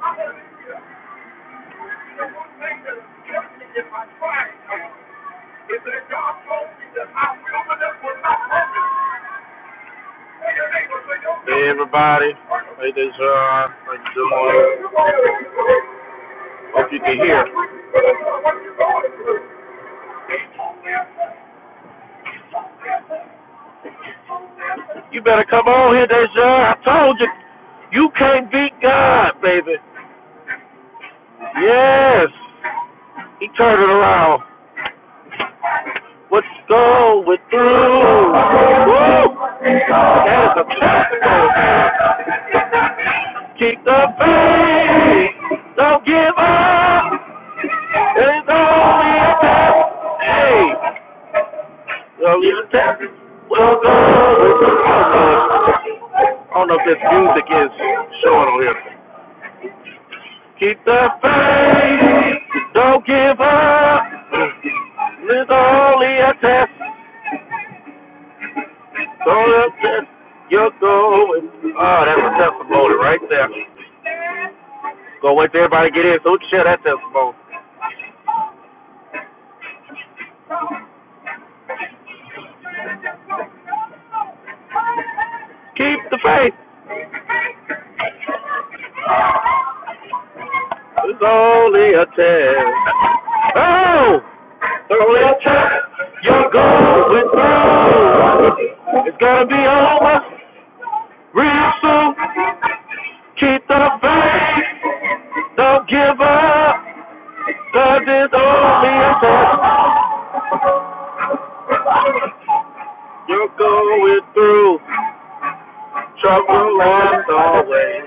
Hey everybody, hey this uh, how you doing? Hope you can hear. You better come on here, Deja. I told you, you can't beat God, baby. Yes, he turned it around. Let's go, we're through. Woo! That is a classical. Keep the faith, don't give up. It's only a test. Hey, only a test. We'll go. I don't know if this music is showing on here. Keep the faith, don't give up. It's only a test. So up there, you're going. Oh, that's a testimony right there. Go wait till everybody get in so we can share that testimony. Keep the faith. It's only a test. Oh, it's only a test. You're going through. It's gonna be over real soon. Keep the faith. Don't give up, cause it's only a test. You're going through trouble as always.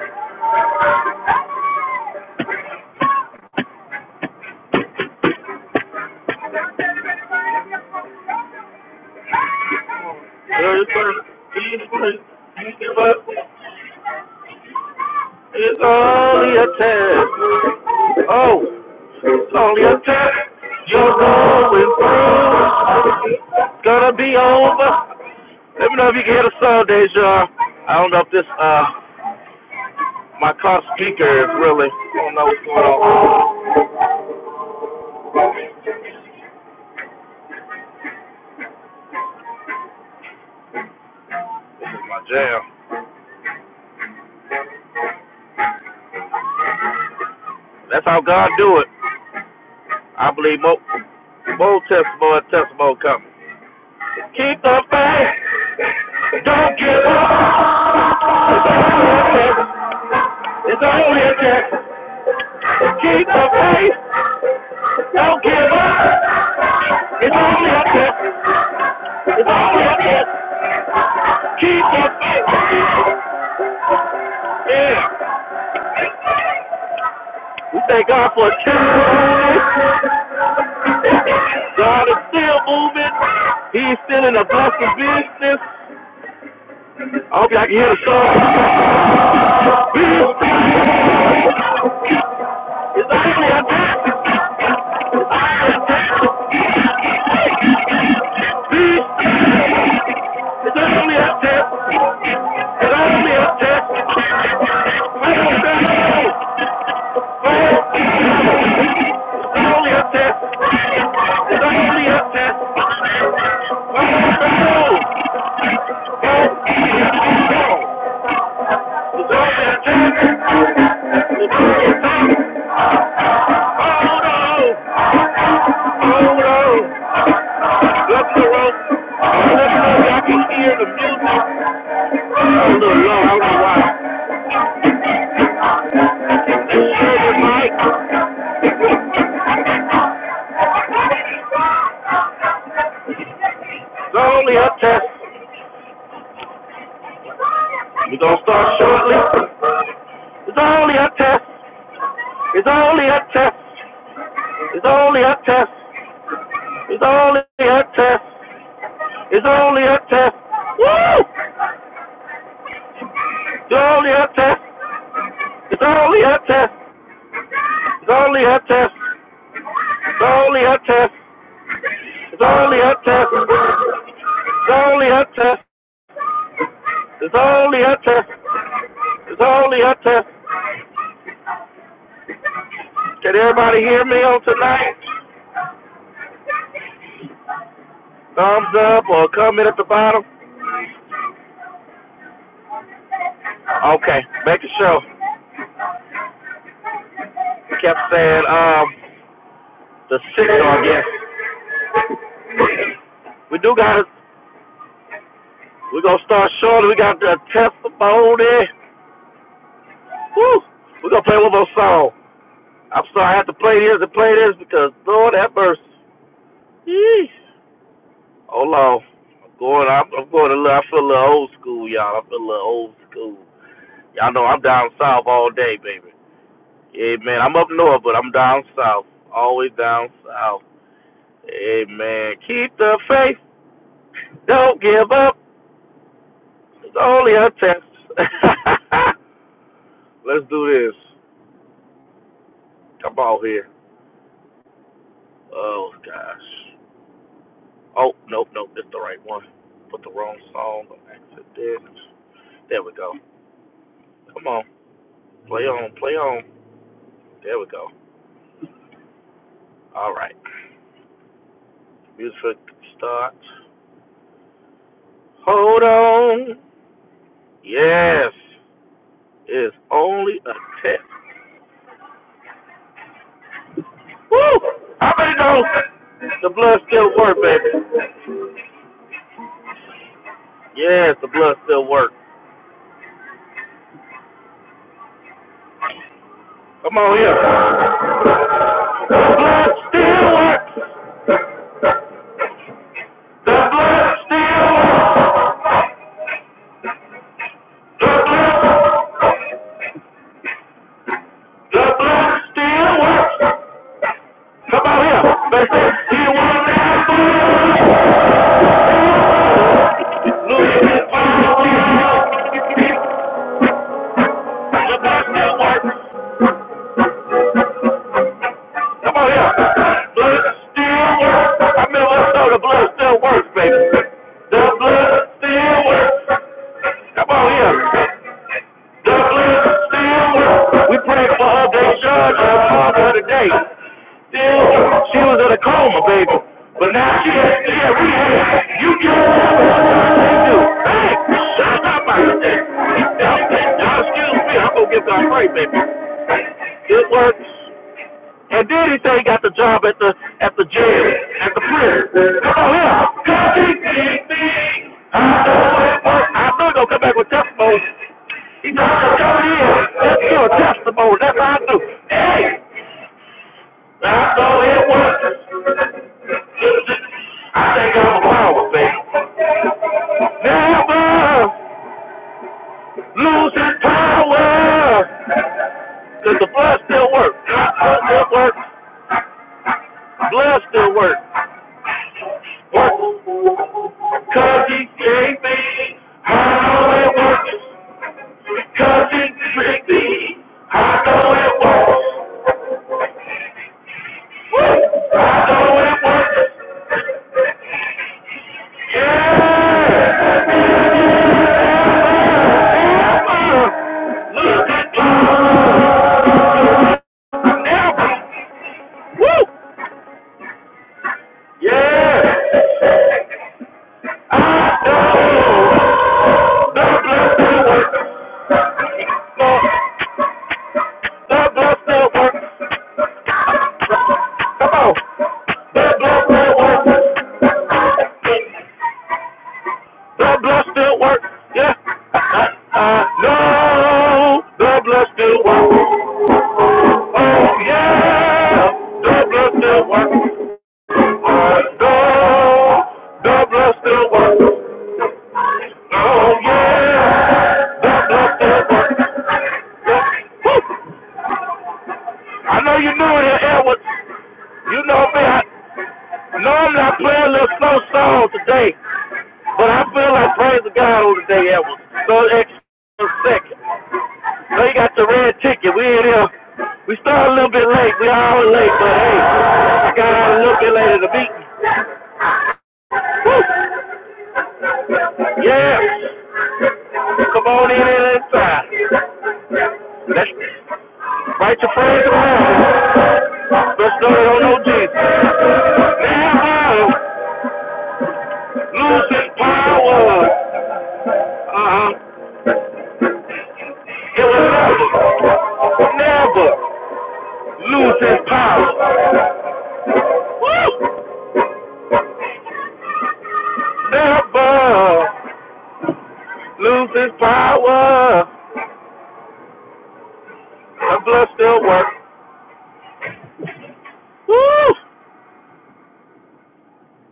Every time you give up, it's only a test. Oh, it's only a test. You're going through. It's gonna be over. Let me know if you can hear the song, Deja. I don't know if this, uh, my car speaker is really, I don't know what's going on. This is my jam. That's how God do it. I believe more, more testimony, testimony coming. Keep the faith. Don't give up. It's only a test. It's only a test. Keep the faith. Don't give up. It's only a test. It's only a test. Keep the faith. Yeah. We thank God for a change. God is still moving. He's still in the blessing business. I hope y'all can hear the song. It's only a test. It's only a test. It's only a test. Allow me a check. I don't think so. It's only a test. It's only a test. I don't think so. It's only a test. It's only a test. Oh no. Oh no. I can hear the music. Oh, I don't know why. It's only a test. We're gonna start shortly. It's only a test. It's only a test. It's only a test. It's only a test. It's only a test. Woo! It's only a test. It's only a test. It's only a test. It's only a test. It's only a test. It's only a test. It's only a test. It's only a test. Can everybody hear me on tonight? Thumbs up or comment at the bottom? Okay, make making show. You kept saying um the signal, I guess. We do got we're gonna start shortly. We got the testimony. Woo! We're gonna play one more song. I'm sorry I have to play this and play this because Lord have mercy. Yeesh. Hold on. I'm going. I'm, I'm going a little. I feel a little old school, y'all. I feel a little old school. Y'all know I'm down south all day, baby. Yeah, man. I'm up north, but I'm down south. Always down south. Hey, man. Keep the faith. Don't give up. It's only a test. Let's do this. Come out here. Oh gosh. Oh nope, nope. That's the right one. Put the wrong song on accident. There we go. Come on. Play on. Play on. There we go. All right. Music start. Hold on. Yes. It's only a test. Woo! I already know. The blood still works, baby. Yes, the blood still works. Come on here. The blood still works. The blood still works. The blood, the blood still works. Somebody else. They say, he will never lose his mind. The blood still works. Somebody else. Blood still works. I mean, let's know the blood still works, baby. The blood still works. Come on here. We prayed for her day judge on Father today. Still, she was in a coma, baby. But now she has she had rehab. You can't do. Hey, shut up about that. Now, excuse me, I'm gonna give God praise, baby. It works. And then he said he got the job at the at the jail, at the prison. Come on here. Come big, big, big. I know it he's gonna come back with testimony. He just said, come in. That's your testimony. That's how I do. Hey, I know it was. I think I'm a power, baby. Never lose that power. Cause the blood still works. Blood still works. Blood still works. Work. Cause he gave me I know it works. 'Cause Cause he gave me I know it works. Woo! I know it works. Yeah. Never look at God. Never. Yeah. I know the blood still works. The blood still works. Come on. Blood, blood, still work. Blood, blood still work. Yeah. Uh, uh, no. the blood still work. Oh, yeah. the blood still work. Uh, no. the blood still work. Oh, yeah. the blood still work. Yeah. I know you knew it, Edward. You know me. I, I I'm not playing a little slow song today, but I feel like praise the God on today, Edward. So extra second. So you got the red ticket. We in here. We started a little bit late. We all late, but hey, I got out a little bit later to meet. you. Yeah. Come on in and inside. Let's write your praise around. Let's know they don't know Jesus. Now, losing power. Uh-huh. It will never, never lose its power. Never lose its power. The blood still works. Woo!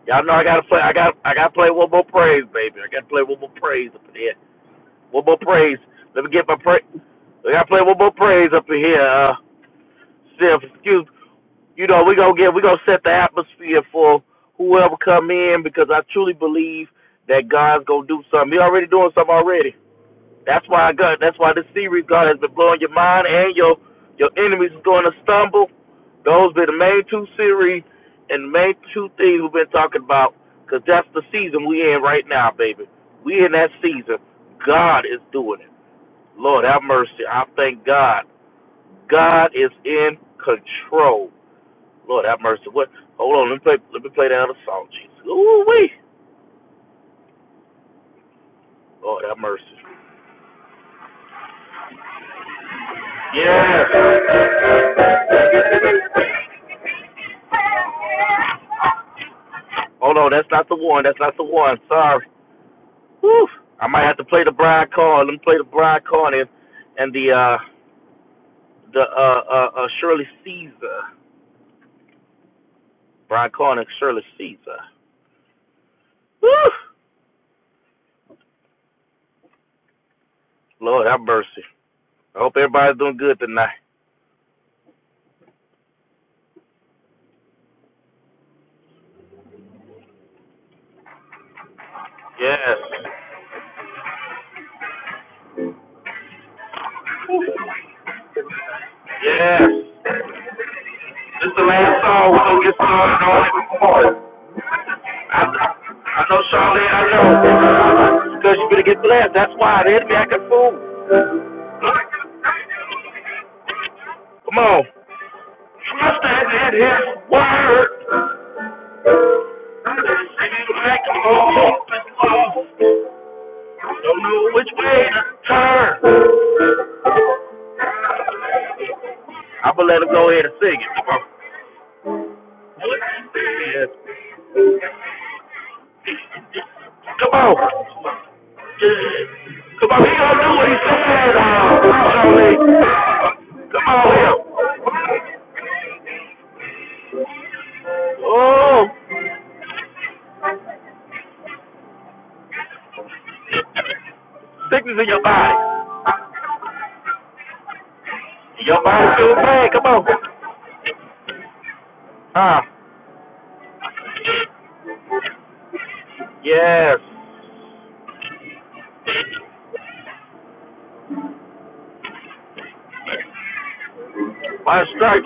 Y'all know I gotta play. I got. I gotta play one more praise, baby. I gotta play one more praise up in here. One more praise. Let me get my praise. I gotta play one more praise up in here. Uh, Sif, excuse. You know we gonna get. We gonna set the atmosphere for whoever come in because I truly believe that God's gonna do something. He already doing something already. That's why I got. That's why this series, God, has been blowing your mind and your your enemies is going to stumble. Those been the main two series and the main two things we've been talking about because that's the season we in right now, baby. We in that season. God is doing it. Lord have mercy. I thank God. God is in control. Lord have mercy. What? Hold on. Let me play. Let me play that other song, Jesus. Ooh wee. Lord have mercy. Yeah. Hold on. That's not the one. That's not the one. Sorry. Whew. I might have to play the Brian Card. Let me play the Brian Card and, and the uh the uh, uh uh Shirley Caesar. Brian Card and Shirley Caesar. Whew. Lord have mercy. I hope everybody's doing good tonight. Yes. Yes. This is the last song we're gonna get started on it. I, I know Charlene, I know. Because you to get blessed. That's why the enemy acting fool. Come on. Trust that in his word. I'm Singing like I'm open lost. Don't know which way to turn. I'm gonna let him go ahead and sing it. Come on. Yeah. Come on. Yeah. Come on. He gonna do what he said. uh, Charlie. Come on here. Oh, sickness in your body. Your body feel bad. Come on. Ah, yes. My stripes.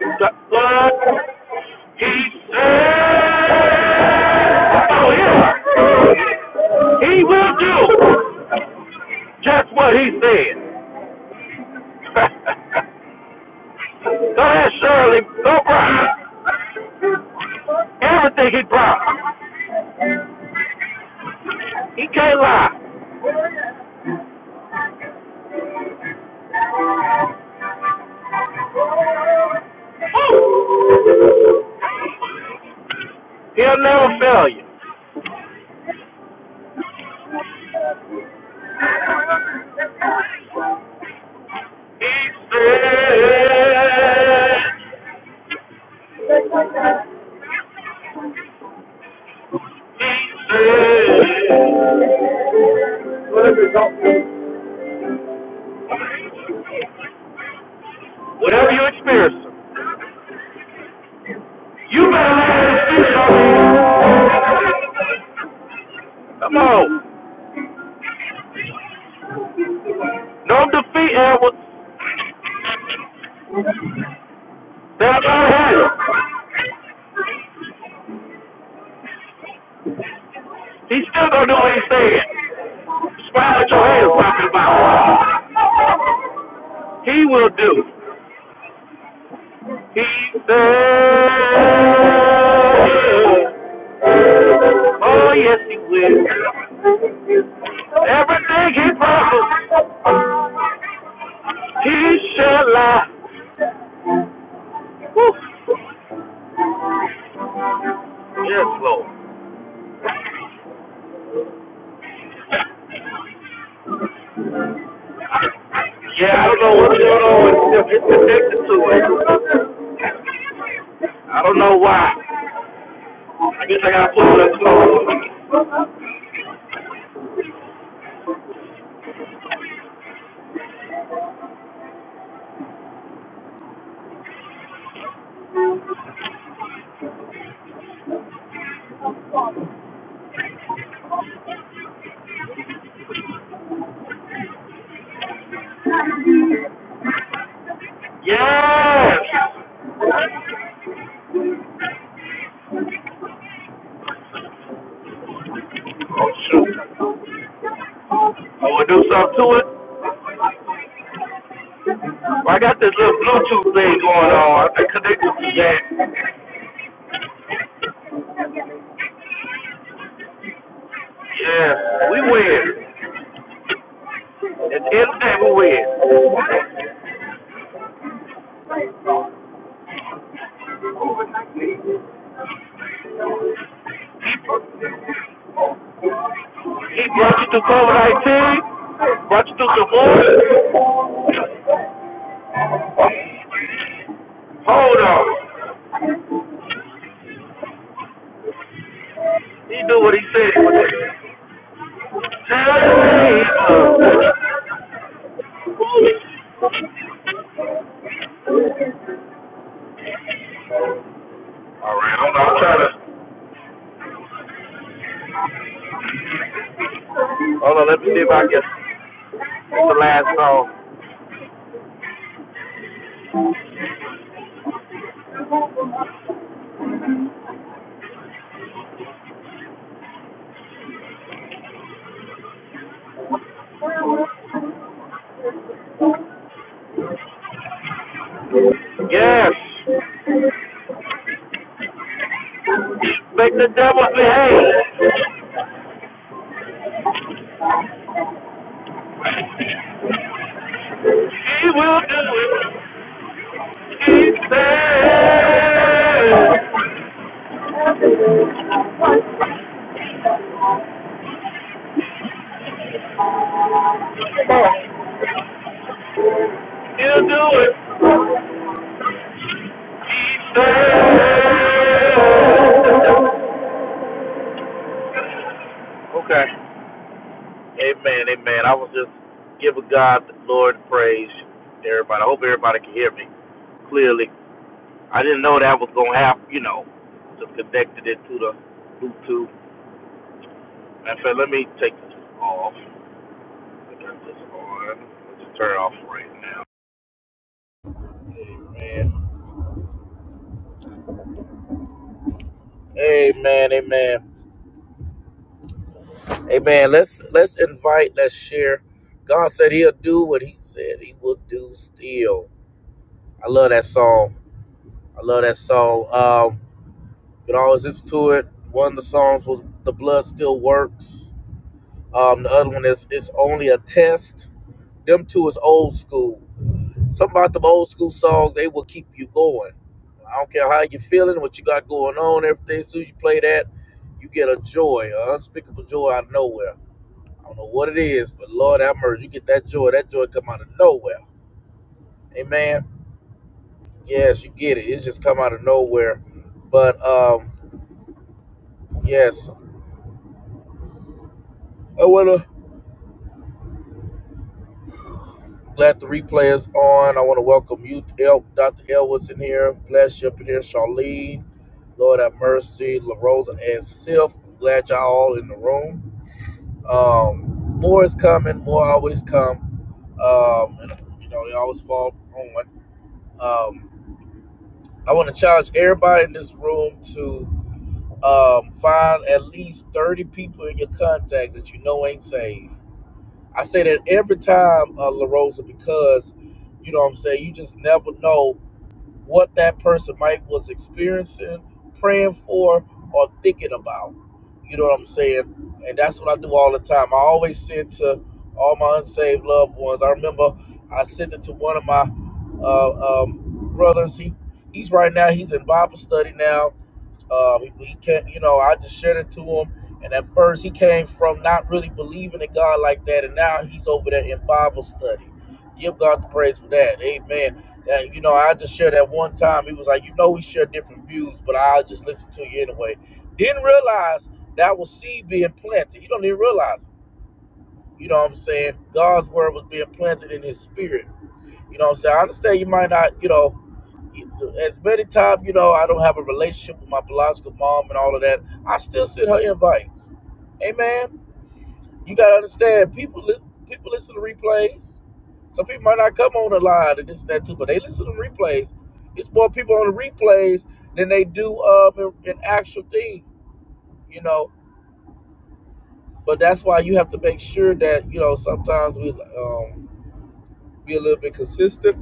Stri- What? He said, oh, yeah. He will do just what he said. Don't ask Shirley. don't cry. Everything he promised. He can't lie. He'll never fail you. He said, he said, whatever you experience, you better learn to speak on it. Come on. Don't defeat Edwards. They'll go to hell. He's still gonna do what he's saying. Smile at your hands, talking about. He will do. He said. Oh yes, he will. Everything he promised, he shall lie. Yes, Lord. Yeah, I don't know what's going on with him. It's connected to it. I don't know why. I guess I gotta put on that Yes! Oh, shoot. I wanna do something to it. Well, I got this little Bluetooth thing going on. I connected to that. Yeah, we win. At the end of the day, we win. He brought you through COVID-19, brought you through divorce. Hold on. He knew what he said. Tell me. uh, All right, I'm, I'm trying to. Hold on, let me see if I can. That's the last song. Yes. Make the devil behave. He will do it. He said he'll do it. Said. Okay. Amen. Amen. I was just giving God, Lord, praise. Everybody. I hope everybody can hear me clearly. I didn't know that was gonna happen. You know, just connected it to the Bluetooth. In fact, let me take this off. I this on. Let's turn it off right now. Amen. Amen, amen, amen. Let's let's invite, let's share. God said He'll do what He said He will do. Still, I love that song. I love that song. Um, but always listen to it. One of the songs was "The Blood Still Works." Um, the other one is "It's Only a Test." Them two is old school. Something about them old school songs, they will keep you going. I don't care how you are feeling, what you got going on, everything. As soon as you play that, you get a joy, an unspeakable joy out of nowhere. I don't know what it is, but Lord have mercy. You get that joy. That joy come out of nowhere. Amen. Yes, you get it. It just come out of nowhere. But um, yes, I wanna glad the replay is on. I wanna welcome you, El, Dr. Elwood's in here. Bless you up in here, Charlene. Lord have mercy, La Rosa and Sylph. Glad y'all all in the room. Um, more is coming. More always come. Um, and, you know they always fall on. Um, I want to challenge everybody in this room to. um, find at least 30 people in your contacts that you know ain't saved. I say that every time, uh, La Rosa, because, you know what I'm saying, you just never know what that person might was experiencing, praying for, or thinking about. You know what I'm saying? And that's what I do all the time. I always send to all my unsaved loved ones. I remember I sent it to one of my uh, um, brothers. He he's right now he's in Bible study now. Um, he, he can't, you know, I just shared it to him. And at first, he came from not really believing in God like that, and now he's over there in Bible study. Give God the praise for that. Amen. That, you know, I just shared that one time. He was like, you know, we share different views, but I'll just listen to you anyway. Didn't realize that was seed being planted. You don't even realize. it. You know what I'm saying? God's word was being planted in his spirit. You know what I'm saying? I understand you might not, you know, as many times, you know, I don't have a relationship with my biological mom and all of that. I still send her invites. Amen. You gotta understand, people li- people listen to replays. Some people might not come on the line and this and that too, but they listen to them replays. It's more people on the replays than they do um in, in actual thing, you know. But that's why you have to make sure that you know sometimes we um be a little bit consistent,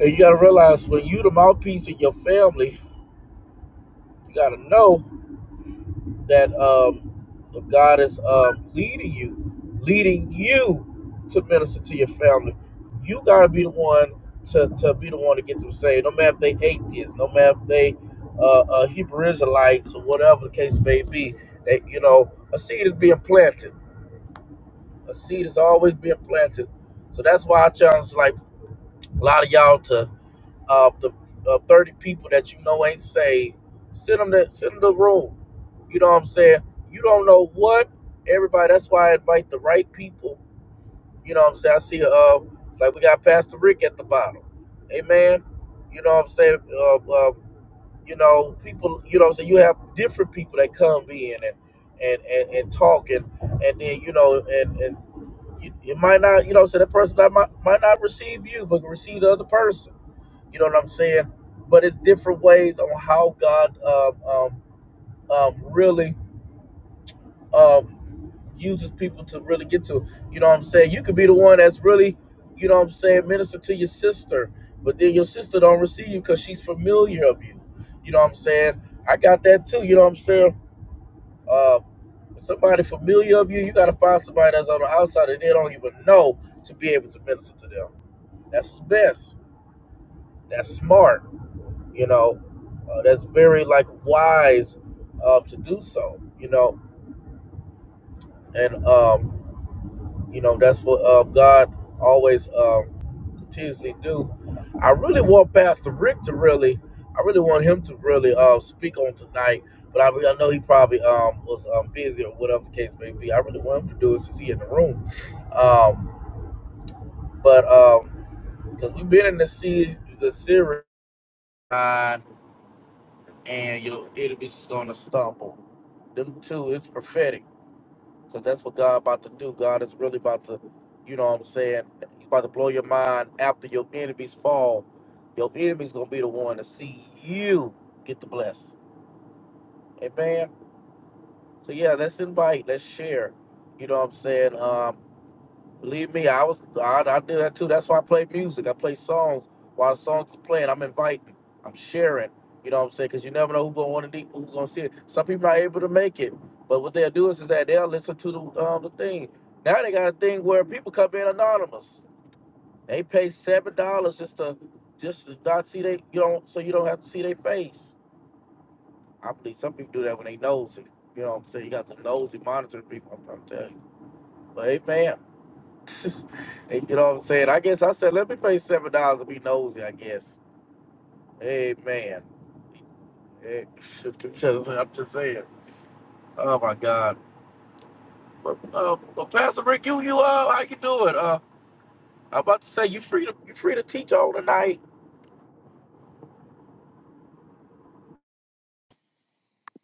and you got to realize when you the mouthpiece of your family, you got to know that um if God is um leading.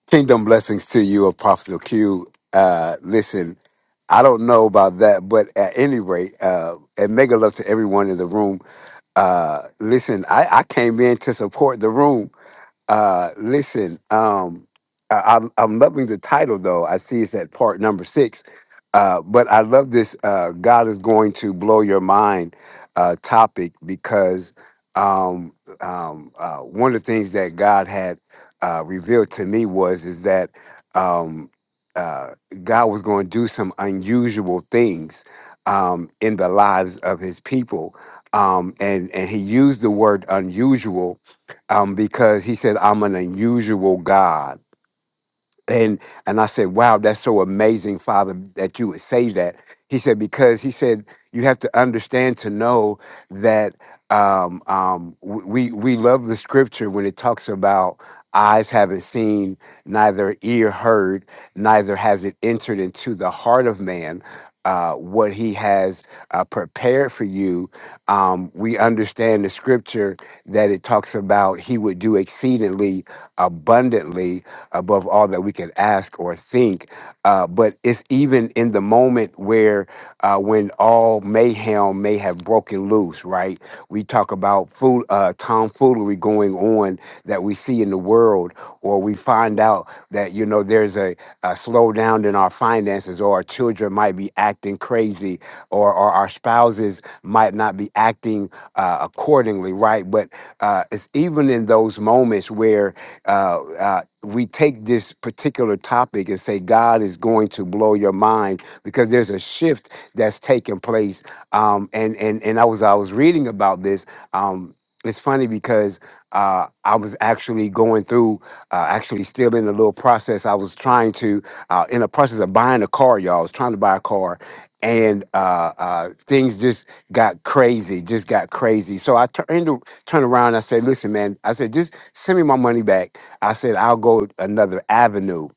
Kingdom blessings to you, Apostle Q. Uh, listen, I don't know about that, but at any rate, uh, and mega love to everyone in the room. Uh, listen, I, I came in to support the room. Uh, listen, um, I, I'm, I'm loving the title though. I see it's at part number six. Uh, but I love this. Uh, God is going to blow your mind uh, topic because um, um, uh, one of the things that God had uh, revealed to me was is that um, uh, God was going to do some unusual things um, in the lives of His people, um, and and He used the word unusual um, because He said, "I'm an unusual God." and and I said, "Wow, that's so amazing, Father, that you would say that." He said, "Because he said you have to understand to know that um, um, w- we we love the Scripture when it talks about eyes haven't seen, neither ear heard, neither has it entered into the heart of man." Uh, what he has uh, prepared for you, um, we understand the scripture that it talks about he would do exceedingly abundantly above all that we could ask or think. Uh, but it's even in the moment where, uh, when all mayhem may have broken loose, right? We talk about fool, uh, tomfoolery going on that we see in the world, or we find out that, you know, there's a, a slowdown in our finances, or our children might be acting crazy, or, or our spouses might not be acting uh, accordingly, right? But uh, it's even in those moments where uh, uh, we take this particular topic and say, God is going to blow your mind because there's a shift that's taking place. Um, and, and, and I was, I was reading about this. Um, it's funny because uh, I was actually going through, uh, actually still in a little process. I was trying to, uh, in a process of buying a car, y'all. I was trying to buy a car, and uh, uh, things just got crazy, just got crazy. So I turned to turn around. And I said, "Listen, man," I said, "Just send me my money back." I said, "I'll go another avenue."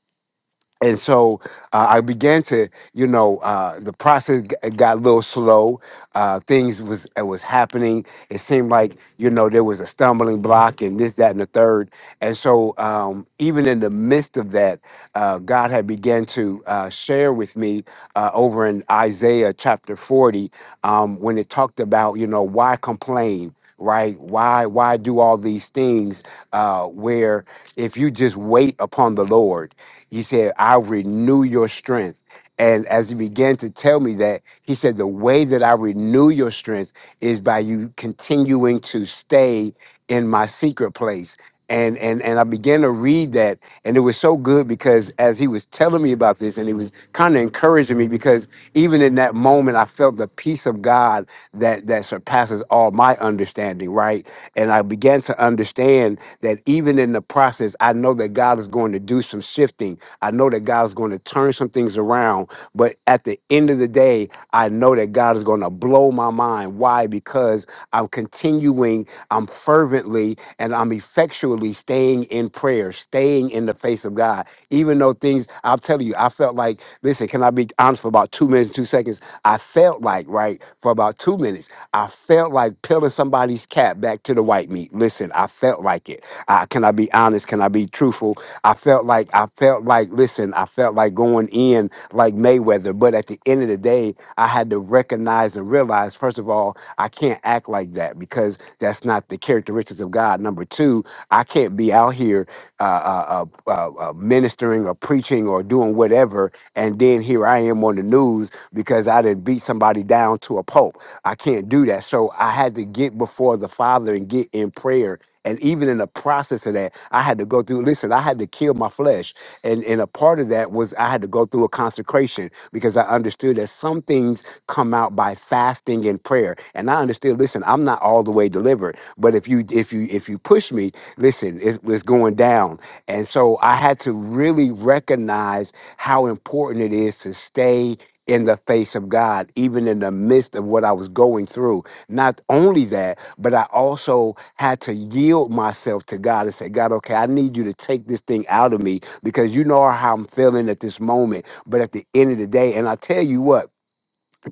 and so uh, I began to, you know, uh, the process g- got a little slow. Uh, things was it was happening. It seemed like you know there was a stumbling block and this, that, and the third. And so um, even in the midst of that, uh, God had began to uh, share with me uh, over in Isaiah chapter forty um, when it talked about you know why complain right? Why why do all these things? Uh, where if you just wait upon the Lord, He said, "I renew your strength." And as He began to tell me that, He said, "The way that I renew your strength is by you continuing to stay in my secret place." and and and I began to read that, and it was so good because as he was telling me about this, and he was kind of encouraging me because even in that moment, I felt the peace of God that that surpasses all my understanding, right? And I began to understand that even in the process, I know that God is going to do some shifting. I know that God's going to turn some things around, but at the end of the day the day, I know that God is going to blow my mind. Why? Because I'm continuing, I'm fervently, and I'm effectually staying in prayer, staying in the face of God. Even though things, I'll tell you, I felt like, listen, can I be honest for about two minutes, two seconds? I felt like, right, for about two minutes, I felt like peeling somebody's cap back to the white meat. Listen, I felt like it. Uh, can I be honest? Can I be truthful? I felt like I felt like listen. I felt like going in like Mayweather, but at the end of the day, I had to recognize and realize first of all, I can't act like that because that's not the characteristics of God. Number two, I can't be out here uh, uh, uh, uh, uh, ministering or preaching or doing whatever and then here I am on the news because I didn't beat somebody down to a pulp. I can't do that. So I had to get before the Father and get in prayer. And even in the process of that, I had to go through, listen, I had to kill my flesh. And and a part of that was I had to go through a consecration frustration because I understood that some things come out by fasting and prayer. And I understood, listen, I'm not all the way delivered, but if you if you if you push me, listen, it was going down. And so I had to really recognize how important it is to stay in the face of God, even in the midst of what I was going through. Not only that, but I also had to yield myself to God and say, God, okay, I need you to take this thing out of me because you know how I'm feeling at this moment. But at the end of the day, and I tell you what,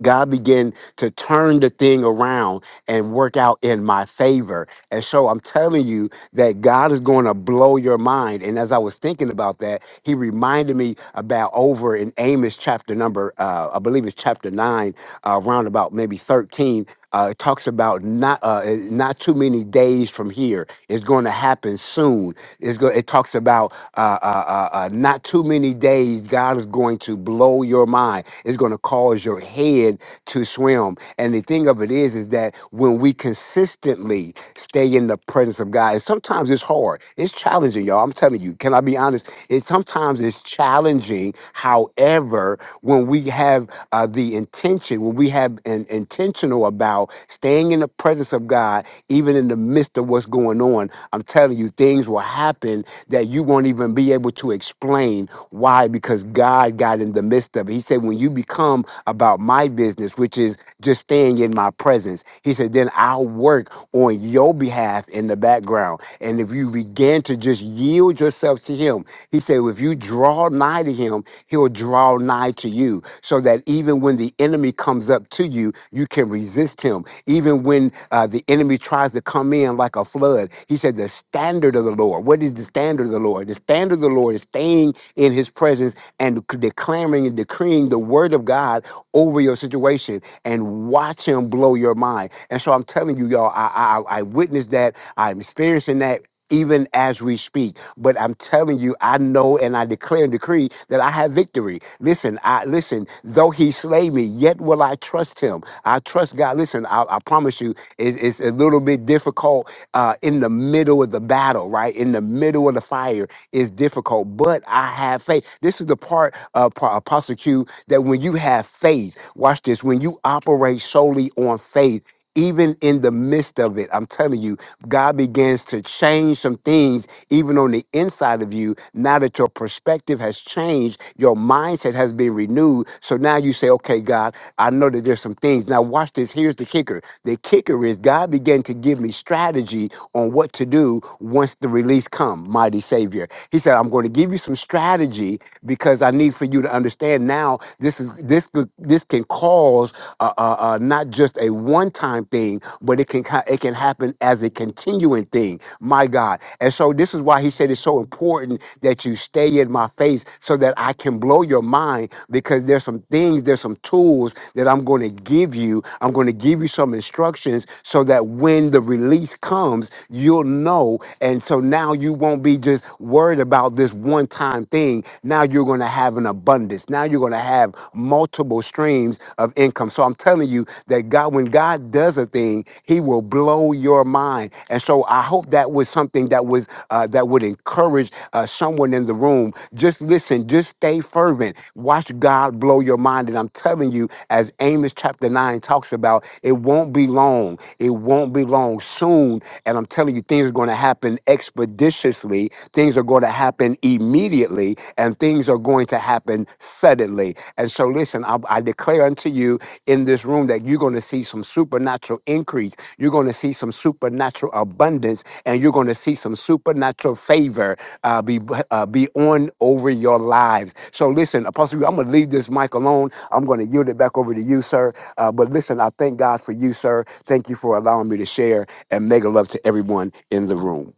God began to turn the thing around and work out in my favor. And so I'm telling you, that God is going to blow your mind. And as I was thinking about that, he reminded me about over in Amos chapter number, uh, I believe it's chapter nine, uh, around about maybe 13. Uh, it talks about not uh, eh, not too many days from here. It's going to happen soon. It's go- it talks about uh, uh, uh, uh, not too many days. God is going to blow your mind. It's going to cause your head to swim. And the thing of it is, is that when we consistently constantly stay in the presence of God. And sometimes it's hard. It's challenging, y'all. I'm telling you. Can I be honest? It sometimes it's challenging. However, when we have uh, the intention, when we have an intentional about staying in the presence of God, even in the midst of what's going on, I'm telling you, things will happen that you won't even be able to explain why, because God got in the midst of it. He said, when you become about my business, which is just staying in my presence presence. He said, then I'll work on your behalf in the background. And if you begin to just yield yourself to him, he said, if you draw nigh to him, he'll draw nigh to you. So that even when the enemy comes up to you, you can resist him. Even when uh, the enemy tries to come in like a flood, he said, the standard of the Lord. What is the standard of the Lord? The standard of the Lord is staying in his presence and c- declaring and decreeing the word of God over your situation situation and watch him blow your mind. And so I'm telling you, y'all, I I, I witnessed that. I'm experiencing that even as we speak. But I'm telling you, I know and I declare and decree that I have victory. Listen, I listen, though he slay me, yet will I trust him. I trust God. Listen, I, I promise you, it's, it's a little bit difficult uh, in the middle of the battle, right? In the middle of the fire is difficult, but I have faith. This is the part uh, Pa- Apostle Q with you that when you have faith, watch this, when you operate solely on faith, even in the midst of it, I'm telling you, God begins to change some things even on the inside of you. Now that your perspective has changed, your mindset has been renewed. So now you say, okay, God, I know that there's some things. Now, watch this. Here's the kicker. The kicker is God began to give me strategy on what to do once the release come, mighty Savior. He said, I'm going to give you some strategy energy because I need for you to understand now this is this could- this can cause uh, uh, uh, not just a one time thing, but it can ca- it can happen as a continuing thing. My God, and so this is why he said it's so important that you stay in my face so that I can blow your mind because there's some things, there's some tools that I'm going to give you. I'm going to give you some instructions so that when the release comes, you'll know. And so now you won't be just worried about this one time thing. Now you're going to have an abundance. Now you're going to have multiple streams of income. So I'm telling you that God, when God does a thing, He will blow your mind. And so I hope that was something that was uh, that would encourage uh, someone in the room. Just listen. Just stay fervent. Watch God blow your mind. And I'm telling you, as Amos chapter nine talks about, it won't be long. It won't be long soon. And I'm telling you, things are going to happen happen expeditiously, things are going to happen immediately, and things are going to happen suddenly. And so, listen, I, I declare unto you in this room that you're going to see some supernatural increase, you're going to see some supernatural abundance, and you're going to see some supernatural favor uh, be uh, be on over your lives. So, listen, Apostle, Hugh, I'm going to leave this mic alone. I'm going to yield it back over to you, sir. Uh, but listen, I thank God for you, sir. Thank you for allowing me to share and mega love to everyone in the room.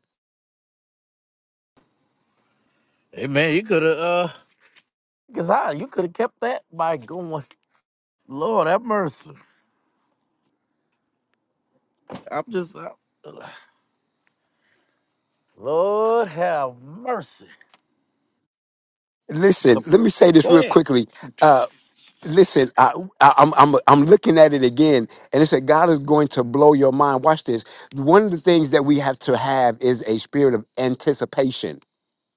Listen, let me say this real quickly. Uh, listen, I, I, I'm, I'm, I'm looking at it again, and it said God is going to blow your mind. Watch this. One of the things that we have to have is a spirit of anticipation.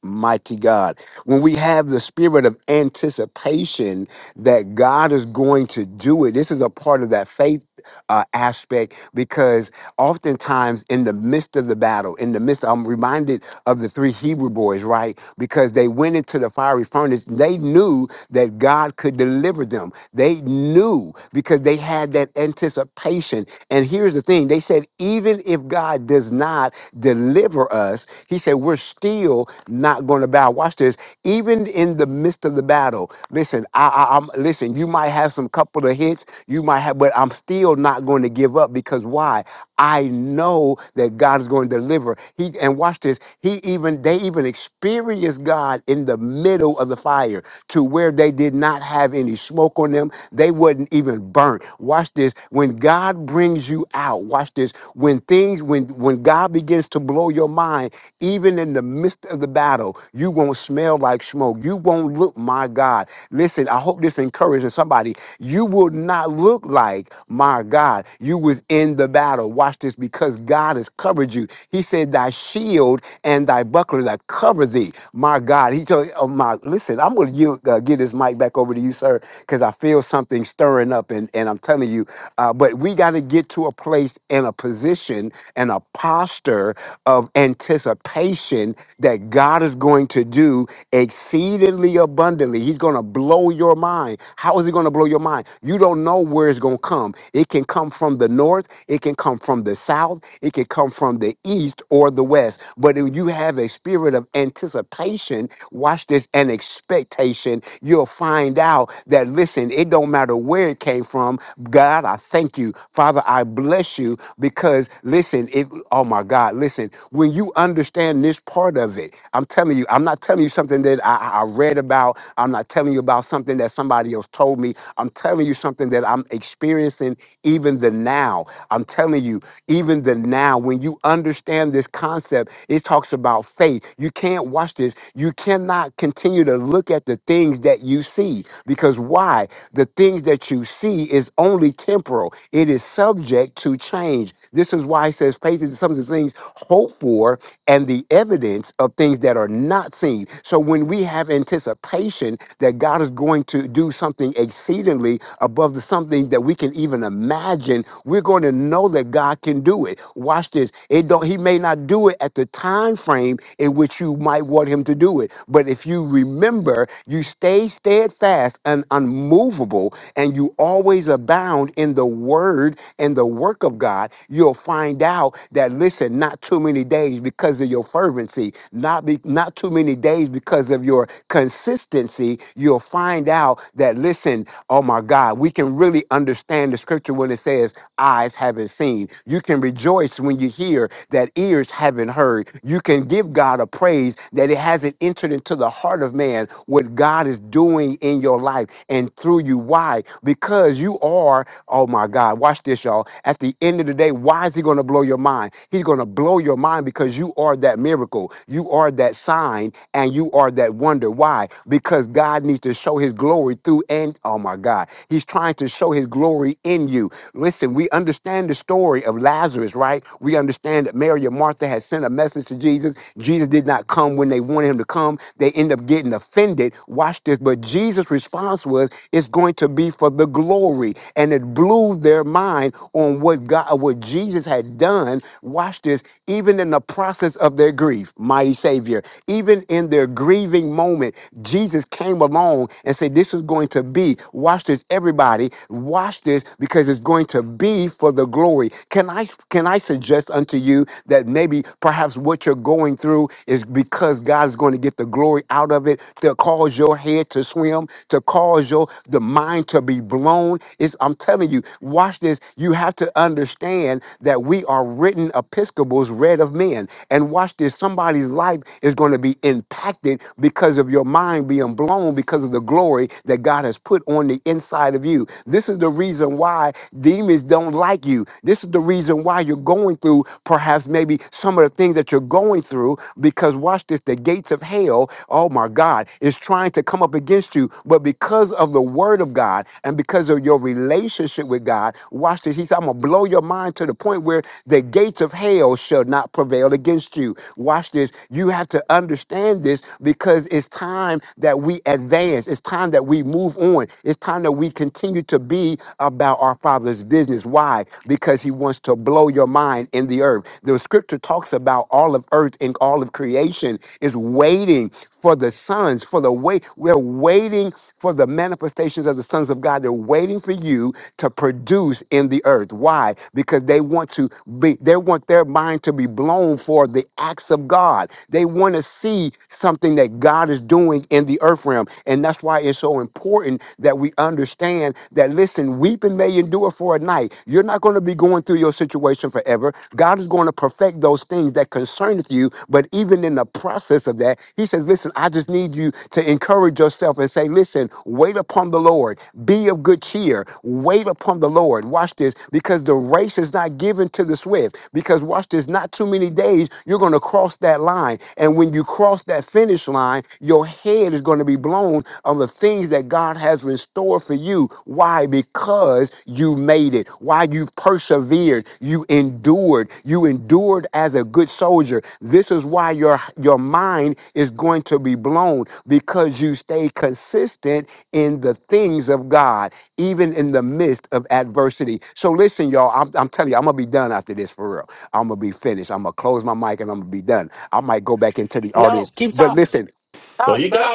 Mighty God. When we have the spirit of anticipation that God is going to do it, this is a part of that faith uh, aspect because oftentimes in the midst of the battle, in the midst, I'm reminded of the three Hebrew boys, right? Because they went into the fiery furnace. They knew that God could deliver them. They knew because they had that anticipation. And here's the thing they said, even if God does not deliver us, he said, we're still not going to bow. Watch this. Even in the midst of the battle, listen, I, I, I'm, listen, you might have some couple of hits, you might have, but I'm still not going to give up because why? I know that God is going to deliver. He and watch this. He even they even experienced God in the middle of the fire to where they did not have any smoke on them. They wasn't even burnt. Watch this. When God brings you out, watch this. When things when when God begins to blow your mind, even in the midst of the battle, you won't smell like smoke. You won't look, my God. Listen, I hope this encourages somebody. You will not look like like, my God, you was in the battle. Watch this because God has covered you. He said, thy shield and thy buckler that cover thee. My God, he told, oh my, listen, I'm going to uh, give this mic back over to you, sir, because I feel something stirring up and, and I'm telling you, uh, but we got to get to a place and a position and a posture of anticipation that God is going to do exceedingly abundantly. He's going to blow your mind. How is he going to blow your mind? You don't know know where it's going to come. It can come from the north, it can come from the south, it can come from the east or the west. But if you have a spirit of anticipation, watch this, and expectation, you'll find out that listen, it don't matter where it came from. God, I thank you. Father, I bless you because listen, it oh my God, listen, when you understand this part of it, I'm telling you, I'm not telling you something that I, I I read about. I'm not telling you about something that somebody else told me. I'm telling you you something that I'm experiencing even the now. I'm telling you, even the now, when you understand this concept, it talks about faith. You can't watch this. You cannot continue to look at the things that you see because why? The things that you see is only temporal, it is subject to change. This is why it says faith is some of the things hoped for and the evidence of things that are not seen. So when we have anticipation that God is going to do something exceedingly exceedingly above the something that we can even imagine, we're going to know that God can do it. Watch this. It don't he may not do it at the time frame in which you might want him to do it. But if you remember, you stay steadfast and unmovable and you always abound in the word and the work of God, you'll find out that listen, not too many days because of your fervency, not be, not too many days because of your consistency, you'll find out that listen listen, oh my God, we can really understand the scripture when it says, eyes haven't seen. You can rejoice when you hear that ears haven't heard. You can give God a praise that it hasn't entered into the heart of man what God is doing in your life and through you. Why? Because you are, oh my God, watch this, y'all. At the end of the day, why is he going to blow your mind? He's going to blow your mind because you are that miracle. You are that sign and you are that wonder. Why? Because God needs to show his glory glory through and oh my God. He's trying to show his glory in you. Listen, we understand the story of Lazarus, right? We understand that Mary and Martha had sent a message to Jesus. Jesus did not come when they wanted him to come. They end up getting offended. Watch this. But Jesus' response was, it's going to be for the glory. And it blew their mind on what God, what Jesus had done. Watch this. Even in the process of their grief, mighty Savior, even in their grieving moment, Jesus came along and said, say, This is going to be, watch this, everybody, watch this because it's going to be for the glory. Can I can I suggest unto you that maybe perhaps what you're going through is because God is going to get the glory out of it to cause your head to swim, to cause your the mind to be blown. It's, I'm telling you, watch this. You have to understand that we are written episcopals read of men. And watch this, somebody's life is going to be impacted because of your mind being blown because because of the glory that God has put on the inside of you. This is the reason why demons don't like you. This is the reason why you're going through perhaps maybe some of the things that you're going through because watch this the gates of hell, oh my God, is trying to come up against you. But because of the word of God and because of your relationship with God, watch this. He said, I'm going to blow your mind to the point where the gates of hell shall not prevail against you. Watch this. You have to understand this because it's time that we we advance. It's time that we move on. It's time that we continue to be about our Father's business. Why? Because He wants to blow your mind in the earth. The scripture talks about all of earth and all of creation is waiting for the sons, for the wait. We're waiting for the manifestations of the sons of God. They're waiting for you to produce in the earth. Why? Because they want to be, they want their mind to be blown for the acts of God. They want to see something that God is doing in the earth realm. And that's why it's so important that we understand that, listen, weeping may endure for a night. You're not going to be going through your situation forever. God is going to perfect those things that concerneth you. But even in the process of that, he says, listen, I just need you to encourage yourself and say, listen, wait upon the Lord. Be of good cheer. Wait upon the Lord. Watch this, because the race is not given to the swift. Because watch this, not too many days, you're going to cross that line. And when you cross that finish line, your your head is going to be blown on the things that God has in store for you. Why? Because you made it. Why you persevered. You endured. You endured as a good soldier. This is why your your mind is going to be blown because you stay consistent in the things of God, even in the midst of adversity. So listen, y'all. I'm, I'm telling you, I'm gonna be done after this for real. I'm gonna be finished. I'm gonna close my mic and I'm gonna be done. I might go back into the audience, No, keep but talking. listen. Talk, sir.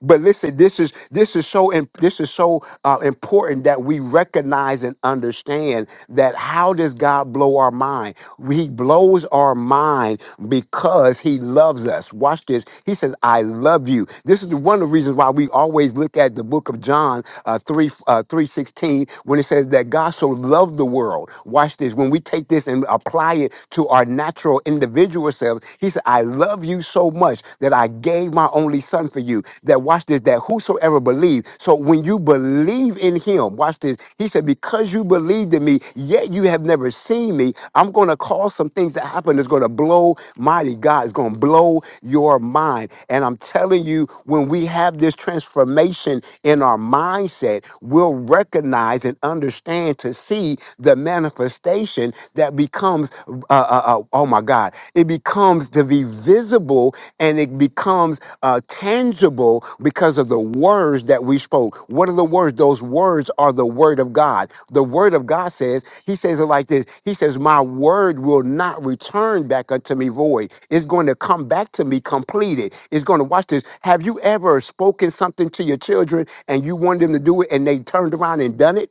But listen, this is this is so im- this is so uh, important that we recognize and understand that how does God blow our mind? He blows our mind because He loves us. Watch this. He says, "I love you." This is the- one of the reasons why we always look at the book of John uh, three uh, three sixteen when it says that God so loved the world. Watch this. When we take this and apply it to our natural individual selves, He said, "I." I love you so much that I gave my only son for you. That watch this, that whosoever believes. So when you believe in him, watch this. He said, Because you believed in me, yet you have never seen me, I'm gonna cause some things that happen that's gonna blow mighty God. It's gonna blow your mind. And I'm telling you, when we have this transformation in our mindset, we'll recognize and understand to see the manifestation that that becomes, uh, uh, uh, oh my God, it becomes to be visible and it becomes uh, tangible because of the words that we spoke. What are the words? Those words are the word of God. The word of God says, He says it like this He says, My word will not return back unto me void. It's going to come back to me completed. It's going to, watch this. Have you ever spoken something to your children and you wanted them to do it and they turned around and done it?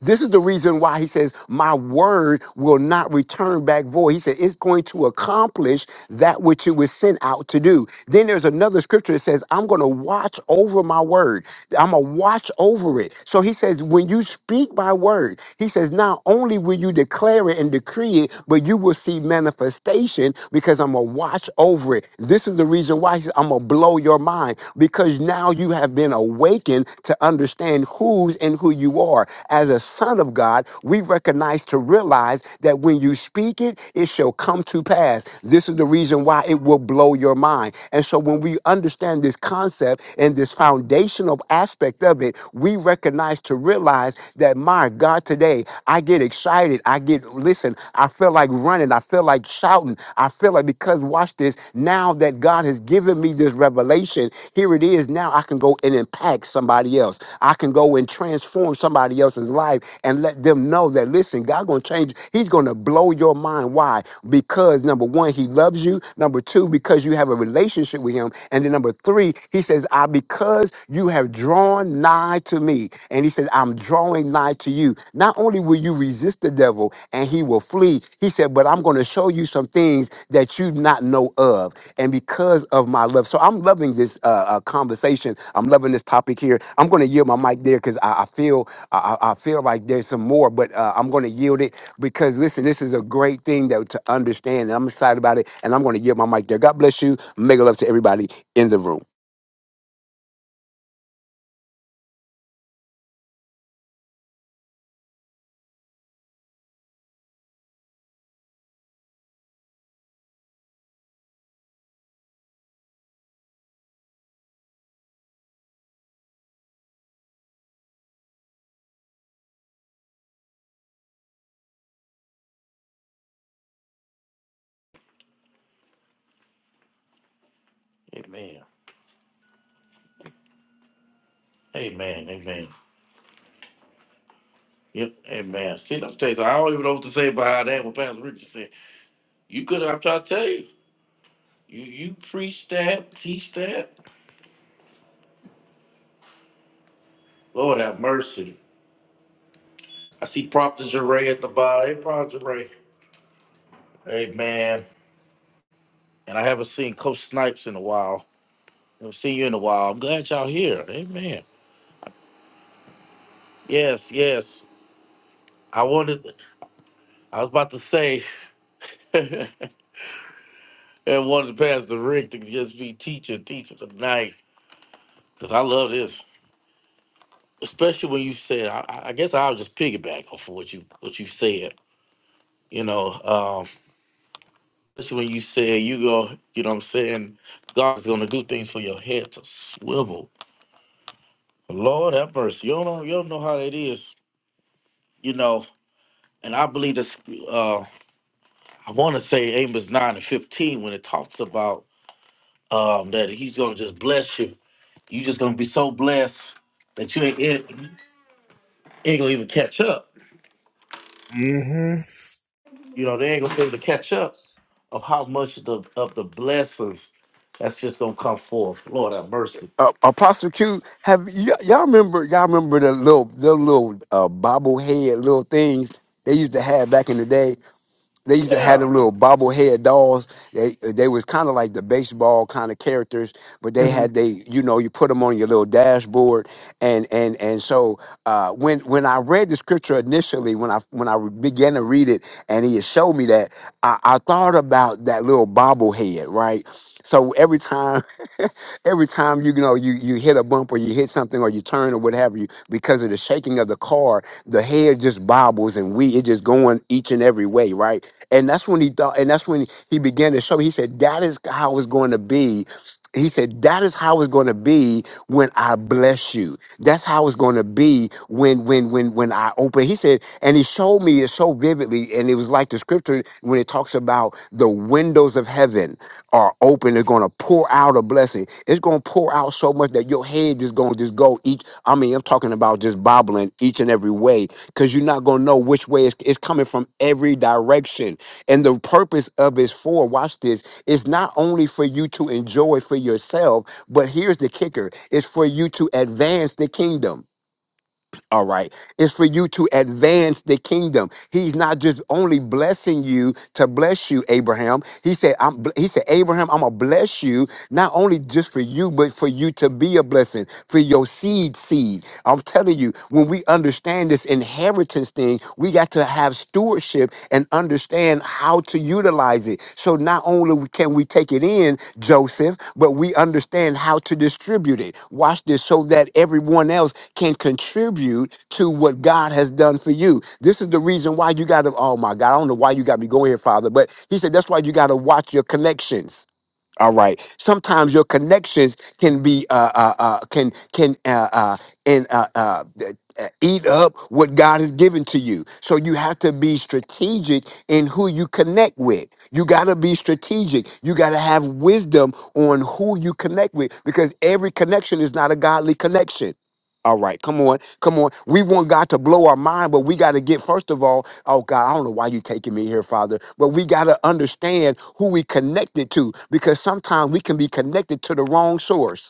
This is the reason why he says, My word will not return back void. He said, It's going to accomplish that which it was sent out to do. Then there's another scripture that says, I'm going to watch over my word. I'm going to watch over it. So he says, When you speak my word, he says, Not only will you declare it and decree it, but you will see manifestation because I'm going to watch over it. This is the reason reason why he said, I'm going to blow your mind because now you have been awakened to understand who's and who you are. As a son of God, we recognize to realize that when you speak it, it shall come to pass. This is the reason why it will blow your mind. And so when we understand this concept and this foundational aspect of it, we recognize to realize that, my God, today, I get excited. I get, listen, I feel like running. I feel like shouting. I feel like, because watch this, now that God has given me this revelation, here it is. Now I can go and impact somebody else. I can go and transform somebody else's life and let them know that, listen, God going to change. He's going to blow your mind. Why? Because number one, He loves you. Number two, because you have a relationship with Him. And then number three, he says, I because you have drawn nigh to me. And he says, I'm drawing nigh to you. Not only will you resist the devil and he will flee, he said, but I'm going to show you some things that you not know of. And because of my love. So I'm loving this uh, uh, conversation. I'm loving this topic here. I'm going to yield my mic there because I, I feel I, I I feel like there's some more, but uh, I'm going to yield it because listen, this is a great thing that to understand. And I'm excited about it. And I'm going to yield my mic there. God bless you. Mega love to everybody in the room. hmm Uh, Apostle Q, have y- y'all remember? Y'all remember the little, the little uh, bobblehead little things they used to have back in the day. They used to have them little bobblehead dolls. They they was kind of like the baseball kind of characters, but they had they you know you put them on your little dashboard and and and so uh, when when I read the scripture initially when I when I began to read it and he had showed me that I, I thought about that little bobblehead right So every time, every time you know you you hit a bump or you hit something or you turn or what have you, because of the shaking of the car, the head just bobbles and we it just going each and every way, right? And that's when he thought, and that's when he began to show. He said that is how it's going to be he said that is how it's going to be when i bless you that's how it's going to be when when when when i open he said and he showed me it so vividly and it was like the scripture when it talks about the windows of heaven are open they're going to pour out a blessing it's going to pour out so much that your head is going to just go each i mean i'm talking about just bobbling each and every way because you're not going to know which way it's, it's coming from every direction and the purpose of it's for watch this it's not only for you to enjoy for yourself, but here's the kicker it's for you to advance the kingdom. All right. It's for you to advance the kingdom. He's not just only blessing you to bless you, Abraham. He said, I'm, bl- he said, Abraham, I'm going to bless you, not only just for you, but for you to be a blessing, for your seed seed. I'm telling you, when we understand this inheritance thing, we got to have stewardship and understand how to utilize it. So not only can we take it in, Joseph, but we understand how to distribute it. Watch this so that everyone else can contribute to what God has done for you. This is the reason why you got to, oh my God, I don't know why you got me going here, Father, but he said that's why you got to watch your connections. All right. Sometimes your connections can be uh, uh, uh, can can uh, uh, and uh, uh, th- uh, eat up what God has given to you. So you have to be strategic in who you connect with. You got to be strategic. You got to have wisdom on who you connect with because every connection is not a godly connection. All right, come on, come on. We want God to blow our mind, but we got to get first of all. Oh God, I don't know why you taking me here, Father, but we got to understand who we connected to because sometimes we can be connected to the wrong source.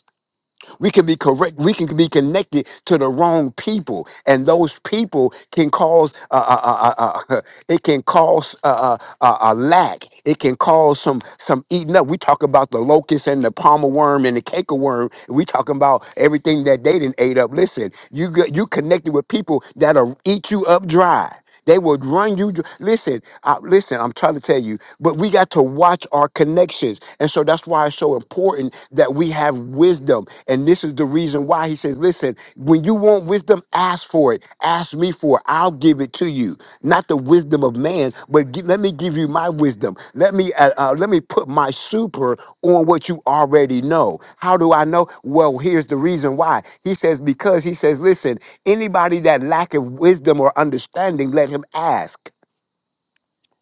We can be correct. We can be connected to the wrong people, and those people can cause uh, uh, uh, uh, uh, it can cause a uh, uh, uh, a lack. It can cause some some eating up. We talk about the locust and the palmer worm and the cake worm. we talking about everything that they didn't ate up. Listen, you get- you connected with people that'll eat you up dry. They would run you. dr- Listen, I, listen. I'm trying to tell you, but we got to watch our connections, and so that's why it's so important that we have wisdom. And this is the reason why he says, "Listen, when you want wisdom, ask for it. Ask me for it. I'll give it to you." not the wisdom of man, but gi- let me give you my wisdom. Let me uh, uh, let me put my super on what you already know. How do I know? Well, here's the reason why. He says because he says, listen, anybody that lacketh wisdom or understanding, let him ask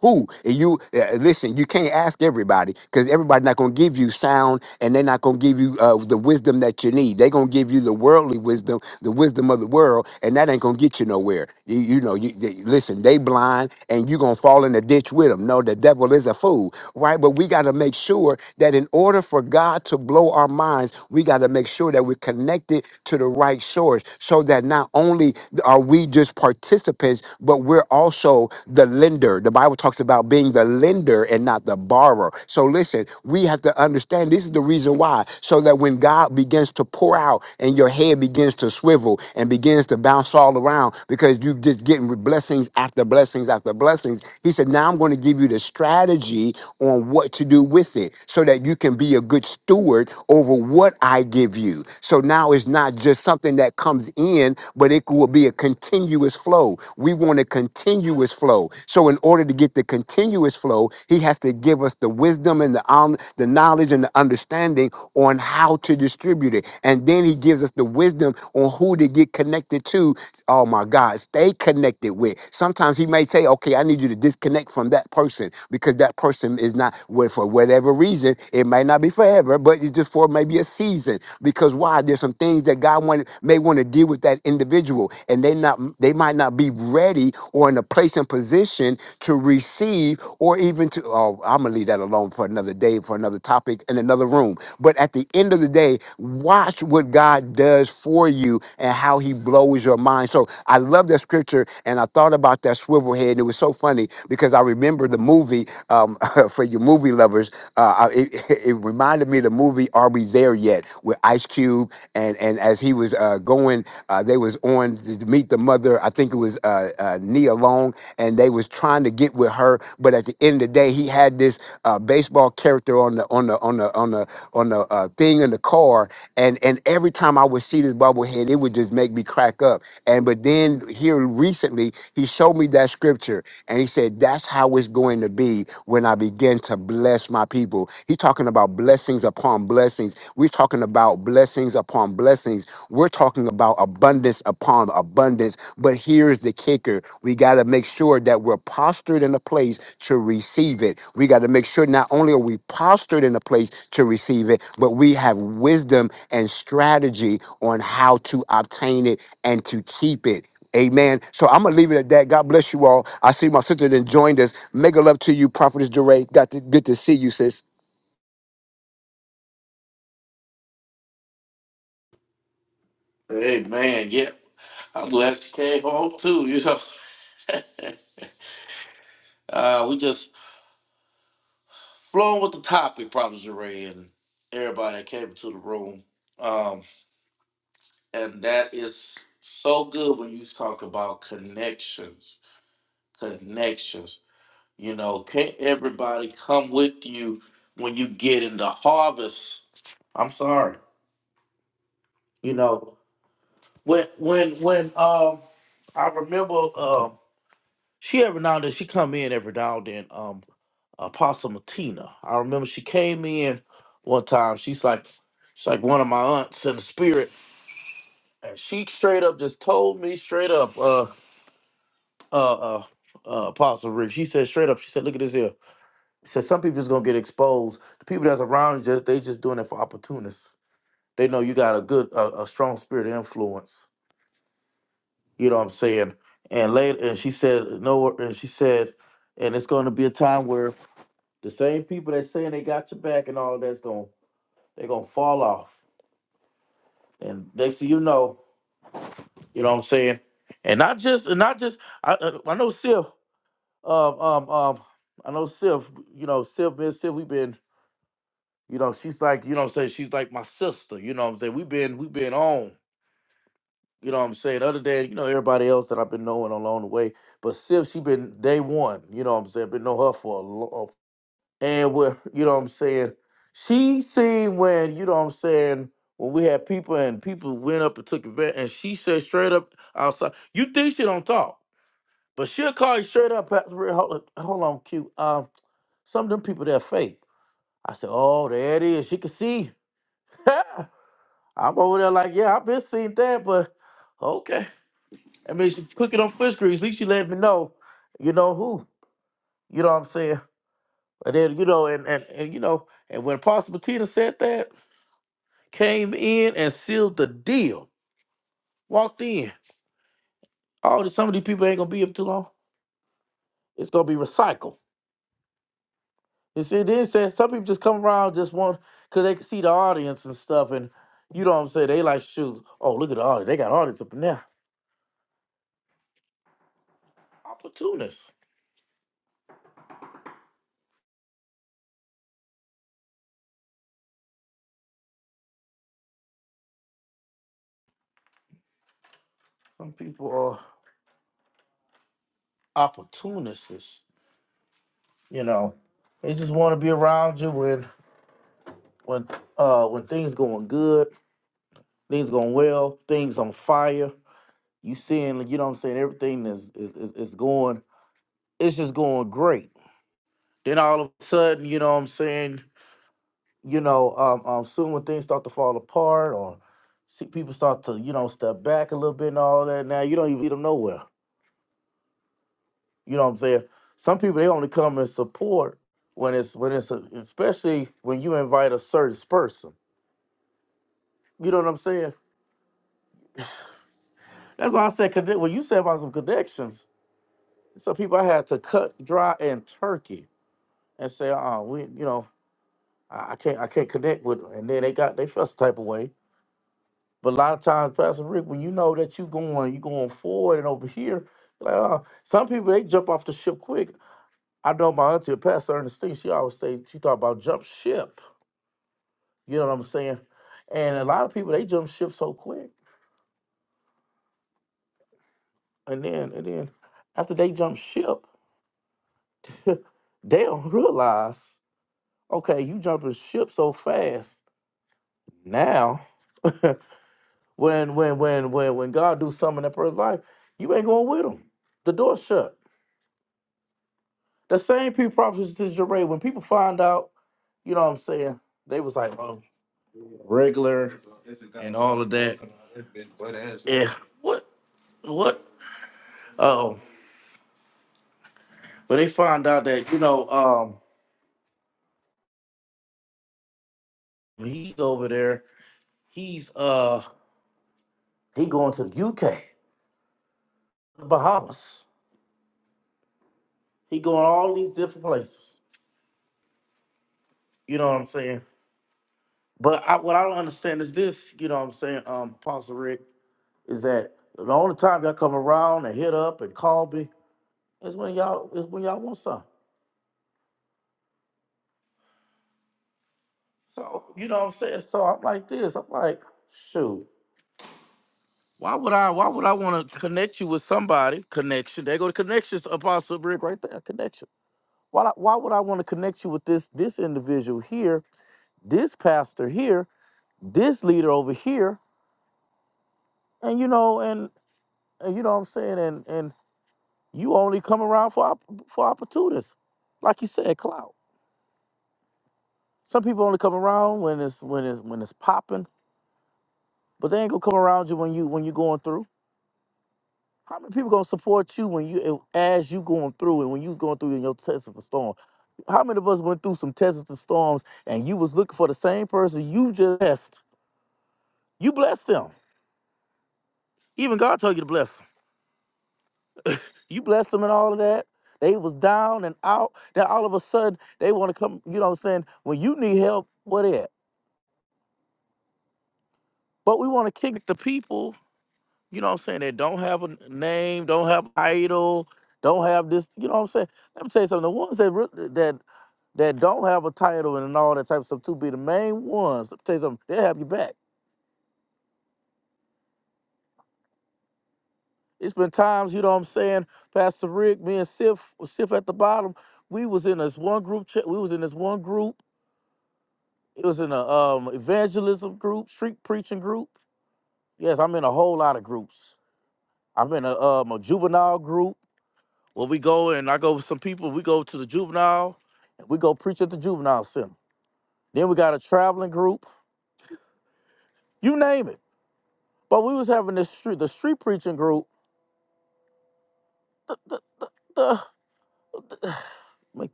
who and you uh, listen you can't ask everybody because everybody's not going to give you sound and they're not going to give you uh, the wisdom that you need they're going to give you the worldly wisdom the wisdom of the world and that ain't going to get you nowhere you, you know you, they- listen they blind and you're going to fall in the ditch with them no the devil is a fool right but we got to make sure that in order for god to blow our minds we got to make sure that we're connected to the right source so that not only are we just partaking participants, but we're also the lender. The Bible talks about being the lender and not the borrower. So listen, we have to understand this is the reason why, so that when God begins to pour out and your head begins to swivel and begins to bounce all around because you just getting blessings after blessings after blessings, He said, Now I'm going to give you the strategy on what to do with it so that you can be a good steward over what I give you. So now it's not just something that comes in, but it will be a continuous flow. We want a continuous flow. So in order to get the continuous flow, he has to give us the wisdom and the um, the knowledge and the understanding on how to distribute it. And then he gives us the wisdom on who to get connected to. Oh my God, stay connected with. Sometimes he may say, okay, I need you to disconnect from that person because that person is not well, for whatever reason. It might not be forever, forever, but it's just for maybe a season. Because why? There's some things that God wanted, may want to deal with that individual, and they not they might not be ready or in a place and position to receive or even to. Oh, I'm gonna leave that alone for another day, for another topic, in another room. But at the end of the day, watch what God does for you and how He blows your mind. So I love that scripture, and I thought about that swivel head. And it was so funny because I remember the movie. um, um, for you movie lovers, uh, it, it it reminded me of the movie "Are We There Yet?" with Ice Cube, and and as he was uh, going, uh, they was on to meet the mother. I think it was uh, uh, Nia Long, and they was trying to get with her, but at the end of the day, he had this uh, baseball character on the on the on the on the on the uh, thing in the car, and and every time I would see this bobblehead, it would just make me crack up. And but then here recently, he showed me me that scripture. And he said, That's how it's going to be when I begin to bless my people. He's talking about blessings upon blessings. We're talking about blessings upon blessings. We're talking about abundance upon abundance. But here's the kicker we got to make sure that we're postured in a place to receive it. We got to make sure not only are we postured in a place to receive it, but we have wisdom and strategy on how to obtain it and to keep it. Amen. So I'm gonna leave it at that. God bless you all. I see my sister then joined us. Mega love to you, Prophetess Duray. Got to good to see you, sis.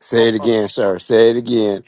Say it again, sir. Say it again.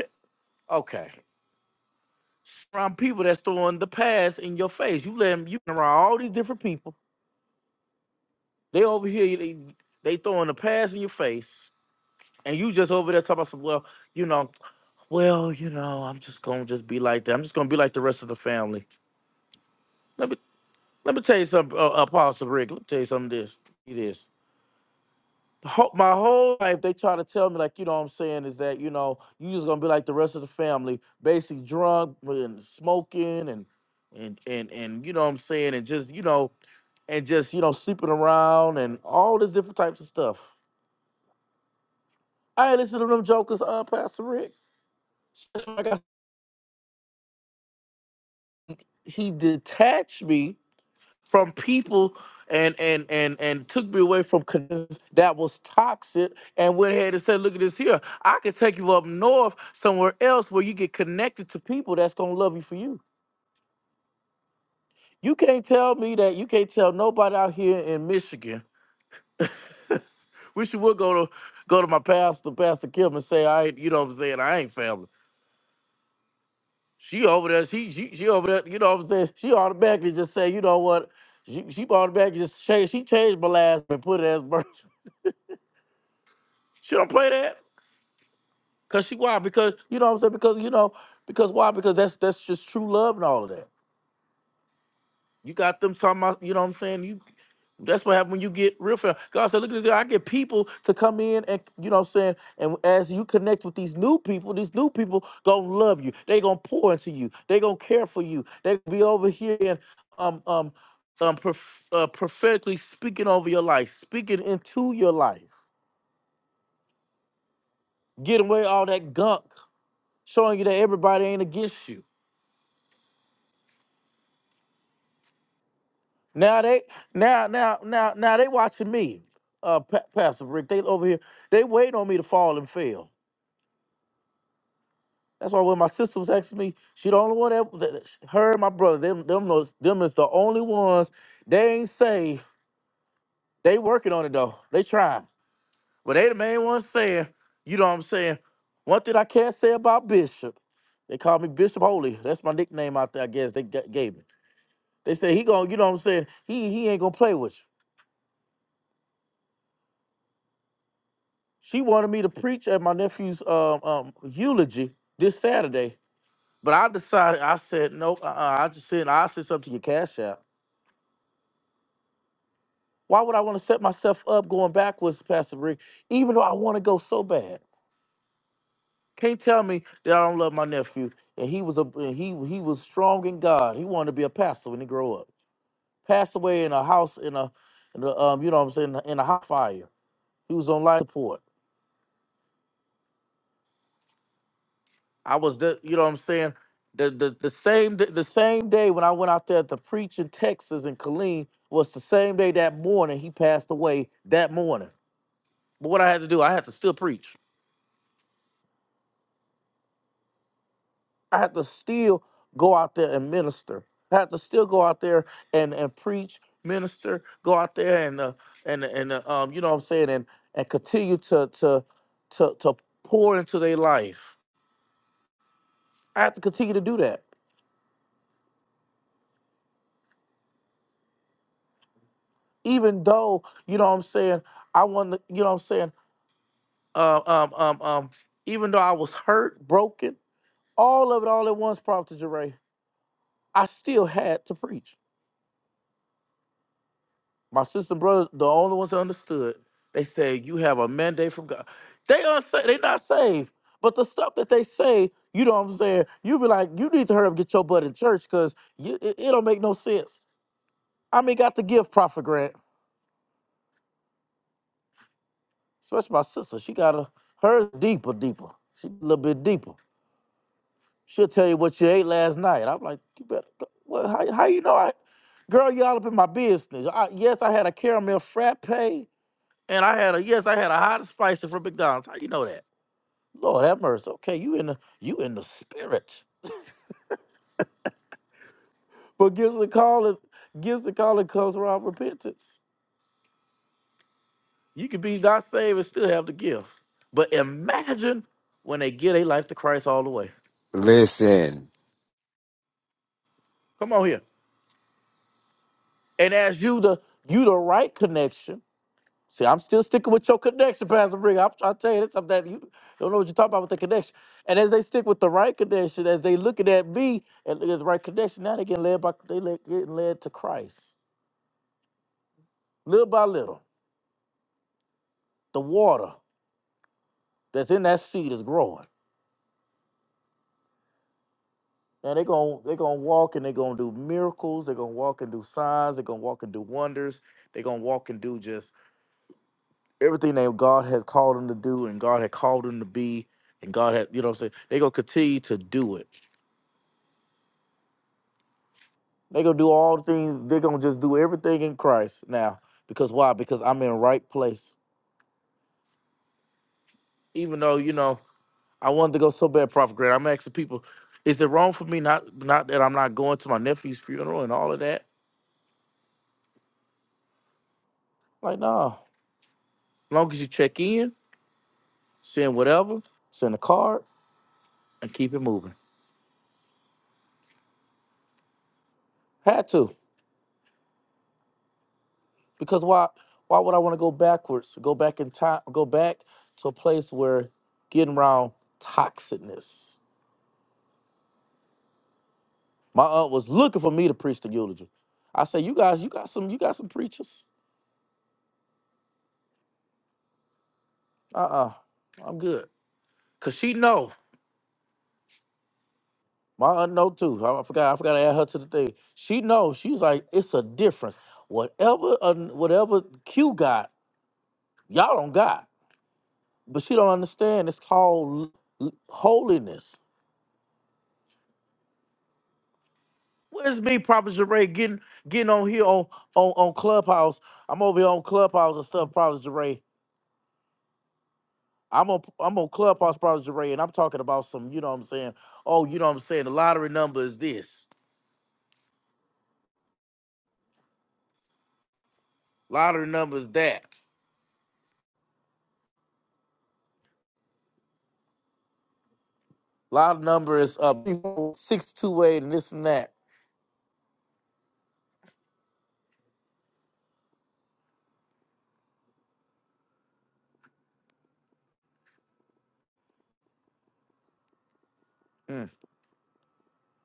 Listen,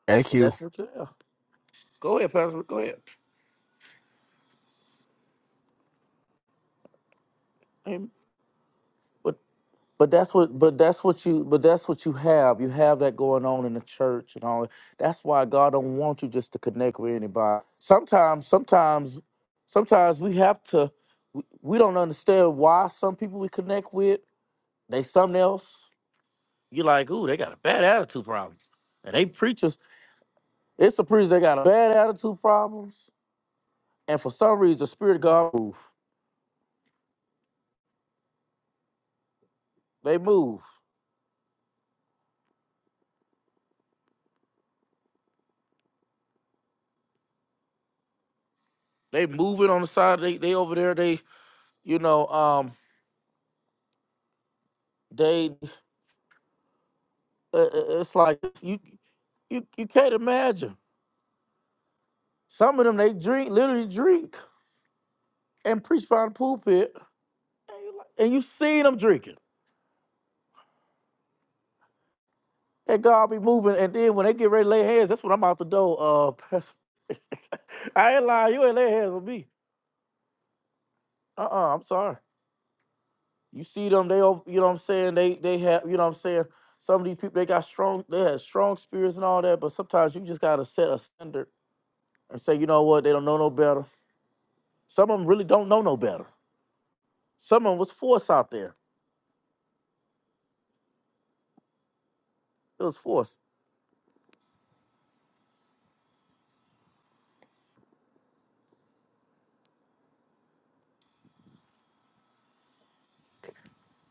Thank you.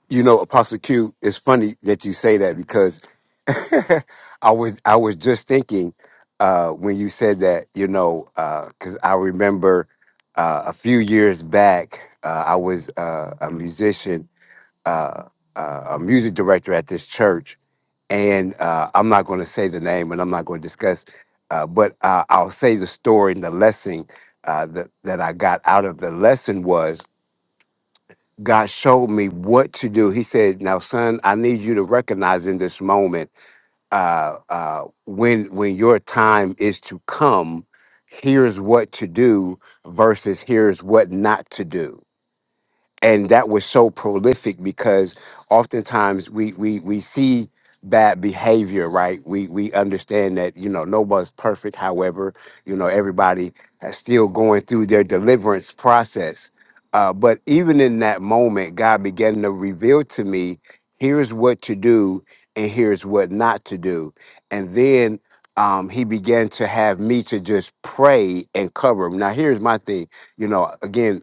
you know, Apostle Q, it's funny that you say that because I was I was just thinking uh when you said that, you know, uh, because I remember uh a few years back, uh I was uh a musician, uh uh, a music director at this church and uh, I'm not going to say the name, and I'm not going to discuss, uh, but uh, I'll say the story and the lesson uh, that that I got out of the lesson was God showed me what to do. He said, "Now, son, I need you to recognize in this moment uh, uh, when when your time is to come. Here's what to do versus here's what not to do." and that was so prolific because oftentimes we we we see bad behavior right we we understand that you know nobody's perfect however you know everybody is still going through their deliverance process uh, but even in that moment god began to reveal to me here's what to do and here's what not to do and then um, he began to have me to just pray and cover him now here's my thing you know again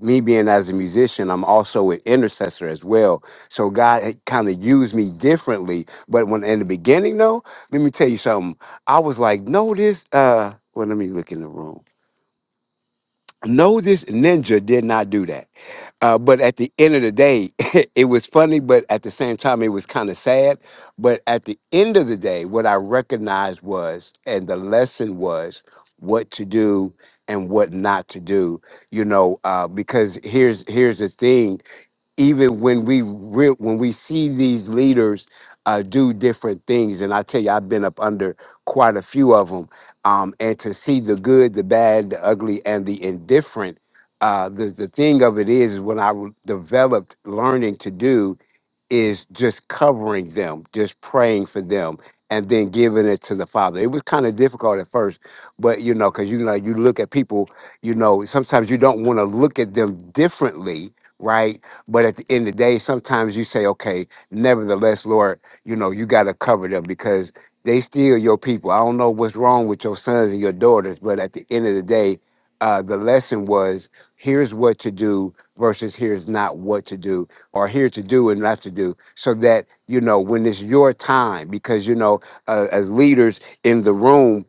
me being as a musician, I'm also an intercessor as well. So God kind of used me differently. But when in the beginning, though, let me tell you something. I was like, no, this. Uh, well, let me look in the room. No, this ninja did not do that. Uh, but at the end of the day, it was funny, but at the same time, it was kind of sad. But at the end of the day, what I recognized was, and the lesson was, what to do and what not to do. You know, uh, because here's here's the thing even when we re- when we see these leaders uh, do different things, and I tell you, I've been up under quite a few of them, um, and to see the good, the bad, the ugly, and the indifferent. Uh, the the thing of it is, is when I w- developed learning to do is just covering them, just praying for them, and then giving it to the Father. It was kind of difficult at first, but you know, because you know, you look at people, you know, sometimes you don't want to look at them differently, right? But at the end of the day, sometimes you say, okay, nevertheless, Lord, you know, you got to cover them because they still your people. I don't know what's wrong with your sons and your daughters, but at the end of the day, uh, the lesson was here's what to do versus here's not what to do are here to do and not to do so that you know when it's your time because you know uh, as leaders in the room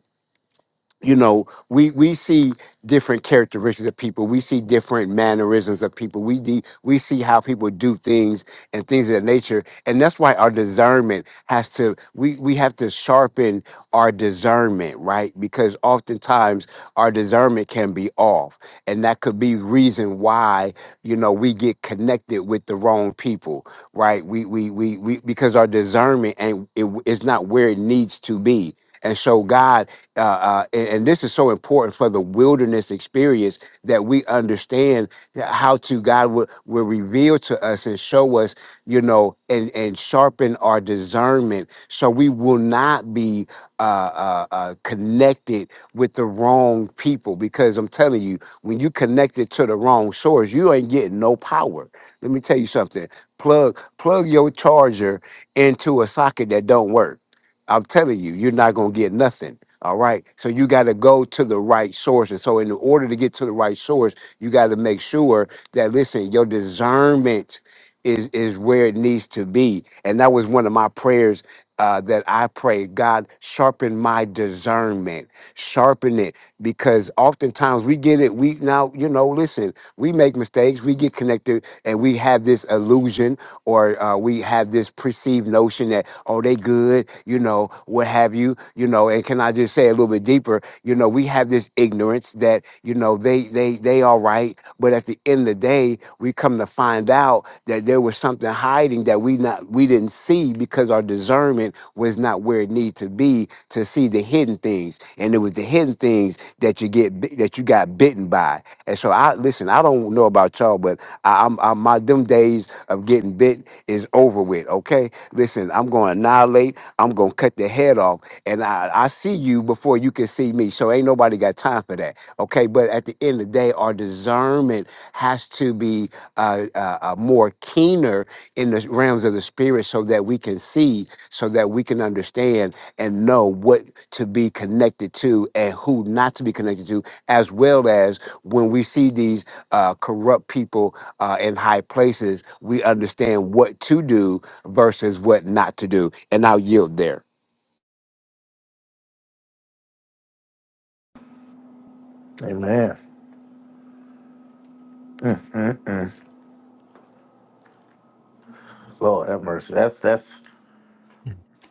you know we we see different characteristics of people we see different mannerisms of people we de- we see how people do things and things of that nature and that's why our discernment has to we we have to sharpen our discernment right because oftentimes our discernment can be off and that could be reason why you know we get connected with the wrong people right? We we we we because our discernment and it is not where it needs to be. And so God, uh, uh, and, and this is so important for the wilderness experience that we understand that how to God will, will reveal to us and show us, you know, and and sharpen our discernment, so we will not be uh, uh, uh, connected with the wrong people. Because I'm telling you, when you connected to the wrong source, you ain't getting no power. Let me tell you something. Plug plug your charger into a socket that don't work. I'm telling you, you're not gonna get nothing. All right. So you got to go to the right source. And so in order to get to the right source, you got to make sure that listen, your discernment is is where it needs to be. And that was one of my prayers uh, that I pray, God, sharpen my discernment, sharpen it, because oftentimes we get it. We now, you know, listen, we make mistakes, we get connected, and we have this illusion or uh, we have this perceived notion that oh, they good, you know, what have you, you know. And can I just say a little bit deeper? You know, we have this ignorance that you know they they they all right, but at the end of the day, we come to find out that there was something hiding that we not we didn't didn't see because our discernment was not where it needed to be to see the hidden things. And it was the hidden things that you get bit- that you got bitten by. And so I listen, I don't know about y'all, but I, I'm, I'm my them days of getting bit is over with. Okay, listen, I'm going to annihilate. I'm going to cut the head off, and I, I see you before you can see me. So ain't nobody got time for that. Okay, but at the end of the day, our discernment has to be uh, uh, uh, more keener in the realms of the spirit so that we can see, so that we can understand and know what to be connected to and who not to be connected to, as well as when we see these uh, corrupt people uh, in high places, we understand what to do versus what not to do. And I'll yield there.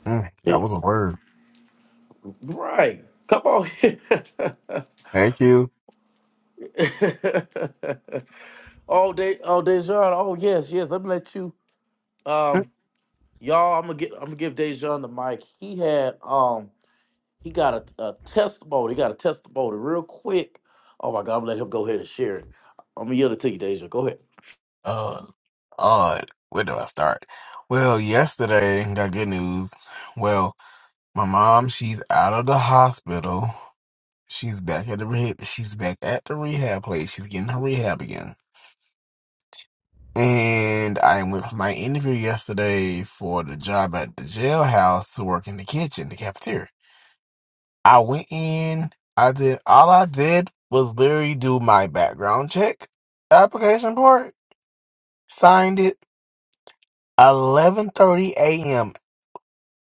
Mm, that was a word. Thank you. Uh, odd. Where do I start? Well, yesterday got good news. Well, my mom, she's out of the hospital. She's back at the rehab. She's back at the rehab place. She's getting her rehab again. And I went for my interview yesterday for the job at the jailhouse to work in the kitchen, the cafeteria. I went in. I did all I did was literally do my background check application part. Signed it 11:30 a.m.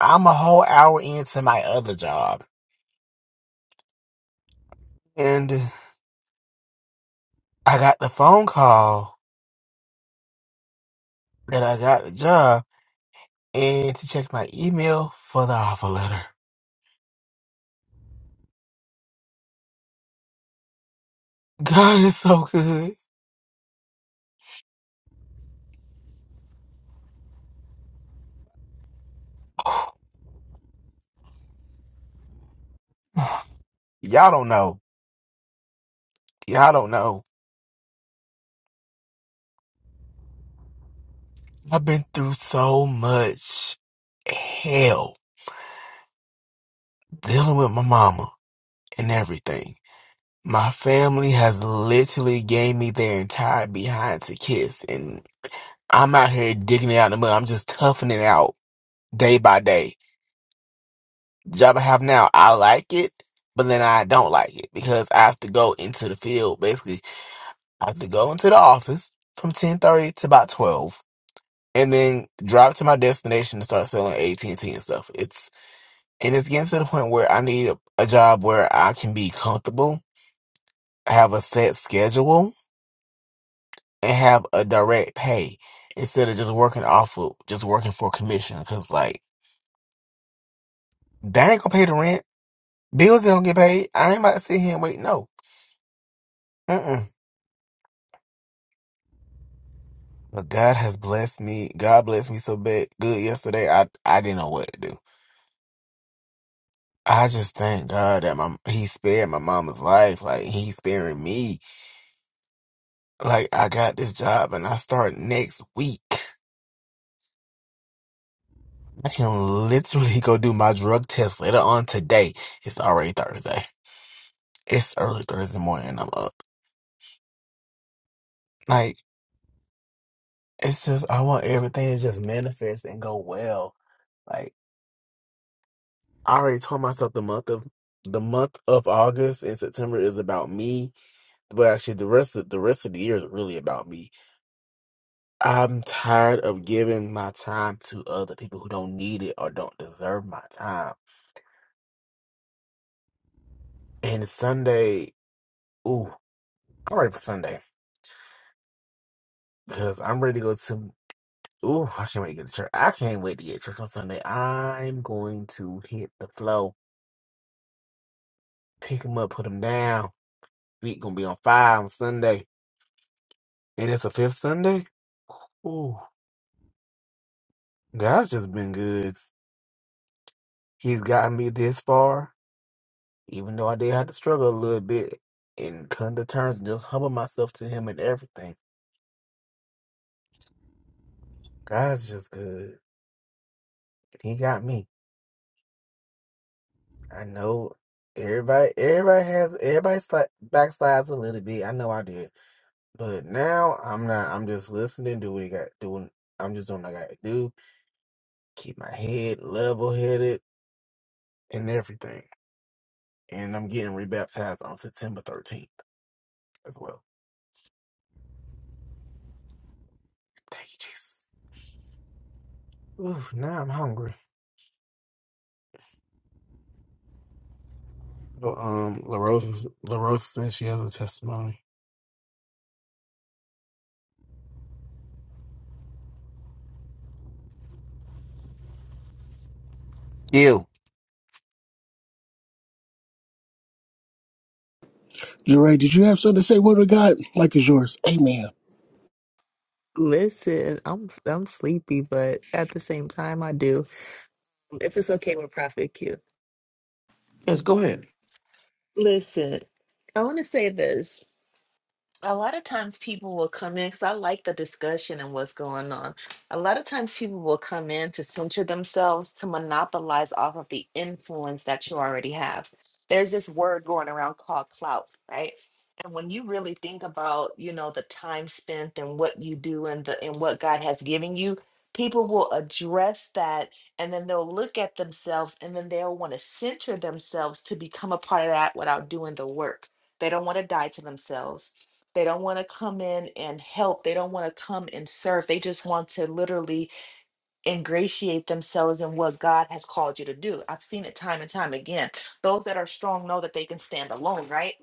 I'm a whole hour into my other job, and I got the phone call that I got the job, and to check my email for the offer letter. God is so good. Y'all don't know. Y'all don't know. I've been through so much hell dealing with my mama and everything My family has literally gave me their entire behind to kiss, and I'm out here digging it out in the mud. I'm just toughing it out day by day. The job I have now, I like it, but then I don't like it because I have to go into the field. Basically, I have to go into the office from 10:30 to about 12, and then drive to my destination to start selling AT&T and T and stuff. It's and it's getting to the point where I need a, a job where I can be comfortable, have a set schedule and have a direct pay instead of just working off of just working for commission. Cause like they ain't gonna pay the rent, bills don't get paid. I ain't about to sit here and wait. No, mm but God has blessed me. God blessed me so bad good yesterday. I I didn't know what to do. I just thank God that my he spared my mama's life. Like he sparing me. Like I got this job and I start next week. I can literally go do my drug test later on today. It's already Thursday. It's early Thursday morning and I'm up. Like, it's just, I want everything to just manifest and go well. Like, I already told myself the month of the month of August and September is about me, but actually the rest of the rest of the year is really about me. I'm tired of giving my time to other people who don't need it or don't deserve my time. And Sunday, ooh, I'm ready for Sunday because I'm ready to go to. Ooh, I can't wait to get to church. I can't wait to get to church on Sunday. I'm going to hit the flow, pick them up, put them down. Week gonna be on fire on Sunday, and it's a fifth Sunday. Ooh, God's just been good. He's gotten me this far, even though I did have to struggle a little bit and come to terms and just humble myself to Him and everything. God's just good. He got me. I know everybody. Everybody has everybody sli- backslides a little bit. I know I did, but now I'm not. I'm just listening. Do what he got doing. I'm just doing what I gotta do. Keep my head level headed and everything. and I'm getting rebaptized on September 13th as well. Thank you, Jesus. Oof. now I'm hungry. But um, LaRosa, LaRosa says she has a testimony. You. Jeray, did you have something to say? Word of God, like is yours. Amen. Listen, I'm I'm sleepy, but at the same time I do. If it's okay with Prophet Q. Listen, I want to say this. A lot of times people will come in because I like the discussion and what's going on. A lot of times people will come in to center themselves to monopolize off of the influence that you already have. There's this word going around called clout, right? And when you really think about, you know, the time spent and what you do and the and what God has given you, people will address that and then they'll look at themselves and then they'll want to center themselves to become a part of that without doing the work. They don't want to die to themselves they don't want to come in and help. They don't want to come and serve. They just want to literally ingratiate themselves in what God has called you to do. I've seen it time and time again. Those that are strong know that they can stand alone, right?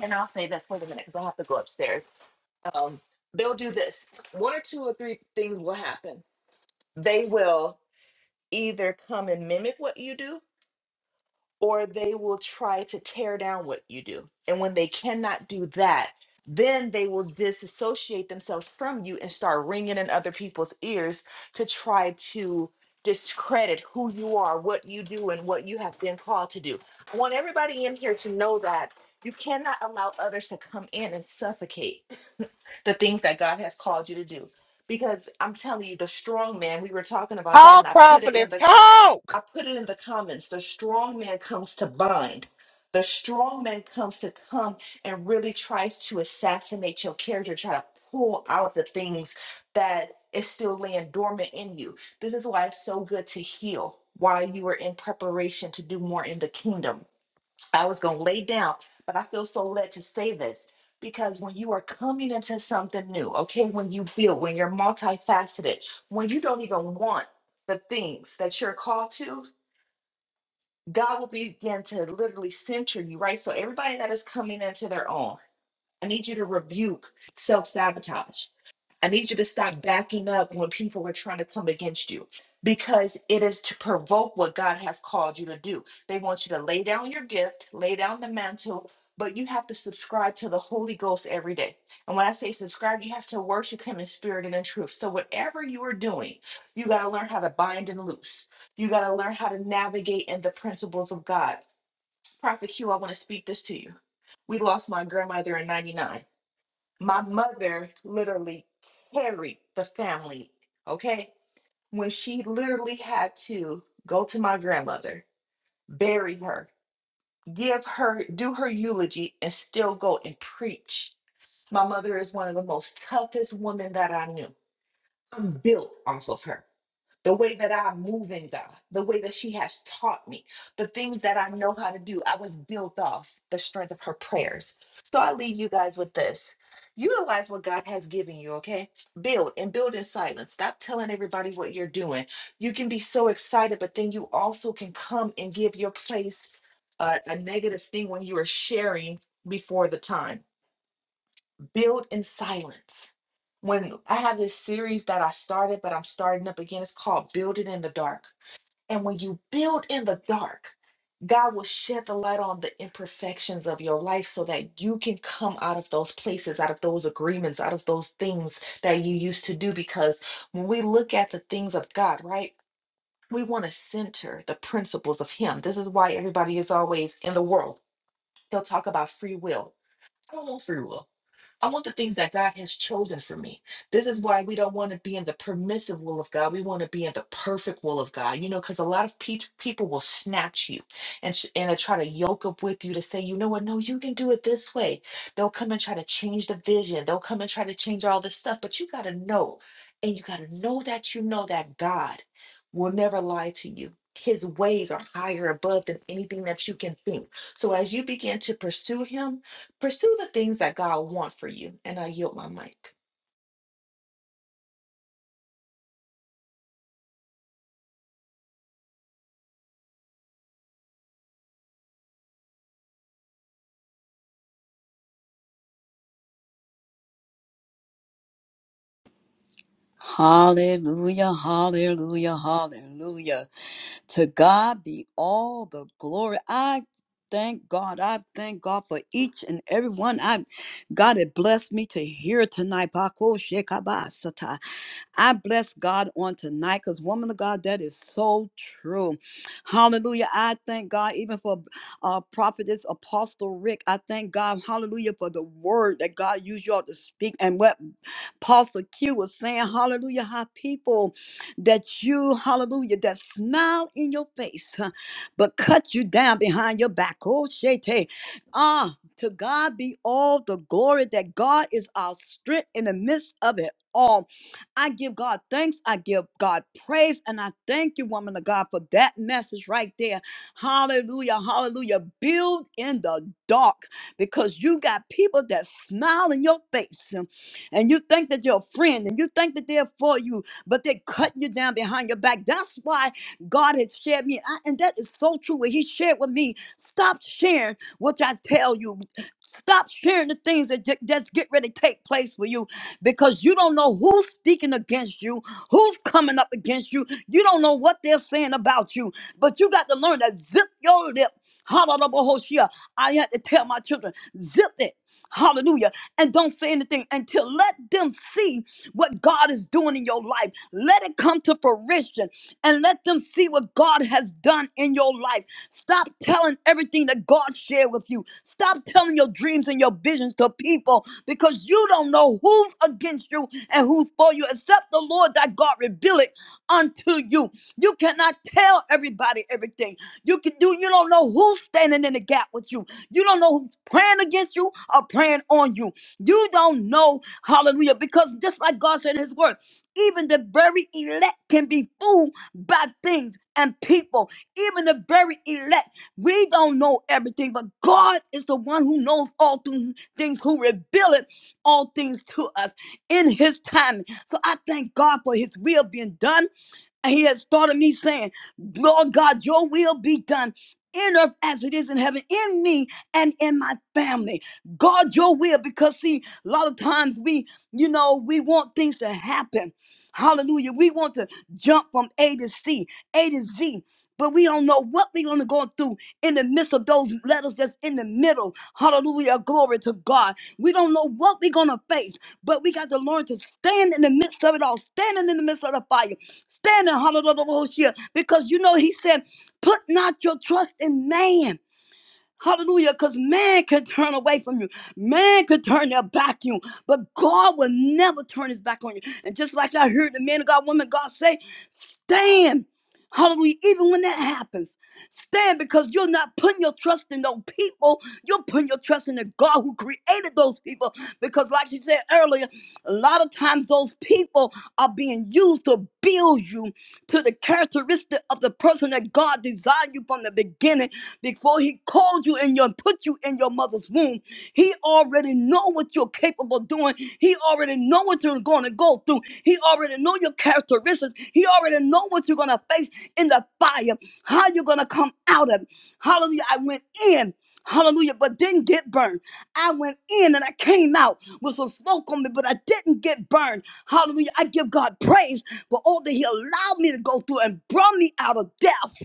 And I'll say this, wait a minute, because I have to go upstairs. Um, they'll do this. One or two or three things will happen. They will either come and mimic what you do, or they will try to tear down what you do. And when they cannot do that, then they will disassociate themselves from you and start ringing in other people's ears to try to discredit who you are, what you do, and what you have been called to do. I want everybody in here to know that you cannot allow others to come in and suffocate the things that God has called you to do. Because I'm telling you, the strong man, we were talking about that, and Talk, I put it in prophetess, the I talk. put it in the comments. The strong man comes to bind. The strong man comes to come and really tries to assassinate your character, try to pull out the things that is still laying dormant in you. This is why it's so good to heal while you are in preparation to do more in the kingdom. I was going to lay down, but I feel so led to say this because when you are coming into something new, okay, when you build, when you're multifaceted, when you don't even want the things that you're called to, God will begin to literally center you, right? So everybody that is coming into their own, I need you to rebuke self sabotage. I need you to stop backing up when people are trying to come against you because it is to provoke what God has called you to do. They want you to lay down your gift, lay down the mantle, but you have to subscribe to the Holy Ghost every day. And when I say subscribe, you have to worship Him in spirit and in truth. So, whatever you are doing, you got to learn how to bind and loose. You got to learn how to navigate in the principles of God. Prophet Q, I want to speak this to you. We lost my grandmother in 99 my mother literally carried the family, okay? When she literally had to go to my grandmother, bury her, give her, do her eulogy, and still go and preach. My mother is one of the most toughest women that I knew. I'm built off of her the way that I move in God, the way that she has taught me, the things that I know how to do. I was built off the strength of her prayers. So I leave you guys with this. Utilize what God has given you, okay? Build and build in silence. Stop telling everybody what you're doing. You can be so excited, but then you also can come and give your place uh, a negative thing when you are sharing before the time build in silence. When I have this series that I started, but I'm starting up again, it's called Build It in the Dark. And when you build in the dark, God will shed the light on the imperfections of your life so that you can come out of those places, out of those agreements, out of those things that you used to do. Because when we look at the things of God, right, we want to center the principles of Him. This is why everybody is always in the world. They'll talk about free will I don't want free will. I want the things that God has chosen for me. This is why we don't want to be in the permissive will of God. We want to be in the perfect will of God. You know, because a lot of pe- people will snatch you and sh- and they try to yoke up with you to say, you know what? No, you can do it this way. They'll come and try to change the vision. They'll come and try to change all this stuff. But you got to know, and you got to know that you know that God will never lie to you. His ways are higher above than anything that you can think. So as you begin to pursue Him Pursue the things that God wants for you. And I yield my mic. Hallelujah, hallelujah, hallelujah. To God be all the glory. I thank God. I thank God for each and every one. I God it blessed me to hear tonight. Bako shekabasata. I bless God on tonight because, woman of God, that is so true. Hallelujah. I thank God even for uh, prophetess Apostle Rick. I thank God, hallelujah, for the word that God used y'all to speak and what Apostle Q was saying. Hallelujah. How people that you, hallelujah, that smile in your face, huh, but cut you down behind your back. Oh, shete. Ah, to God be all the glory that God is our strength in the midst of it all. I give God thanks. I give God praise. And I thank you, woman of God, for that message right there. Hallelujah. Hallelujah. Build in the dark because you got people that smile in your face um, and you think that you're a friend and you think that they're for you, but they are cutting you down behind your back. That's why God had shared me. I, and that is so true. What He shared with me, stop sharing what I tell you. Stop sharing the things that ju- just get ready to take place for you because you don't know who's speaking against you, who's coming up against you. You don't know what they're saying about you, but you got to learn to zip your lip. Hallelujah. I had to tell my children, zip it. Hallelujah. And don't say anything until let them see what God is doing in your life. Let it come to fruition and let them see what God has done in your life. Stop telling everything that God shared with you. Stop telling your dreams and your visions to people because you don't know who's against you and who's for you except the Lord that God reveal it unto you. You cannot tell everybody everything. You can do you don't know who's standing in the gap with you. You don't know who's praying against you or praying on you. You don't know, hallelujah, because just like God said in his word, even the very elect can be fooled by things and people even the very elect. We don't know everything, but God is the one who knows all th- things, who revealed all things to us in His time. So I thank God for His will being done and he had started me saying, Lord God, your will be done in earth as it is in heaven, in me and in my family. God, your will, because see, a lot of times we, you know, we want things to happen. Hallelujah. We want to jump from A to C, A to Z. But we don't know what we're going to go through in the midst of those letters that's in the middle. Hallelujah. Glory to God. We don't know what we're going to face, but we got to learn to stand in the midst of it all, standing in the midst of the fire Standing hallelujah because you know he said, put not your trust in man. Hallelujah, because man can turn away from you. Man could turn their back on you, but God will never turn his back on you. And just like I heard the man of God, woman of God say, stand. Hallelujah, even when that happens, stand because you're not putting your trust in those people. You're putting your trust in the God who created those people. Because, like you said earlier, a lot of times those people are being used to build you to the characteristic of the person that God designed you from the beginning. Before He called you and your put you in your mother's womb, He already know what you're capable of doing. He already know what you're going to go through. He already know your characteristics. He already know what you're going to face in the fire. How you're going to come out of it. Hallelujah! I went in. Hallelujah! But didn't get burned. I went in and I came out with some smoke on me, but I didn't get burned. Hallelujah. I give God praise for all that He allowed me to go through and brought me out of death.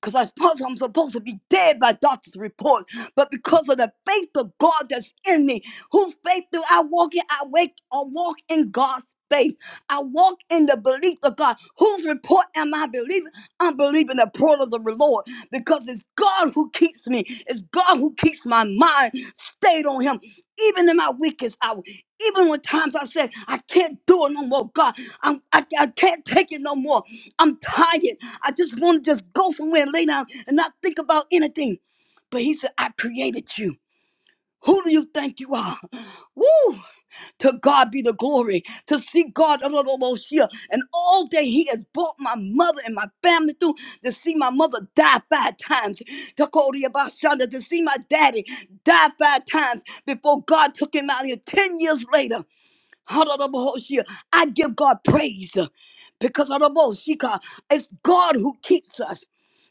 Because I thought I'm supposed to be dead by doctor's report. But because of the faith of God that's in me, whose faith do I walk in? I wake or walk in God's faith. I walk in the belief of God. Whose report am I believing? I'm believing the report of the Lord because it's God who keeps me. It's God who keeps my mind stayed on Him. Even in my weakest hour, even when times I said, I can't do it no more, God, I'm, I, I can't take it no more. I'm tired. I just want to just go somewhere and lay down and not think about anything. But he said, I created you. Who do you think you are? Woo! To God be the glory. To see God a little most here. And all day He has brought my mother and my family through to see my mother die five times. To call the about to see my daddy die five times before God took him out here. Ten years later, Hallelujah. I give God praise because of the most. She got- It's God who keeps us.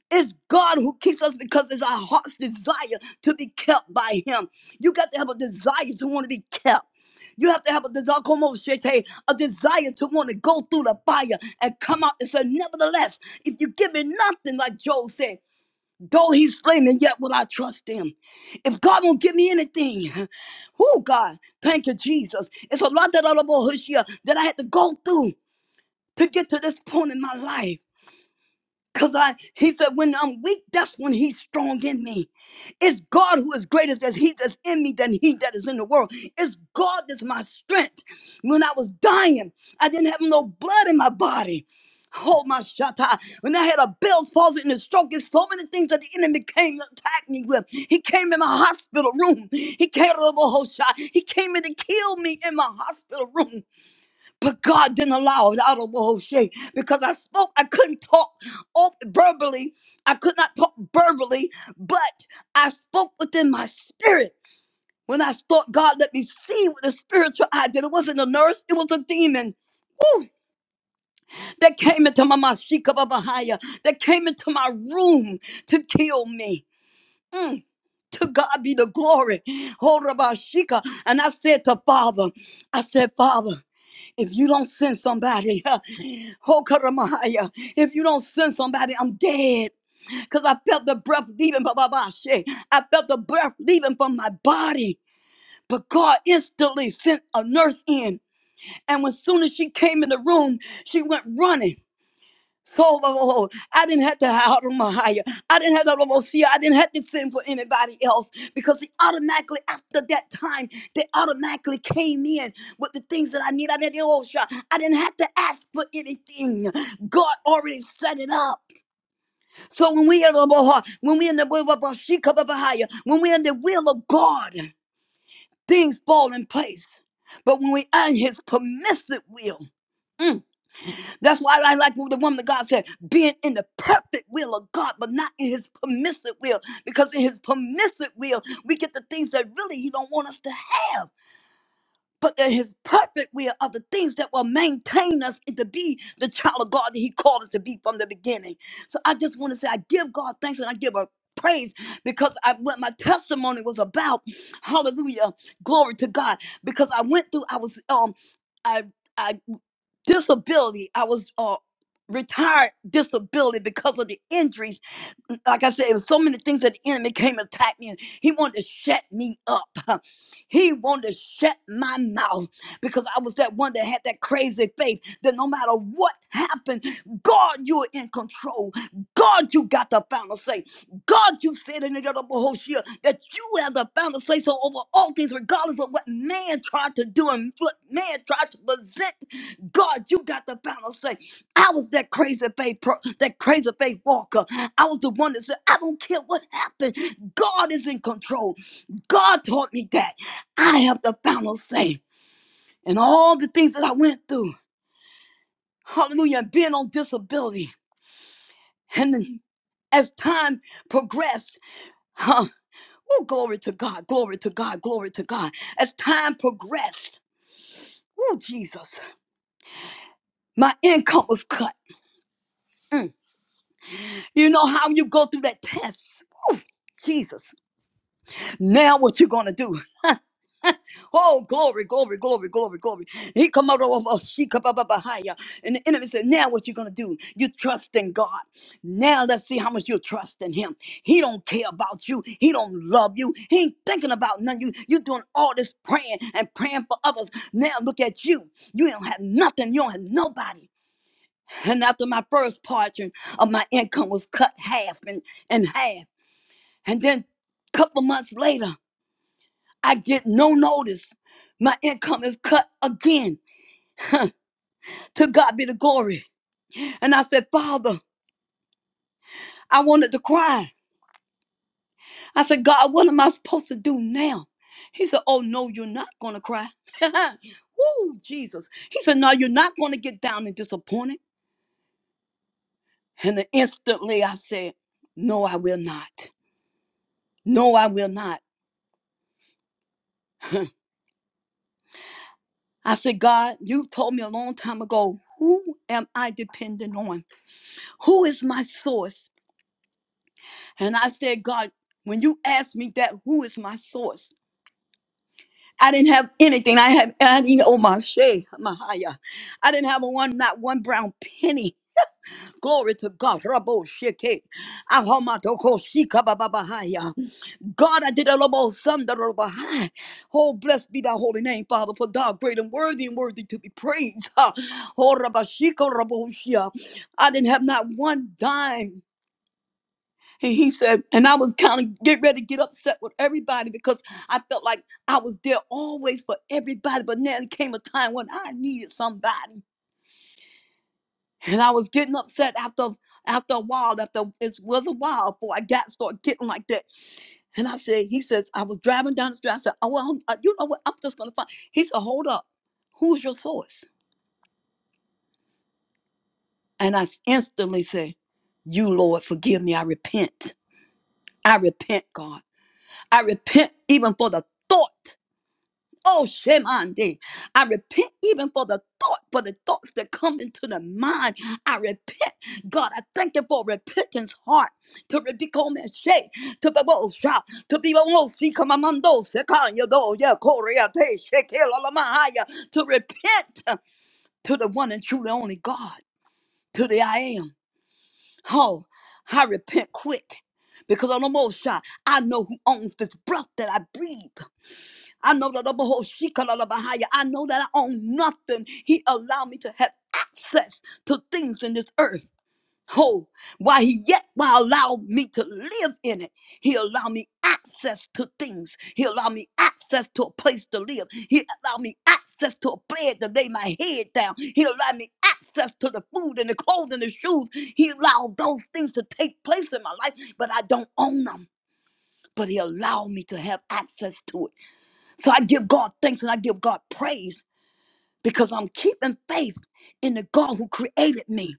It's God who keeps us because it's our heart's desire to be kept by Him. You got to have a desire to want to be kept. You have to have a desire, come over, shit, hey, a desire to want to go through the fire and come out and say, nevertheless, if you give me nothing, like Job said, though he slay me, yet will I trust him. If God won't give me anything, oh God, thank you, Jesus. It's a lot that I don't know, here that I had to go through to get to this point in my life. Cause I, he said, when I'm weak, that's when he's strong in me. It's God who is greater than he that's in me than he that is in the world. It's God that's my strength. When I was dying, I didn't have no blood in my body. Oh my shatta. When I had a Bell's palsy and a stroke, there's so many things that the enemy came to attack me with. He came in my hospital room. He came to the whole shot. He came in to kill me in my hospital room. But God didn't allow it out of Moshe because I spoke. I couldn't talk op- verbally. I could not talk verbally, but I spoke within my spirit. When I thought God let me see with the spiritual eye, that it wasn't a nurse, it was a demon. Woo! That came into my mashika babahaya, that came into my room to kill me. Mm, To God be the glory. Hold Rabashika. And I said to Father, I said, Father if you don't send somebody, Hokaramaya, if you don't send somebody, I'm dead. Because I felt the breath leaving ba ba ba body. I felt the breath leaving from my body. But God instantly sent a nurse in. And as soon as she came in the room, she went running. So oh, oh, oh, I didn't have to hide on my higher. I didn't have to almost I didn't have to send for anybody else because he automatically after that time they automatically came in with the things that I need. I didn't oh, sure. I didn't have to ask for anything. God already set it up. So when we in the Lord, when we in the will of she come up higher, when we in the will of God, things fall in place. But when we are in His permissive will. mm, that's why I like what the woman of God said, being in the perfect will of God, but not in his permissive will. Because in his permissive will, we get the things that really he don't want us to have. But in his perfect will are the things that will maintain us and to be the child of God that he called us to be from the beginning. So I just want to say I give God thanks and I give her praise because I what my testimony was about. Hallelujah. Glory to God. Because I went through, I was um I I disability. I was uh, retired disability because of the injuries. Like I said, it was so many things that the enemy came and attacked me. He wanted to shut me up. He wanted to shut my mouth because I was that one that had that crazy faith that no matter what happened, God, you're in control. God, you got the final say. God, you said in the other Bohoshia that you have the final say so over all things, regardless of what man tried to do and what man tried to present God, you got the final say. I was that crazy faith, pro- that crazy faith walker. I was the one that said, I don't care what happened. God is in control. God taught me that. I have the final say. And all the things that I went through, hallelujah, and being on disability. And then as time progressed, huh, oh, glory to God, glory to God, glory to God. As time progressed, oh, Jesus, my income was cut. You know how you go through that test. Woo! Jesus. Now what you gonna do? Oh, glory, glory, glory, glory, glory. He come out of a she come up behind And the enemy said, Now what you gonna do? You trust in God. Now let's see how much you trust in him. He don't care about you. He don't love you. He ain't thinking about none of you. You doing all this praying and praying for others. Now look at you. You don't have nothing. You don't have nobody. And after my first portion of my income was cut half and and half. And then a couple months later, I get no notice. My income is cut again. To God be the glory. And I said, Father, I wanted to cry. I said, God, what am I supposed to do now? He said, Oh, no, you're not going to cry. Woo, Jesus. He said, No, you're not going to get down and disappointed. And then instantly I said, No, I will not. No, I will not. I said, God, you told me a long time ago, who am I depending on? Who is my source? And I said, God, when you asked me that, who is my source? I didn't have anything. I had, I didn't owe my shay, Mahaya. I didn't have a one, not one brown penny. Glory to God. Rabo sheke. Ahomatoko shika bababahaya. God, I did a lobo sunder bahai. Oh, blessed be thy holy name, Father, for thou great and worthy and worthy to be praised. Ha. Oh, rabashiko rabo shia. I didn't have not one dime. And he said, and I was kind of getting ready to get upset with everybody because I felt like I was there always for everybody. But now there came a time when I needed somebody. And I was getting upset after after a while, after it was a while before I got started getting like that. And I said, he says, I was driving down the street. I said, oh, well, uh, you know what? I'm just going to find. He said, hold up. Who's your source? And I instantly said, you, Lord, forgive me. I repent. I repent, God. I repent even for the thought. Oh, shame on thee. I repent even for the thought, for the thoughts that come into the mind. I repent. God, I thank you for repentance heart. To re- be come and shake, to be bold, shout, to be bold, oh, see, come among those, see, come, you know, yeah, Korea, they shake, hell, all of my higher. To repent uh, to the one and truly only God, to the I am. Oh, I repent quick because on the most shot, I know who owns this breath that I breathe. I know that the whole Bahaya. I know that I own nothing. He allowed me to have access to things in this earth. Oh, why he yet why allowed me to live in it. He allowed me access to things. He allowed me access to a place to live. He allowed me access to a bed to lay my head down. He allowed me access to the food and the clothes and the shoes. He allowed those things to take place in my life, but I don't own them. But he allowed me to have access to it. So I give God thanks and I give God praise because I'm keeping faith in the God who created me.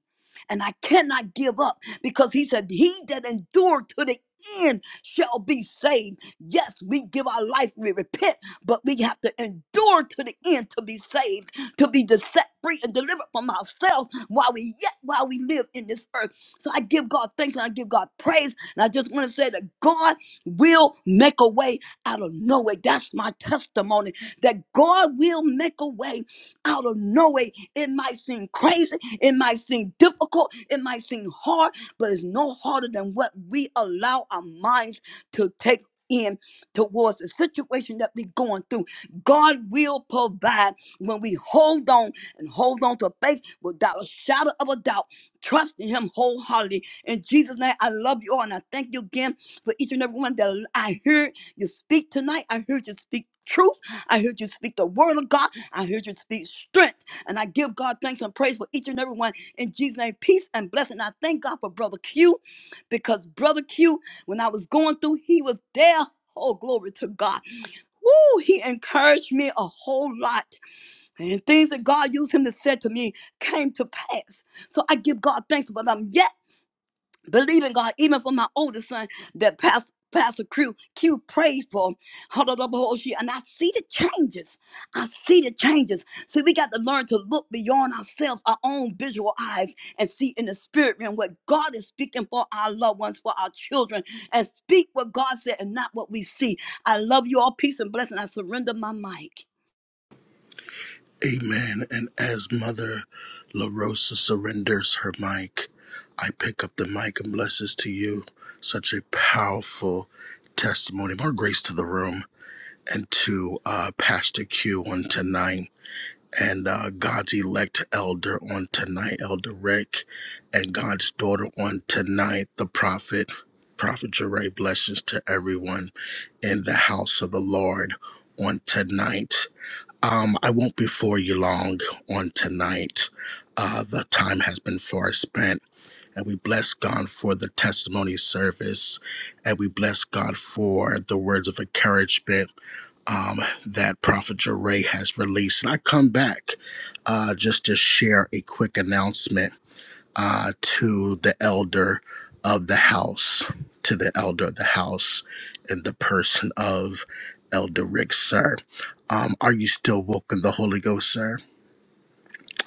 And I cannot give up because he said, He that endured to the end shall be saved. Yes, we give our life, we repent, but we have to endure to the end to be saved, to be de- set free and delivered from ourselves while we yet while we live in this earth. So I give God thanks and I give God praise. And I just want to say that God will make a way out of no way. That's my testimony. That God will make a way out of no way. It might seem crazy, it might seem difficult, it might seem hard, but it's no harder than what we allow our minds to take in towards the situation that we're going through. God will provide when we hold on and hold on to faith without a shadow of a doubt, trusting Him wholeheartedly. In Jesus' name, I love you all and I thank you again for each and every one that I heard you speak tonight. I heard you speak truth. I heard you speak the word of God. I heard you speak strength. And I give God thanks and praise for each and every one. In Jesus' name, peace and blessing. I thank God for Brother Q because Brother Q, when I was going through, he was there. Oh, glory to God. Woo, he encouraged me a whole lot. And things that God used him to say to me came to pass. So I give God thanks for them. Yes believe in God, even for my oldest son that Pastor Pastor Q, Q prayed for, Hallelujah, and I see the changes. I see the changes. See, we got to learn to look beyond ourselves, our own visual eyes, and see in the spirit realm what God is speaking for our loved ones, for our children, and speak what God said and not what we see. I love you all. Peace and blessing. I surrender my mic. Amen. And as Mother LaRosa surrenders her mic, I pick up the mic and blesses to you. Such a powerful testimony. More grace to the room and to uh, Pastor Q on tonight and uh, God's elect elder on tonight, Elder Rick, and God's daughter on tonight, the prophet. Prophet Jeray, blessings to everyone. in the house of the Lord on tonight. Um, I won't be for you long on tonight. Uh, the time has been far spent, and we bless God for the testimony service, and we bless God for the words of encouragement um, that Prophet Jeray has released. And I come back uh, just to share a quick announcement uh, to the elder of the house, to the elder of the house in the person of Elder Rick, sir. Um, are you still woke in the Holy Ghost, sir?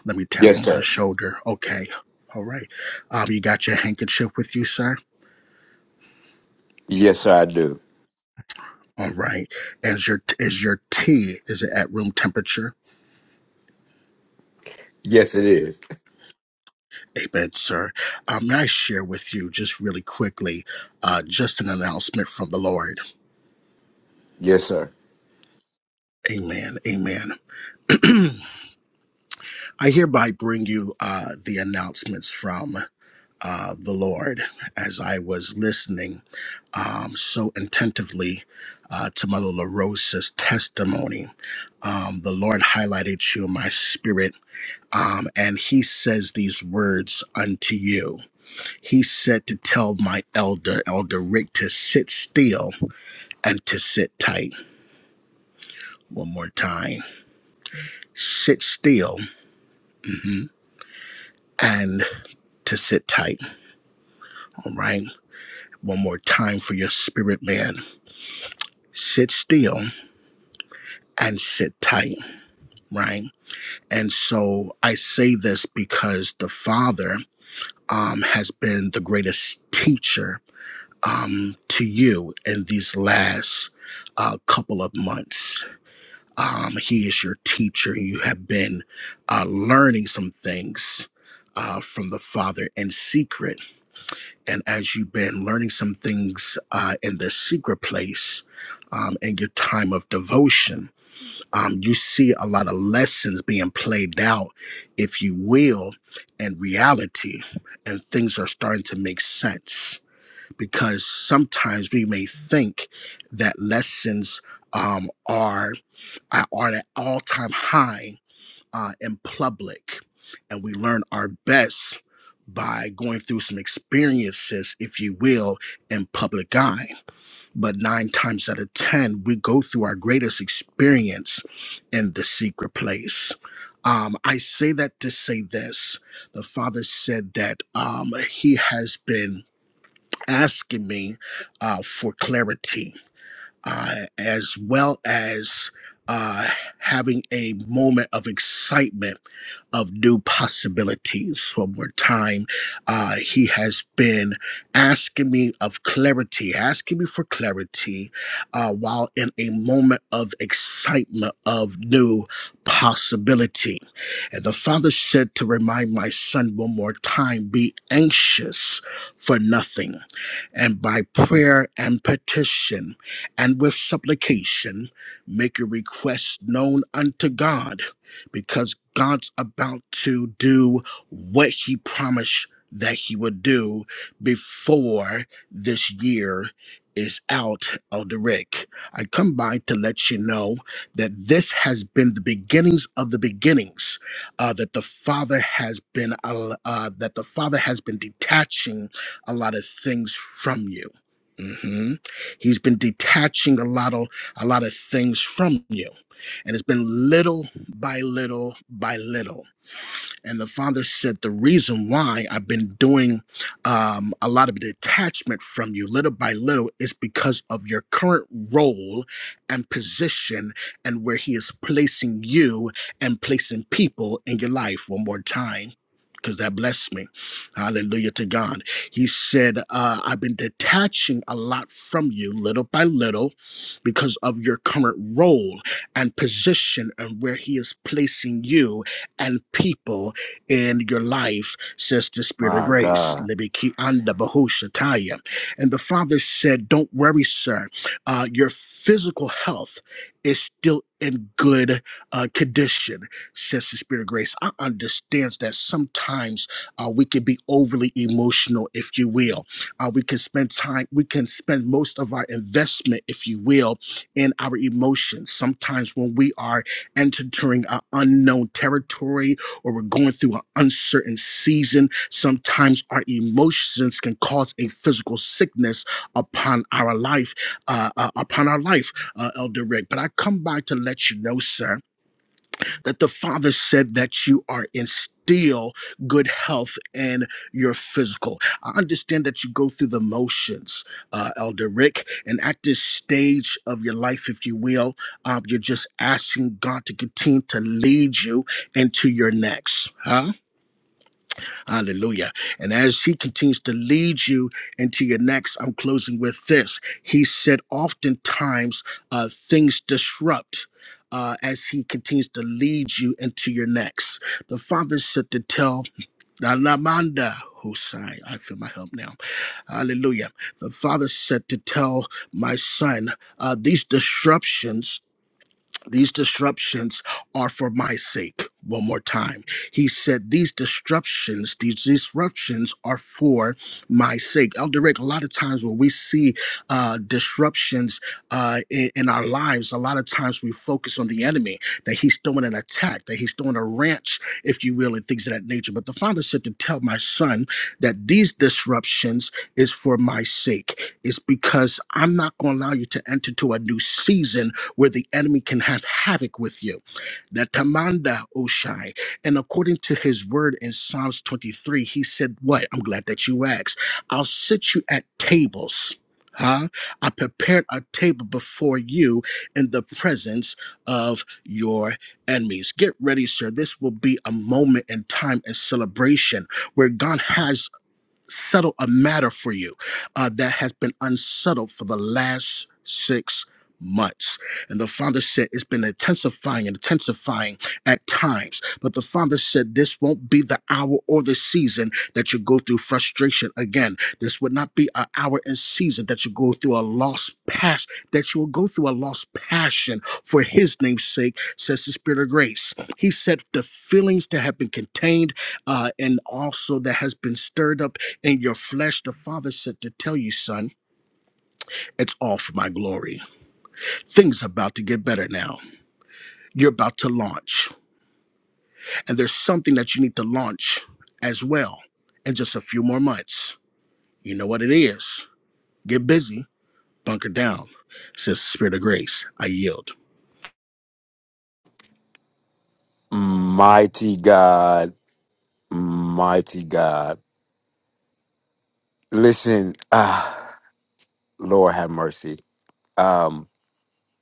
Let me tap Yes, him on the sir. shoulder. Okay. All right. Um, you got your handkerchief with you, sir? Yes, sir, I do. All right. Is your is your tea is it at room temperature? Yes, it is. Amen, sir. Um, may I share with you just really quickly, uh, just an announcement from the Lord. Yes, sir. Amen. Amen. I hereby bring you uh, the announcements from uh, the Lord as I was listening um, so attentively uh, to Mother LaRosa's testimony. Um, the Lord highlighted you in my spirit. Um, and he says these words unto you. He said to tell my elder, Elder Rick, to sit still and to sit tight. One more time. Sit still mhm, and to sit tight. All right one more time for your spirit man. Sit still and sit tight, right? And so I say this because the Father um, has been the greatest teacher um, to you in these last uh, couple of months. Um, he is your teacher. You have been uh, learning some things uh, from the Father in secret and as you've been learning some things uh, in the secret place um, in your time of devotion, um, you see a lot of lessons being played out, if you will, in reality, and things are starting to make sense because sometimes we may think that lessons um, are are at an all time high uh, in public. And we learn our best by going through some experiences, if you will, in public eye. But nine times out of 10, we go through our greatest experience in the secret place. Um, I say that to say this. The father said that um, he has been asking me uh, for clarity uh, as well as uh, having a moment of excitement of new possibilities. One more time, uh, he has been asking me of clarity, asking me for clarity, uh, while in a moment of excitement of new possibility. And the father said to remind my son one more time be anxious for nothing, and by prayer and petition and with supplication make your request known unto God because God's about to do what he promised that he would do before this year is out of rick. I come by to let you know that this has been the beginnings of the beginnings uh, that the father has been uh, uh, that the father has been detaching a lot of things from you. Mm-hmm. He's been detaching a lot of a lot of things from you. And it's been little by little by little. And the father said, The reason why I've been doing um, a lot of detachment from you little by little is because of your current role and position and where he is placing you and placing people in your life one more time. Because that blessed me. Hallelujah to God. He said, uh, I've been detaching a lot from you little by little because of your current role and position and where he is placing you and people in your life, says the Spirit of My Grace. God, Libiki anda bahushataya. And the Father said, Don't worry, sir. Uh, your physical health is still in good uh, condition, says the Spirit of Grace. I understand that sometimes uh, we can be overly emotional, if you will. Uh, we can spend time, we can spend most of our investment, if you will, in our emotions. Sometimes when we are entering an unknown territory, or we're going through an uncertain season, sometimes our emotions can cause a physical sickness upon our life, uh, uh, upon our life, uh, Elder Rick. But I come by to let you know, sir, that the Father said that you are in still good health in your physical. I understand that you go through the motions, uh, Elder Rick, and at this stage of your life, if you will, um, you're just asking God to continue to lead you into your next. huh? Hallelujah. And as he continues to lead you into your next, I'm closing with this. He said, oftentimes uh, things disrupt. Uh, as he continues to lead you into your next, the father said to tell Alamanda Husai, I feel my help now. Hallelujah. The father said to tell my son, uh, these disruptions these disruptions are for my sake. One more time. He said, These disruptions, these disruptions are for my sake. Elder Rick, a lot of times when we see uh, disruptions uh, in, in our lives, a lot of times we focus on the enemy, that he's throwing an attack, that he's throwing a wrench, if you will, and things of that nature. But the father said to tell my son that these disruptions is for my sake. It's because I'm not going to allow you to enter to a new season where the enemy can have havoc with you. The Tamanda Oshai. And according to his word in Psalms 23, he said, What? I'm glad that you asked. I'll sit you at tables. Huh? I prepared a table before you in the presence of your enemies. Get ready, sir. This will be a moment in time and celebration where God has settle a matter for you uh, that has been unsettled for the last six months. And the father said it's been intensifying and intensifying at times. But the father said this won't be the hour or the season that you go through frustration again. This would not be an hour and season that you go through a lost past, that you will go through a lost passion for his name's sake, says the Spirit of Grace. He said the feelings that have been contained uh, and also that has been stirred up in your flesh, the Father said to tell you, son, it's all for my glory. Things are about to get better now. You're about to launch, and there's something that you need to launch as well in just a few more months. You know what it is. Get busy, bunker down, says the Spirit of Grace. I yield. mighty God, mighty God. Listen. Lord have mercy. Um,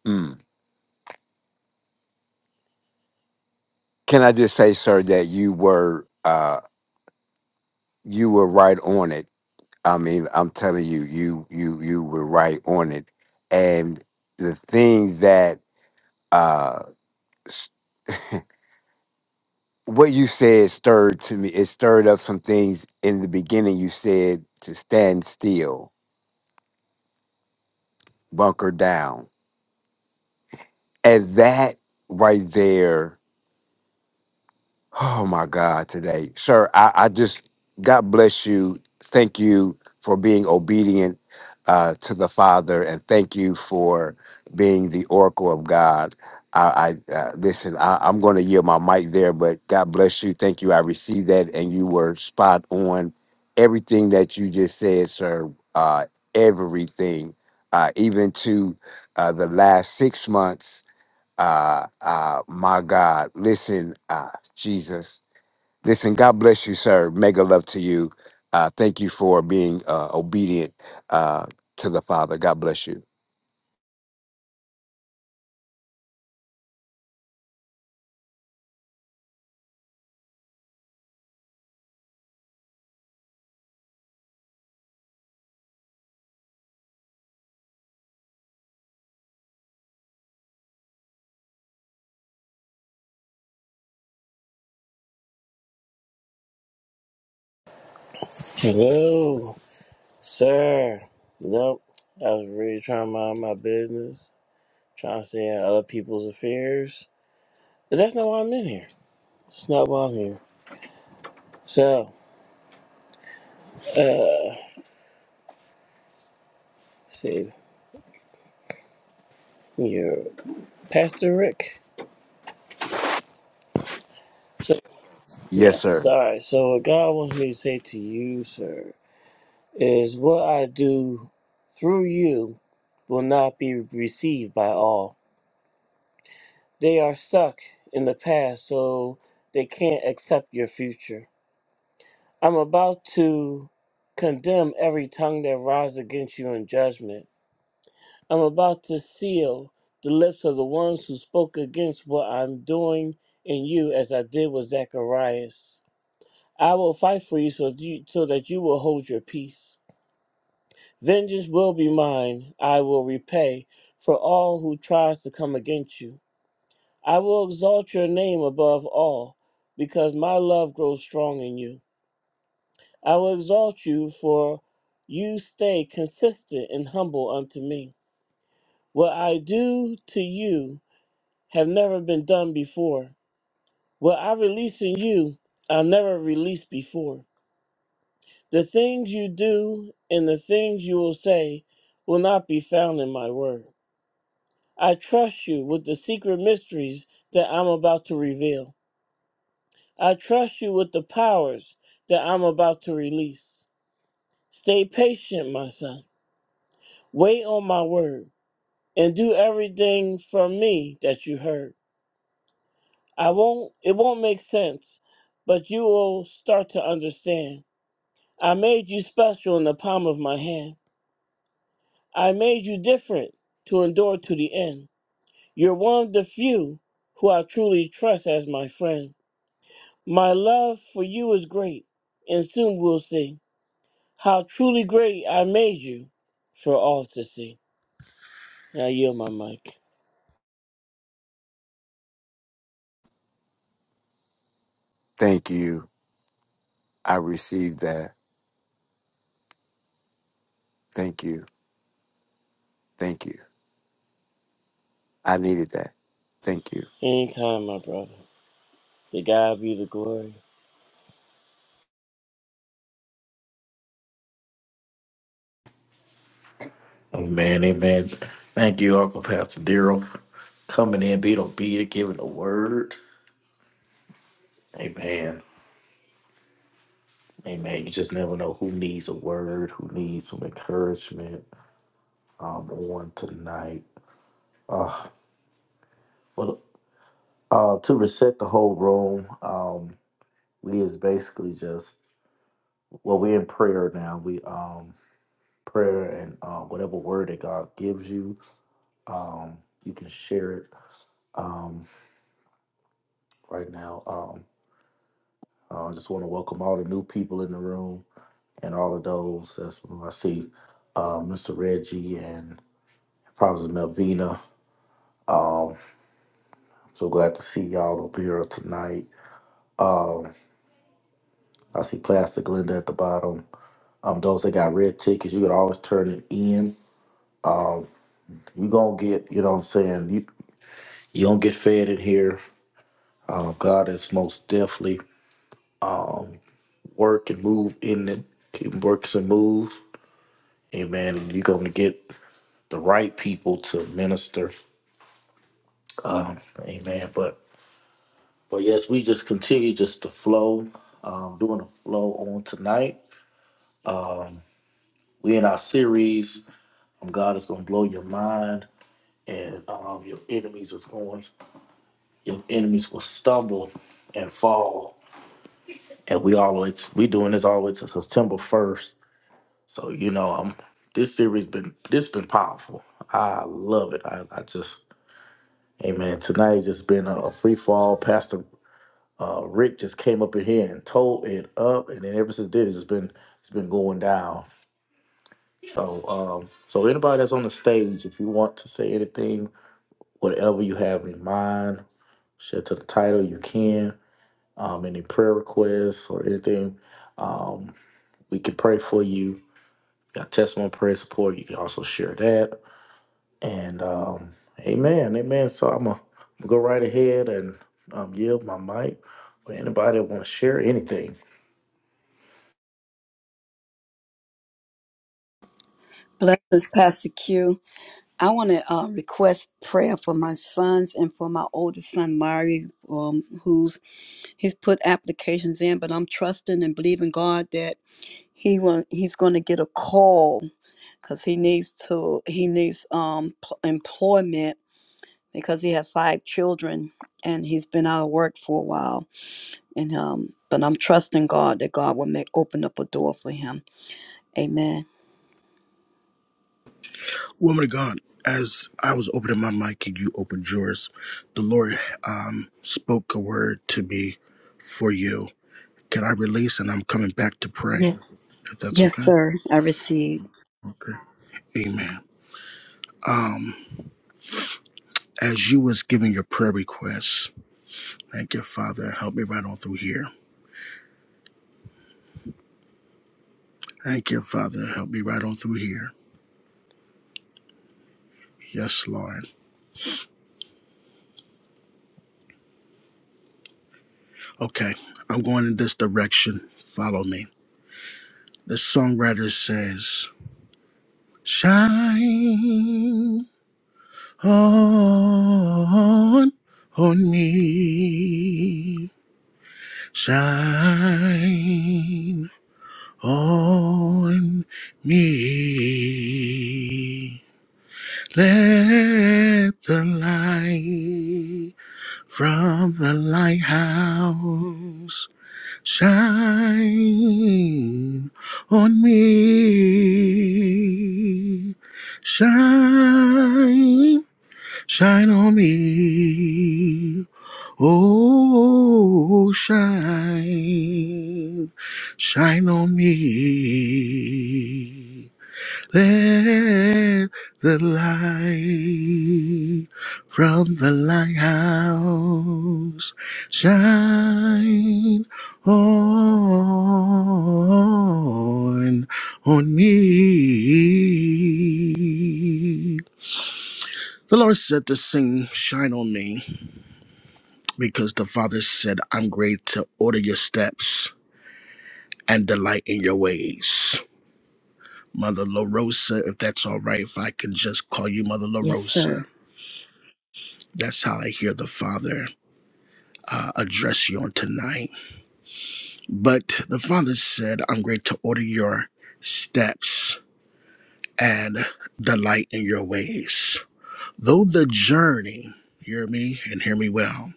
mm. Can I just say, sir, that you were uh, you were right on it. I mean, I'm telling you, you you you were right on it. And the thing that uh, s- what you said stirred to me, it stirred up some things in the beginning. You said to stand still, bunker down, and that right there Oh my God, today, sir. I, I just God bless you. Thank you for being obedient uh, to the Father, and thank you for being the oracle of God. I, I uh, listen. I, I'm going to yield my mic there, but God bless you. Thank you. I received that, and you were spot on. Everything that you just said, sir. Uh, everything, uh, even to uh, the last six months. Uh, uh, my God, listen, uh, Jesus, listen. God bless you, sir. Mega love to you. Uh, thank you for being uh, obedient uh, to the Father. God bless you. Whoa, sir. Nope. I was really trying to mind my business, trying to stay out of other people's affairs. But that's not why I'm in here. It's not why I'm here. So, uh, see, you're Pastor Rick. So, Yes, yes, sir. sorry. So, what God wants me to say to you, sir, is what I do through you will not be received by all. They are stuck in the past, so they can't accept your future. I'm about to condemn every tongue that rises against you in judgment. I'm about to seal the lips of the ones who spoke against what I'm doing in you as I did with Zacharias. I will fight for you so, you so that you will hold your peace. Vengeance will be mine. I will repay for all who tries to come against you. I will exalt your name above all because my love grows strong in you. I will exalt you, for you stay consistent and humble unto me. What I do to you have never been done before. What I release in you, I never released before. The things you do and the things you will say will not be found in my word. I trust you with the secret mysteries that I'm about to reveal. I trust you with the powers that I'm about to release. Stay patient, my son. Wait on my word and do everything from me that you heard. I won't it won't make sense, but you will start to understand. I made you special in the palm of my hand. I made you different to endure to the end. You're one of the few who I truly trust as my friend. My love for you is great, and soon we'll see how truly great I made you for all to see. Now yield my mic. Thank you. I received that. Thank you. Thank you. I needed that. Thank you. Anytime, my brother. To God be the glory. Blessings, Pastor Q. I want to uh, request prayer for my sons and for my oldest son, Larry, um, who's he's put applications in, but I'm trusting and believing God that he will he's going to get a call because he needs to he needs um pl- employment because he had five children and he's been out of work for a while and um but i'm trusting god that god will make open up a door for him amen Woman of God, as I was opening my mic and you opened yours, the Lord um, spoke a word to me for you. Can I release? And I'm coming back to pray, Yes. if that's yes okay. sir i receive Okay. Amen. Um, as you was giving your prayer requests, thank you, Father. Help me right on through here. Thank you, Father. Help me right on through here. Yes, Lord. Okay, I'm going in this direction. Follow me. The songwriter says, Shine on, on me. Shine on me. Let the light from the lighthouse shine on me. Shine, shine on me. Oh, shine, shine on me. Let the light from the lighthouse shine on, on me. The Lord said to sing, Shine on me, because the Father said, I'm great to order your steps and delight in your ways. Mother LaRosa, if that's all right, if I can just call you Mother yes sir LaRosa. That's how I hear the Father uh, address you on tonight. But the Father said, I'm going to order your steps and delight in your ways. Though the journey, hear me and hear me well,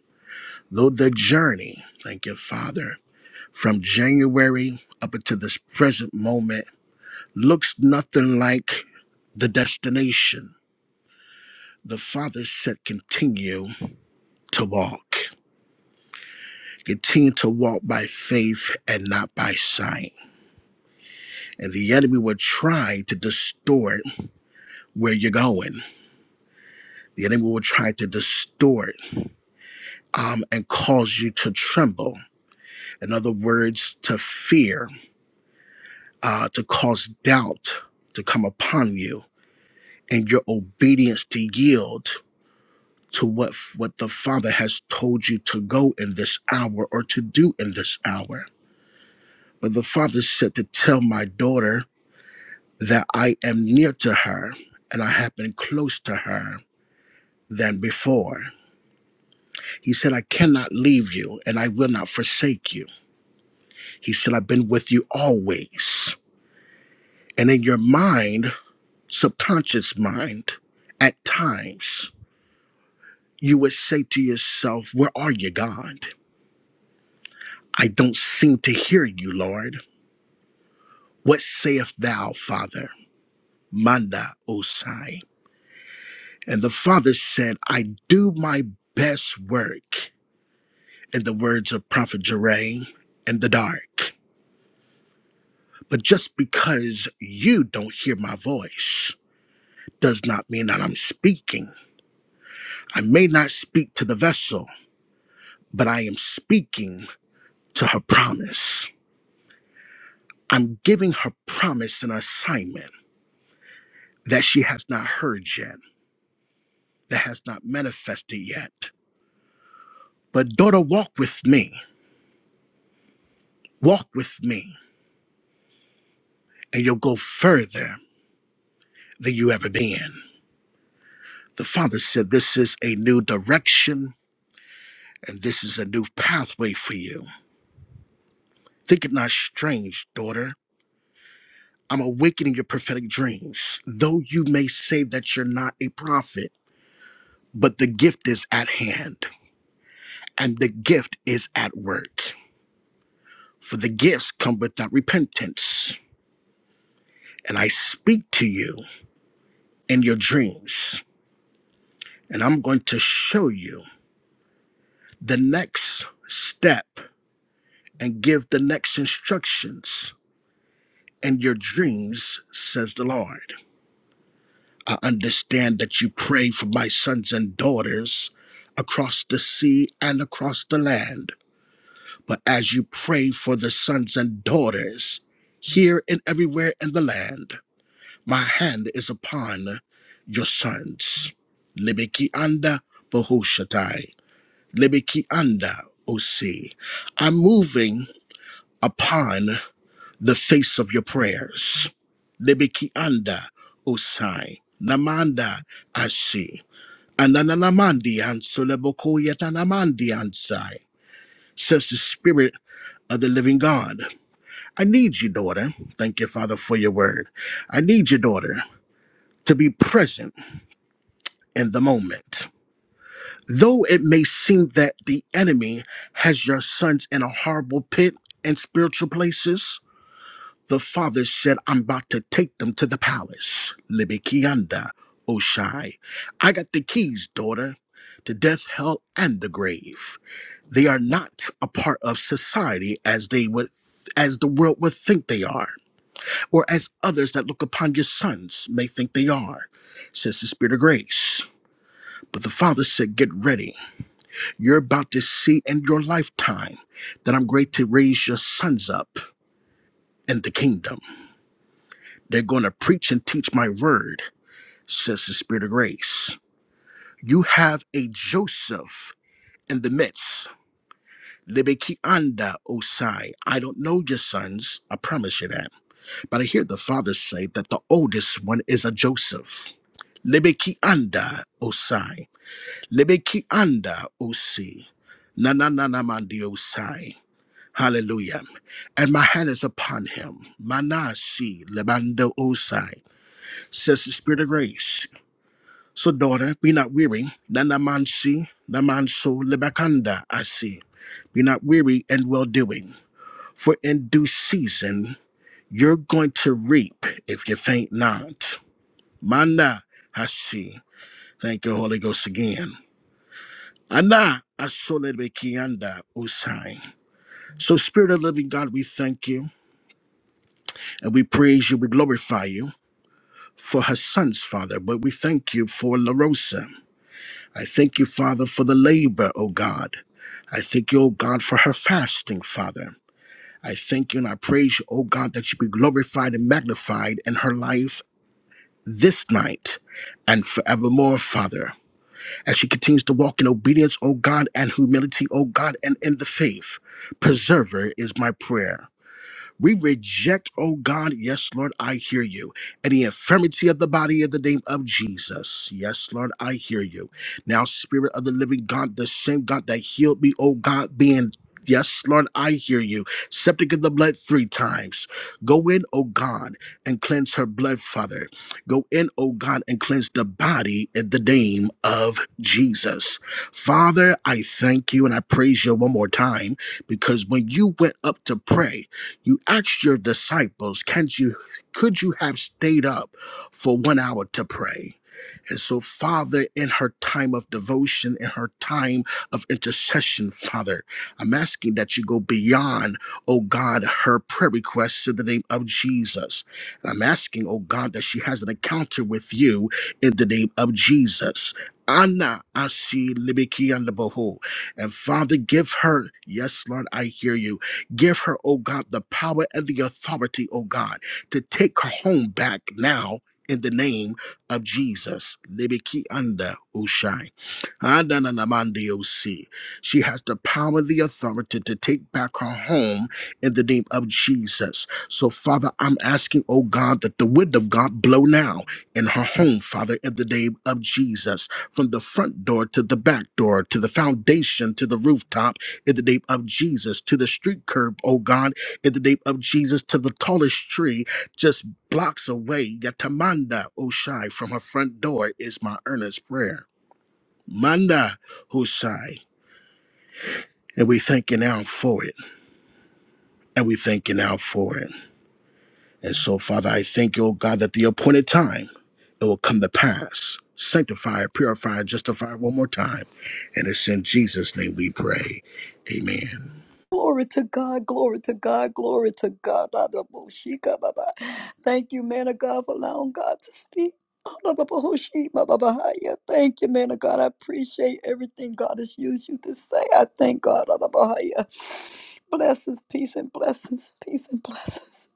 though the journey, thank you, Father, from January up until this present moment looks nothing like the destination, the Father said, continue to walk. Continue to walk by faith and not by sight. And the enemy will try to distort where you're going. The enemy will try to distort um, and cause you to tremble. In other words, to fear, uh, to cause doubt to come upon you, and your obedience to yield to what what the Father has told you to go in this hour or to do in this hour. But the Father said to tell my daughter that I am near to her and I have been close to her than before. He said, I cannot leave you and I will not forsake you. He said, I've been with you always. And in your mind, subconscious mind, at times, you would say to yourself, Where are you, God? I don't seem to hear you, Lord. What sayest thou, Father? Manda Osai. And the Father said, I do my best work in the words of Prophet Jeray, in the dark. But just because you don't hear my voice does not mean that I'm speaking. I may not speak to the vessel, but I am speaking to her promise. I'm giving her promise an assignment that she has not heard yet, that has not manifested yet. But daughter, walk with me. Walk with me, and you'll go further than you ever been. The father said, This is a new direction and this is a new pathway for you. Think it not strange, daughter. I'm awakening your prophetic dreams. Though you may say that you're not a prophet, but the gift is at hand, and the gift is at work. For the gifts come without repentance. And I speak to you in your dreams, and I'm going to show you the next step and give the next instructions in your dreams, says the Lord. I understand that you pray for my sons and daughters across the sea and across the land. But as you pray for the sons and daughters here and everywhere in the land, my hand is upon your sons. Libiki anda bohushatai. Libiki anda osi. I'm moving upon the face of your prayers. Libiki anda osai. Namanda asi. Ananamandi soleboko Solebokoyatanamandi and Sai, says the Spirit of the Living God. I need you, daughter. Thank you, Father, for your word. I need you, daughter, to be present in the moment. Though it may seem that the enemy has your sons in a horrible pit and spiritual places, the father said, I'm about to take them to the palace. Libikianda, Oshai. I got the keys, daughter, to death, hell, and the grave. They are not a part of society as they would as the world would think they are, or as others that look upon your sons may think they are, says the Spirit of grace. But the Father said, Get ready. You're about to see in your lifetime that I'm great to raise your sons up in the kingdom. They're going to preach and teach my word, says the Spirit of grace. You have a Joseph in the midst. Lebekianda Osai. I don't know your sons. I promise you that. But I hear the father say that the oldest one is a Joseph. Lebeki anda osai. Lebeki anda osi. Na na na na mandi osai. Hallelujah. And my hand is upon him. Manasi lebando osai. Says the spirit of grace. So daughter, be not weary. Na na mansi. Na manso lebakanda asi. Be not weary and well doing. For in due season you're going to reap if you faint not. Manda Hashi. Thank you, Holy Ghost, again. Ana Asolebekianda Usai. So, Spirit of the Living God, we thank you and we praise you, we glorify you for her sons, Father, but we thank you for La Rosa. I thank you, Father, for the labor, O God. I thank you, O God, for her fasting, Father. I thank you and I praise you, O God, that you be glorified and magnified in her life this night and forevermore, Father. as she continues to walk in obedience, O God, and humility, O God, and in the faith. Preserve her is my prayer. We reject, oh God, yes, Lord, I hear you. Any infirmity of the body in the name of Jesus. Yes, Lord, I hear you. Now, Spirit of the living God, the same God that healed me, oh God, being. Yes, Lord, I hear you. Septic in the blood three times. Go in, oh God, and cleanse her blood, Father. Go in, oh God, and cleanse the body in the name of Jesus. Father, I thank you and I praise you one more time because when you went up to pray, you asked your disciples, "Can't you? Could you have stayed up for one hour to pray?" And so, Father, in her time of devotion, in her time of intercession, Father, I'm asking that you go beyond, oh God, her prayer requests in the name of Jesus. And I'm asking, oh God, that she has an encounter with you in the name of Jesus. Anna Asi Libiki and Boho. And Father, give her, yes, Lord, I hear you. Give her, oh God, the power and the authority, oh God, to take her home back now in the name of Jesus. Lebeki anda Ushai. Adananamande Osi. She has the power, the authority to take back her home in the name of Jesus. So, Father, I'm asking, oh God, that the wind of God blow now in her home, Father, in the name of Jesus. From the front door to the back door, to the foundation, to the rooftop, in the name of Jesus, to the street curb, oh God, in the name of Jesus, to the tallest tree. just. Blocks away, Yatamanda Oshai from her front door is my earnest prayer. Manda Oshai. And we thank you now for it. And we thank you now for it. And so, Father, I thank you, O God, that the appointed time it will come to pass. Sanctify, purify, justify one more time. And it's in Jesus' name we pray. Amen. Glory to God, glory to God, glory to God. Adaboshika baba. Thank you, man of God, for allowing God to speak. Adabahoshi baba bahaya. Thank you, man of God. I appreciate everything God has used you to say. I thank God. Adabahaya. Blessings, peace, and blessings, peace, and blessings.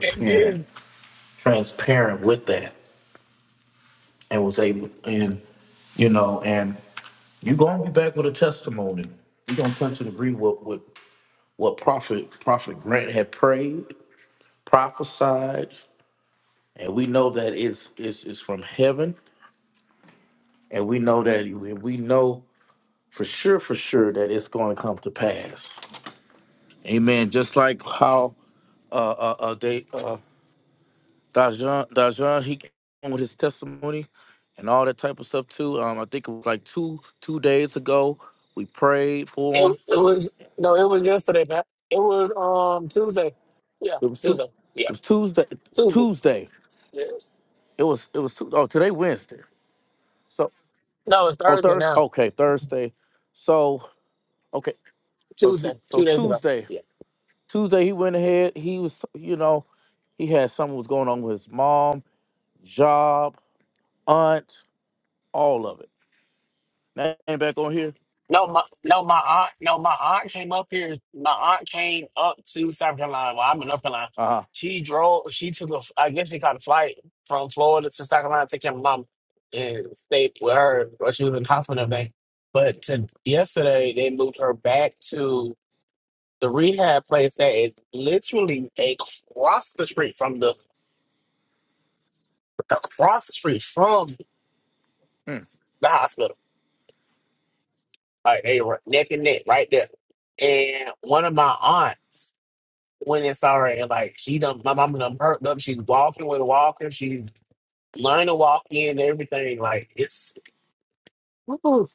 It, it, it, it was no, it was yesterday, man. It was um Tuesday. Yeah, Tuesday. Yeah, Tuesday. Yes. No, it's Thursday now. Tuesday, two days ago. Yeah. No, my no, my aunt, no, my aunt came up here. My aunt came up to South Carolina. Well, I'm in North Carolina. She drove. She took a. I guess she caught a flight from Florida to South Carolina to take care of my mom and stayed with her. while she was in the hospital and everything. But to, yesterday they moved her back to the rehab place that is literally across the street from the across the street from the hospital. Like they were neck and neck right there. And one of my aunts. when it's already like she done my mama done perked up. She's walking with a walker. She's learning to walk in and everything. Like it's woo,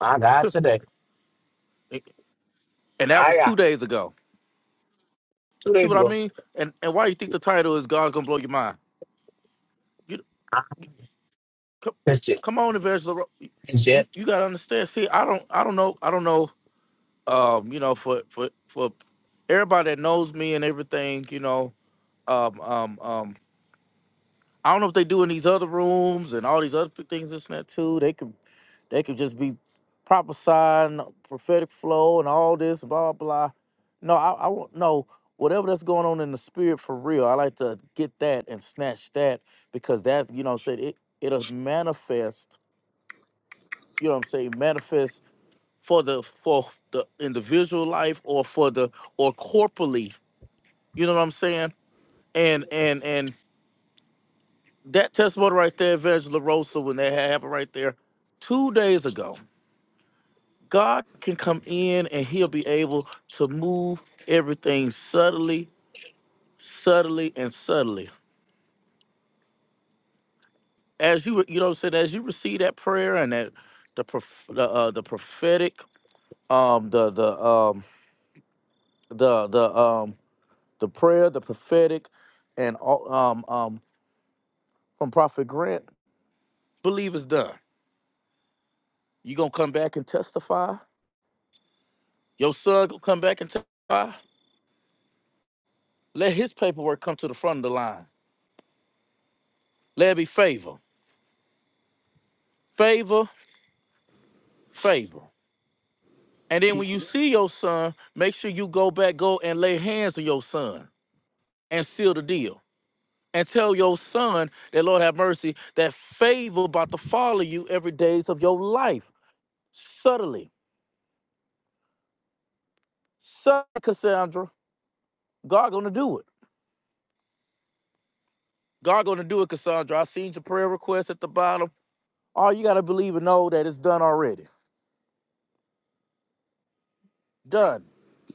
I got today. I got two days ago. I missed it. It's yet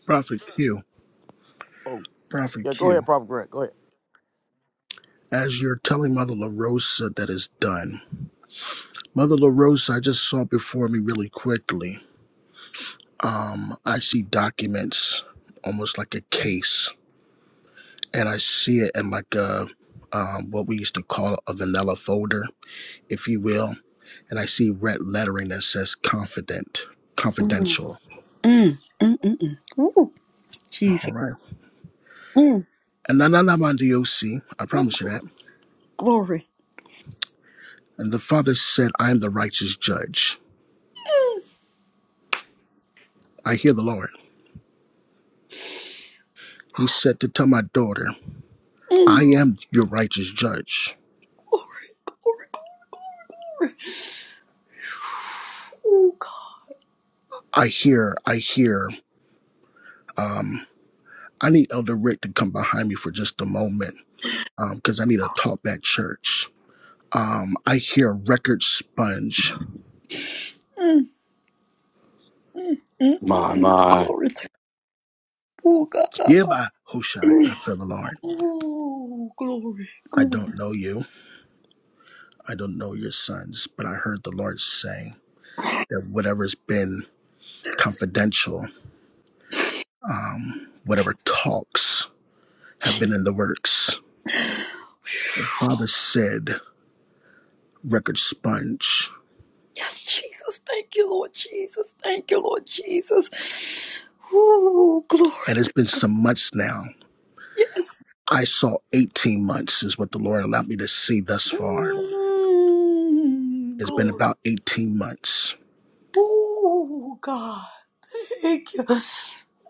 Prophet Q, Prophet Q, as you're telling Mother LaRosa that it's done, Mother LaRosa, I just saw before me really quickly. I see documents almost like a case, and I see it in like a um, what we used to call a vanilla folder, if you will. And I see red lettering that says confident, Mm, confidential. mm, mm, mm, mm. Ooh, All Jesus. right. Mm, And then I'm on the OC. I promise you that. glory. And the father said, I am the righteous judge. I hear the Lord. He said to tell my daughter, Mm, I am your righteous judge. glory, glory. glory. Ooh, God. I hear, I hear, um, I need Elder Rick to come behind me for just a moment because I need a talk back church. Um, I hear record sponge. Mm, mm, mm, mm, My mm. my. Glory to Oh God. Yeah, by Hushai, I feel the Lord. Oh, glory, I glory. don't know you. I don't know your sons, but I heard the Lord say that whatever's been confidential, um, whatever talks have been in the works. The father said record sponge, Yes, Jesus. Thank you, Lord Jesus. Thank you, Lord Jesus. Oh, glory. and it's to- been some months now. Yes. I saw 18 months is what the Lord allowed me to see thus far. Mm, It's been glory. about 18 months. Oh, God. Thank you.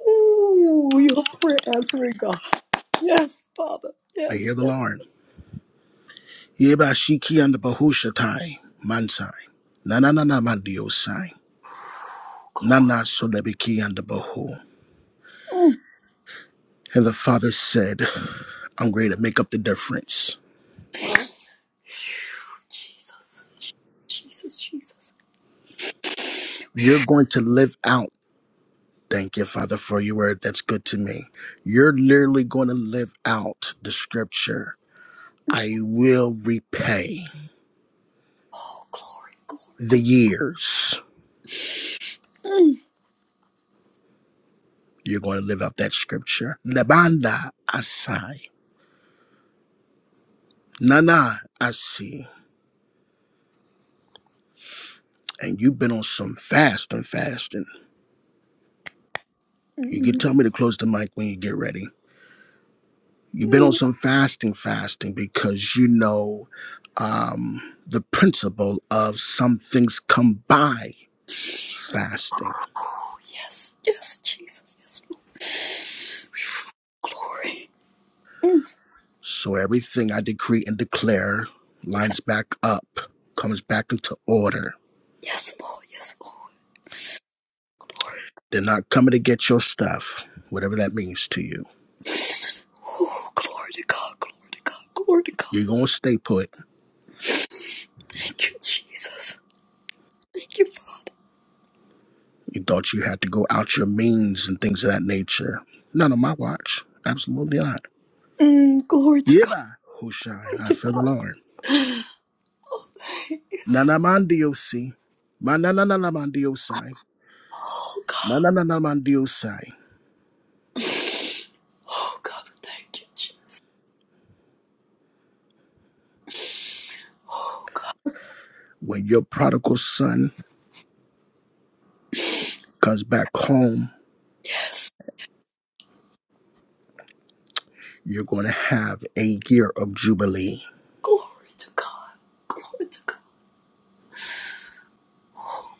Oh, your prayer answering God. Yes, Father. I Yes, hear the yes. Lord. Yeba Shiki and Bahushatai, Mansai, Nananana Mandiosai, Glory. Nana Solebiki and the Bahu. Mm. And the father said, I'm going to make up the difference. Jesus. Jesus, Jesus. You're going to live out. Thank you, Father, for your word. That's good to me. You're literally going to live out the scripture. I will repay Oh, glory, glory, the glory. years. Mm. You're going to live out that scripture. Lebanda Asai. Nana Asi. And you've been on some fast and fasting. You Mm. can tell mm, me to close the mic when you get ready. You've mm. been on some fasting, fasting because you know um, the principle of some things come by fasting. Oh, yes, yes, Jesus, yes, Lord. Glory. Mm. So everything I decree and declare lines back up, comes back into order. Yes, Lord, yes, Lord. Glory. They're not coming to get your stuff, whatever that means to you. Oh, glory to God, glory to God, glory to God. You're going to stay put. Thank you, Jesus. Thank you, Father. You thought you had to go out your means and things of that nature. Not on my watch. Absolutely not. Mm, glory to Yeah, God, bye. Hushai, glory I to feel God. the Lord. Oh, thank you. Nanamandiosi. Manananamandiosai. Oh, God. Nanananamandiosai. Oh, God, thank you, Jesus. Oh, God. When your prodigal son comes back home, Yes, you're going to have a year of jubilee. glory to God, glory to God,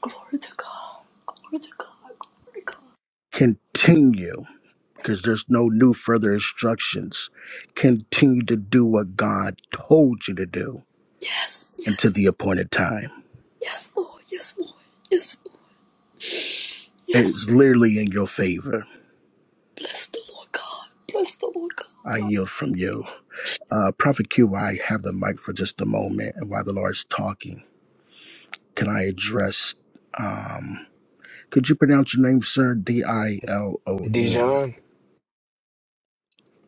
glory to God, glory to God, glory to God. Continue, because there's no new further instructions. Continue to do what God told you to do Yes, yes. until the appointed time. Yes, Lord. Yes, Lord. Yes, Lord. Yes. It's literally in your favor. Bless the Lord God. Bless the Lord God. I yield from you. Uh, Prophet Q, I have the mic for just a moment. And while the Lord's talking, can I address? um, Could you pronounce your name, sir? D I L O N. Dijon?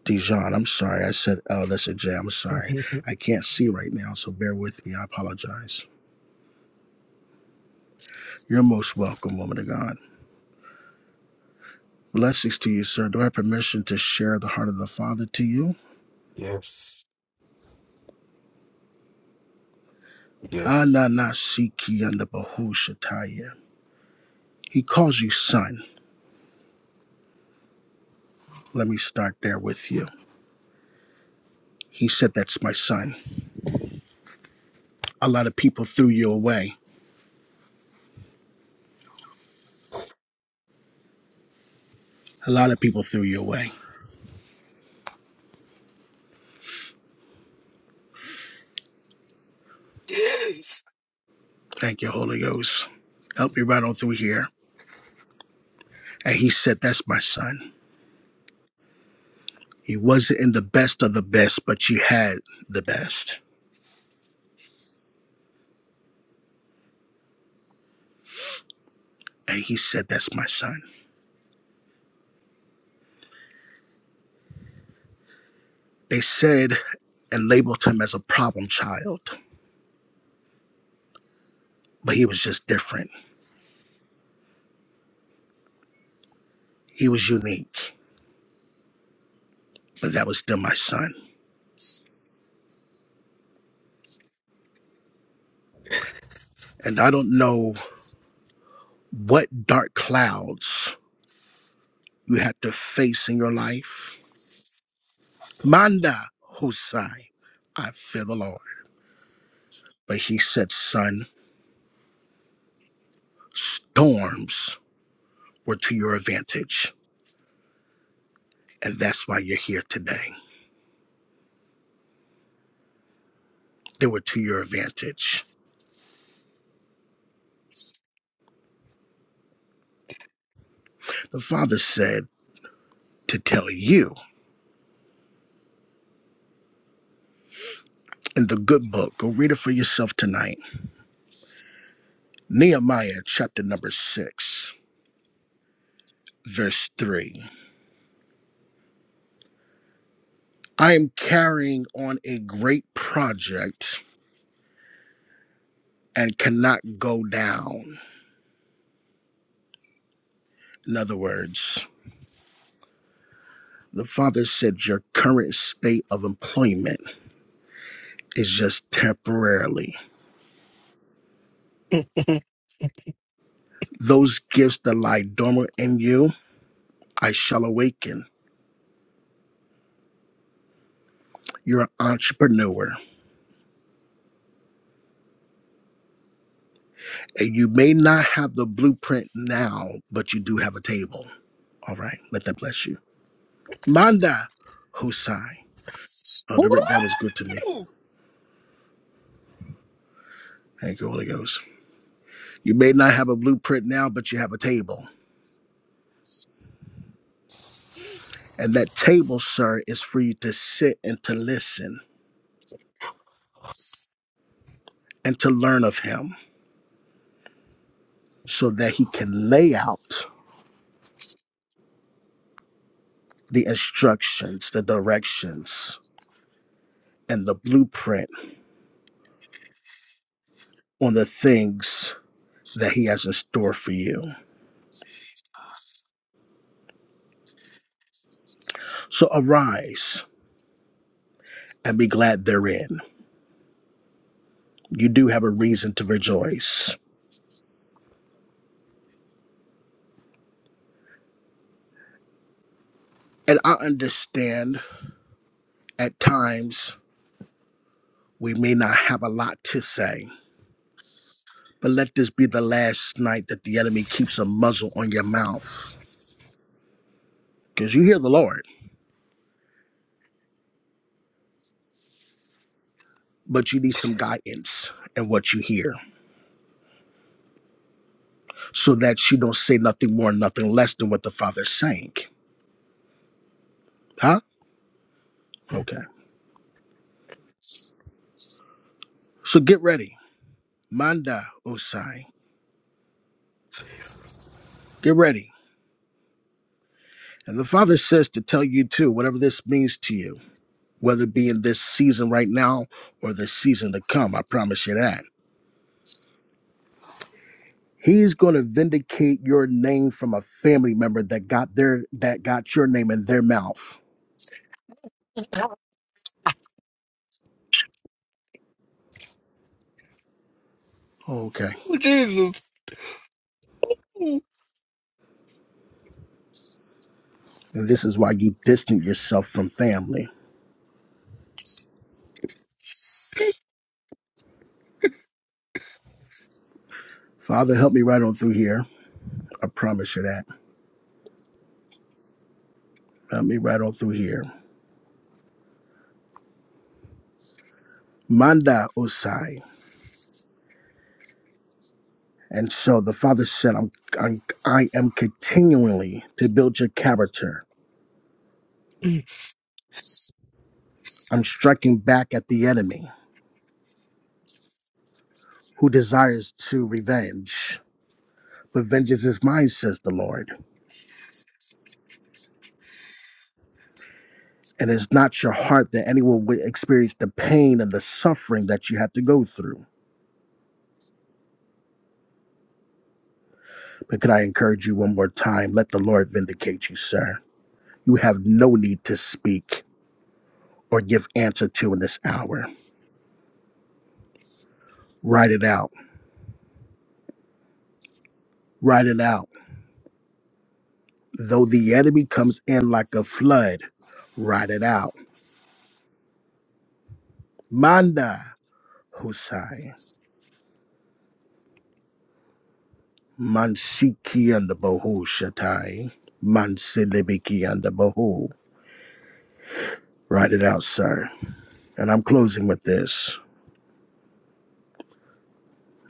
Dijon. I'm sorry. I said L. That's a J. I'm sorry. I can't see right now, so bear with me. I apologize. You're most welcome, woman of God. Blessings to you, sir. Do I have permission to share the heart of the Father to you? Yes. Yes. Ananasiki and the Bahushataya. He calls you son. Let me start there with you. He said, That's my son. A lot of people threw you away. A lot of people threw you away. yes. Thank you, Holy Ghost. Help me right on through here. And he said, That's my son. He wasn't in the best of the best, but you had the best. And he said, That's my son. They said and labeled him as a problem child, but he was just different. He was unique, but that was still my son. And I don't know what dark clouds you had to face in your life. Manda Husai, I fear the Lord. But he said, Son, storms were to your advantage. And that's why you're here today. they were to your advantage. The Father said to tell you in the good book, go read it for yourself tonight. Nehemiah chapter number six, verse three. I am carrying on a great project and cannot go down. In other words, the Father said your current state of employment is just temporarily. Those gifts that lie dormant in you, I shall awaken. You're an entrepreneur. And you may not have the blueprint now, but you do have a table. All right. Let that bless you. Manda Hosai. Oh, Rick, that was good to me. Oh Thank you, Holy Ghost. You may not have a blueprint now, but you have a table. And that table, sir, is for you to sit and to listen and to learn of him so that he can lay out the instructions, the directions, and the blueprint on the things that he has in store for you. So arise and be glad therein. You do have a reason to rejoice. And I understand at times we may not have a lot to say, but let this be the last night that the enemy keeps a muzzle on your mouth. Because you hear the Lord, but you need some guidance in what you hear so that you don't say nothing more, nothing less than what the Father's saying. Huh? Okay. So get ready. Manda Osai. Get ready. And the Father says to tell you too, whatever this means to you. whether it be in this season right now or the season to come. I promise you that. He's going to vindicate your name from a family member that got their that got your name in their mouth. Okay. And this is why you distant yourself from family. Father, help me right on through here. I promise you that. Help me right on through here. Manda Osai. And so the Father said, I'm, I'm, I am continually to build your character. I'm striking back at the enemy who desires to revenge. But vengeance is mine, says the Lord. And it's not your heart that anyone will experience the pain and the suffering that you have to go through. But could I encourage you one more time? Let the Lord vindicate you, sir. You have no need to speak or give answer to in this hour. Write it out. Write it out. Though the enemy comes in like a flood, write it out. Manda Husai. Mansiki and the Bohu Shatai. Mansilibiki and the Bohu. Write it out, sir. And I'm closing with this.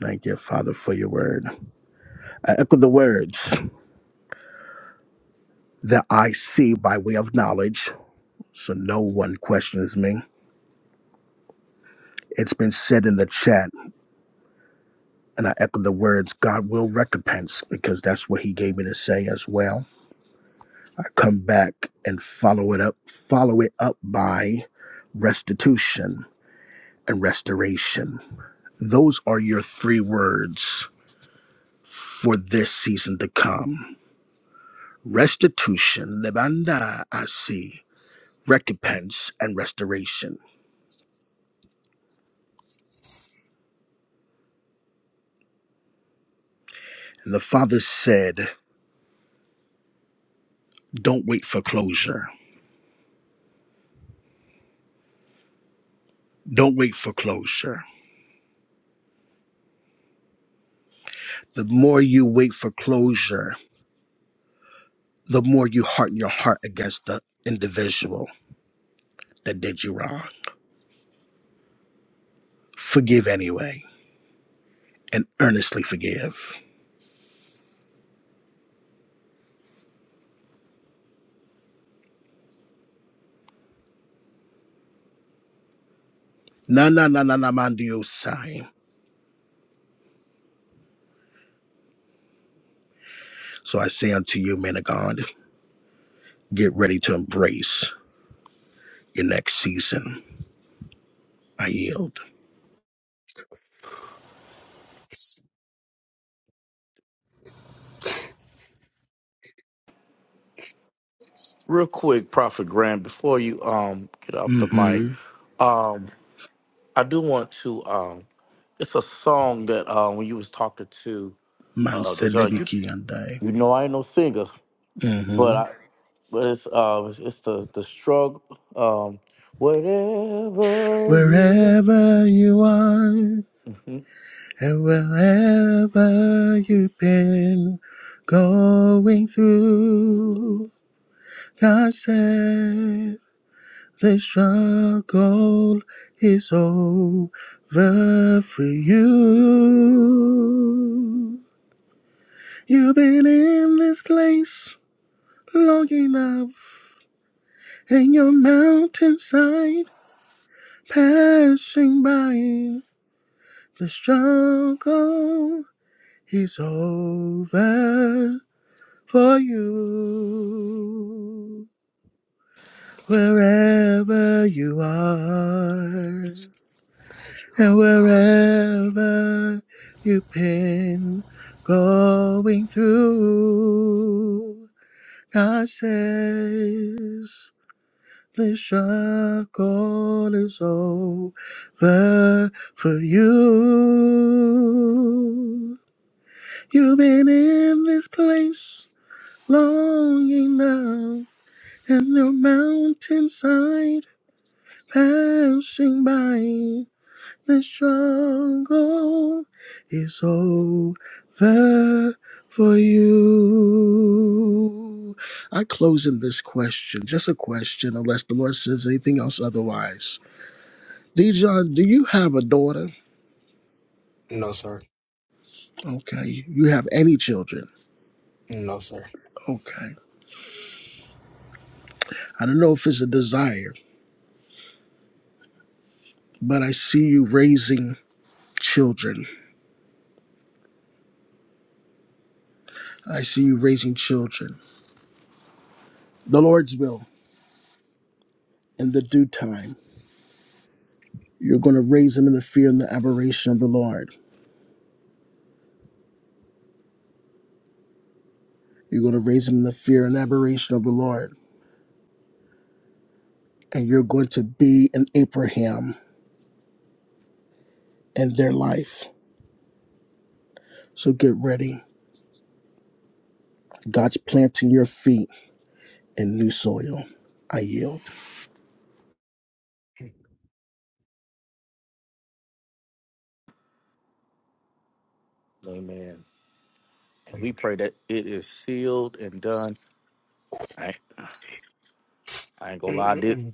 Thank you, Father, for your word. I echo the words that I see by way of knowledge, so no one questions me. It's been said in the chat, and I echo the words God will recompense because that's what He gave me to say as well. I come back and follow it up, follow it up by restitution and restoration. Those are your three words for this season to come restitution, lebanda asi, recompense and restoration. And the father said, Don't wait for closure. Don't wait for closure. The more you wait for closure, the more you harden your heart against the individual that did you wrong. Forgive anyway and earnestly forgive. Na na na na na man do So I say unto you, man of God, get ready to embrace your next season. I yield. Manselebiki and I. hmm Wherever you are and wherever you've been going through, God said the struggle is over for you. You've been in this place long enough, and your mountainside passing by. The struggle is over for you. Wherever you are and gosh. wherever you've been going through, God says the struggle is over for you. You've been in this place long enough, and the mountainside passing by. The struggle is over for you. I close in this question, just a question, unless the Lord says anything else otherwise. Dijon, do you have a daughter? No, sir. Okay. You have any children? No, sir. Okay. I don't know if it's a desire. but I see you raising children. I see you raising children. The Lord's will in the due time. You're going to raise them in the fear and the aberration of the Lord. You're going to raise them in the fear and aberration of the Lord. And you're going to be an Abraham in their life. So get ready. God's planting your feet in new soil. I yield. Mm-mm. Mm-mm.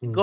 Mm-mm.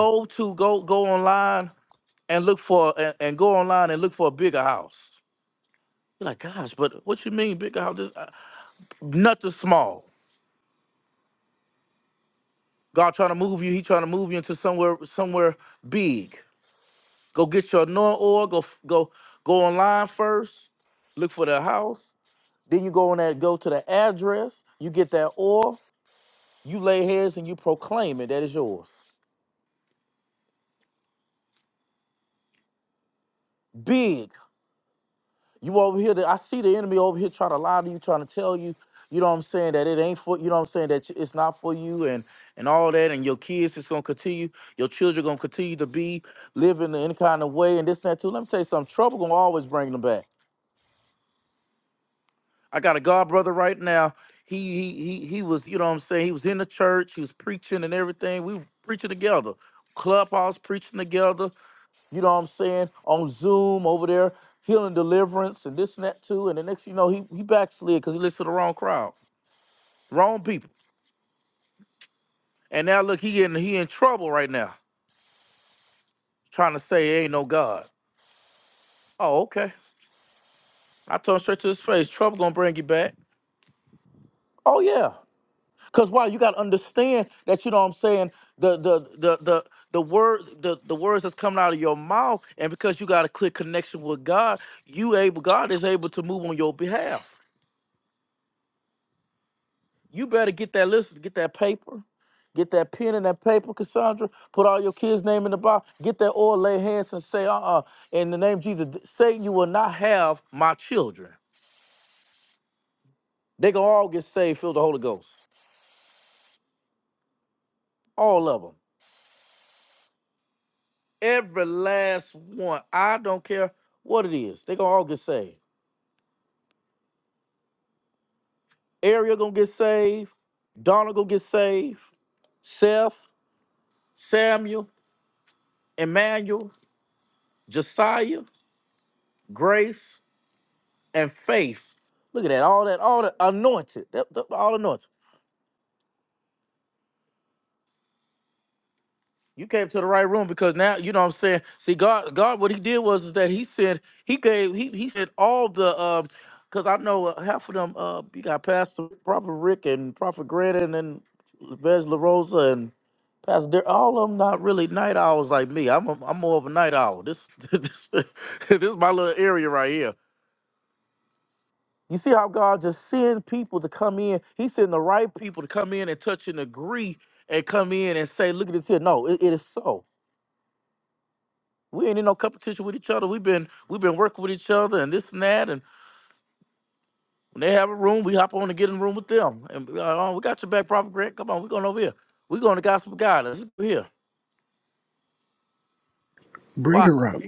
Bring her up.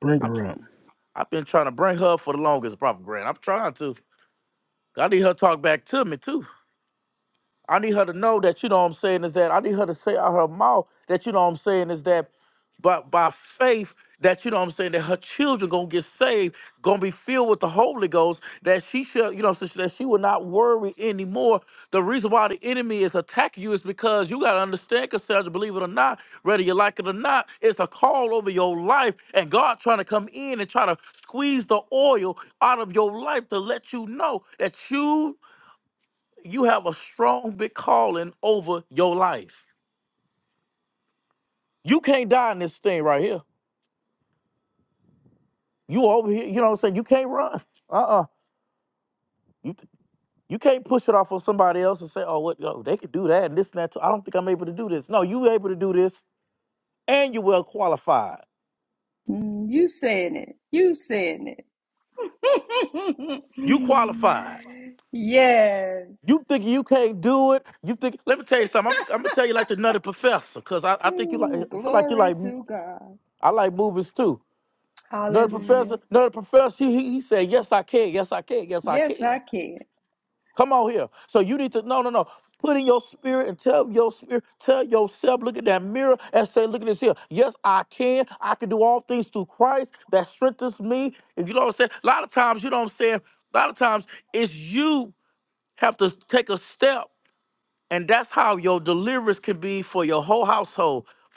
Bring her up. Mm, You saying it. You saying it. yes. Mm, glory to God. Hallelujah. Yes, I can.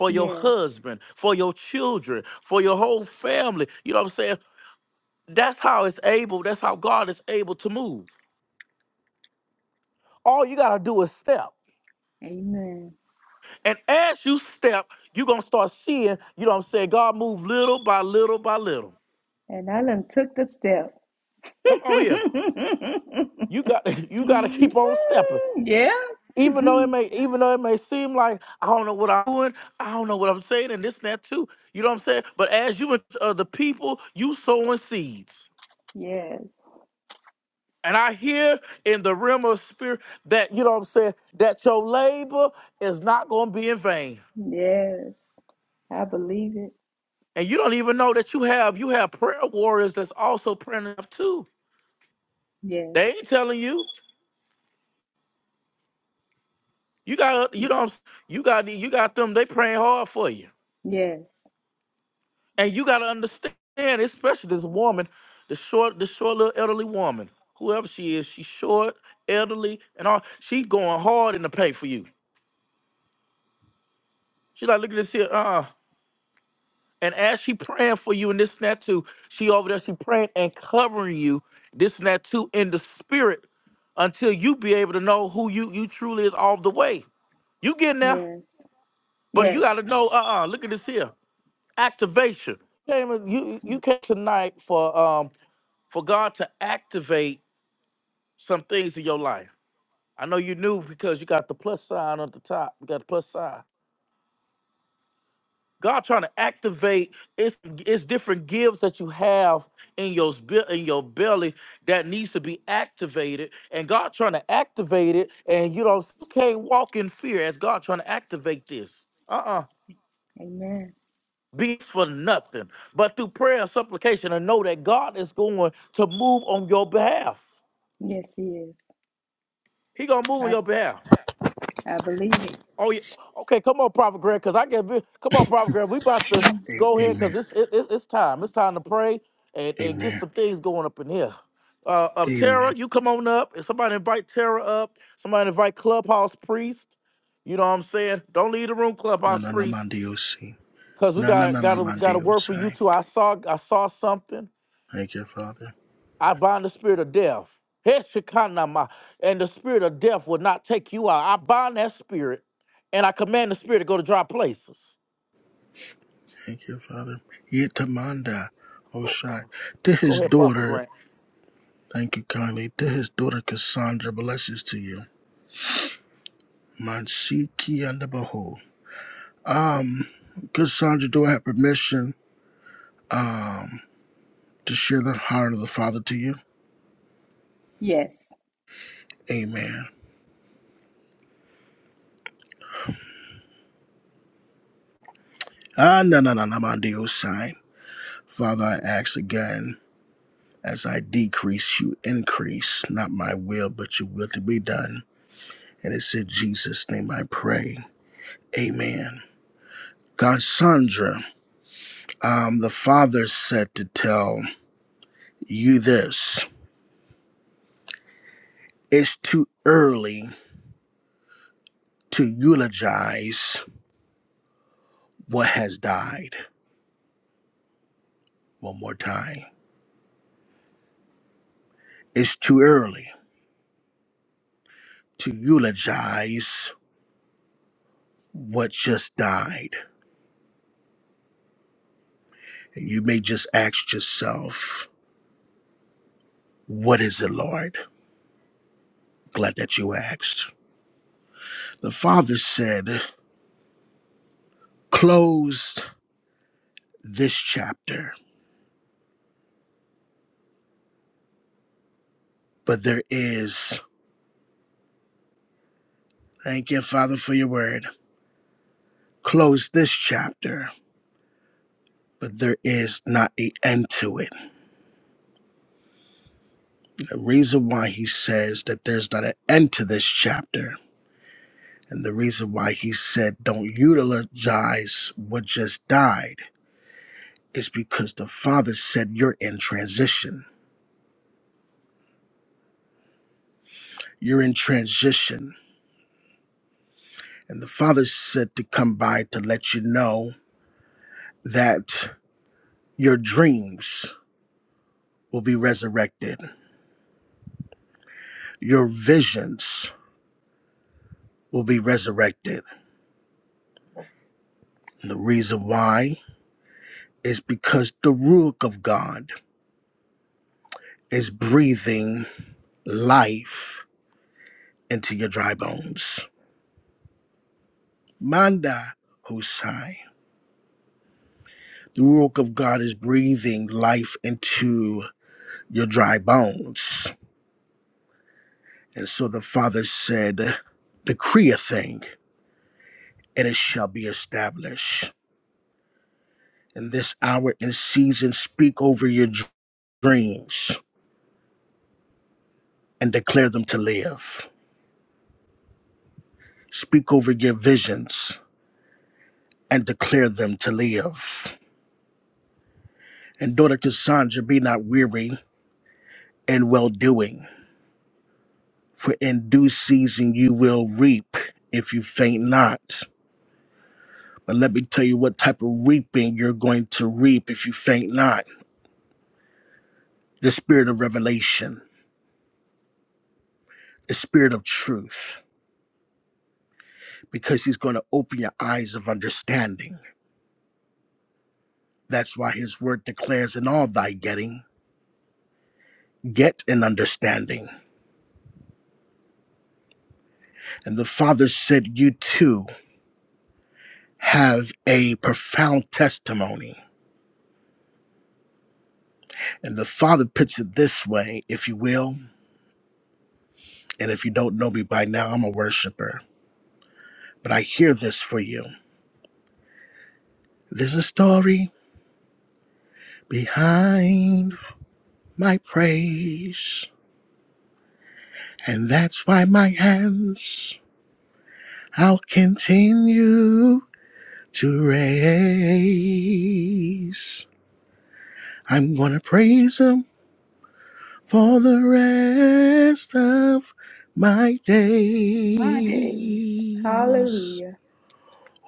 Yes. Amen. And I done took the step. Mm, yeah. Yes. Yes. I believe it. Yes. Yes. Yes. Yes. Amen. Yes, he is. I I believe it. Mhm. A- Amen. Amen. Amen. Na na na man Dios. Na na na na man Dios. Thank you, Father. Thank you, Father. Yetamanda Oshai. To his daughter, thank you kindly. To his daughter Cassandra, blessings to you. Mansiki and the Behold. Cassandra, do I have permission to share the heart of the Father to you? Yes. Amen. Ah no no no no mandi Osai. Father, I ask again, as I decrease, you increase, not my will, but your will to be done. And it's in Jesus' name I pray. Amen. Cassandra. Um, the father said to tell you this it's too early to eulogize what has died. One more time. It's too early to eulogize what just died. And you may just ask yourself, What is it, Lord? Glad that you asked. The father said, Close this chapter, but there is, thank you, Father, for your word. Close this chapter but there is not an end to it. The reason why he says that there's not an end to this chapter, and the reason why he said don't eulogize what just died, is because the Father said you're in transition. You're in transition. And the Father said to come by to let you know that your dreams will be resurrected, your visions will be resurrected. And the reason why is because the Ruach of God. is breathing life into your dry bones. Manda Hosai. The work of God is breathing life into your dry bones. And so the Father said, Decree a thing, and it shall be established. In this hour and season, speak over your dr- dreams and declare them to live. Speak over your visions and declare them to live. And daughter Cassandra, be not weary and well doing. For in due season you will reap if you faint not. But let me tell you what type of reaping you're going to reap if you faint not the spirit of revelation, the spirit of truth, because he's going to open your eyes of understanding. That's why his word declares in all thy getting, get an understanding. And the Father said, You too have a profound testimony. And the Father puts it this way, if you will. And if you don't know me by now, I'm a worshiper. But I hear this for you. There's a story behind my praise. And that's why my hands, I'll continue to raise. I'm going to praise him for the rest of my My days. days. Hallelujah.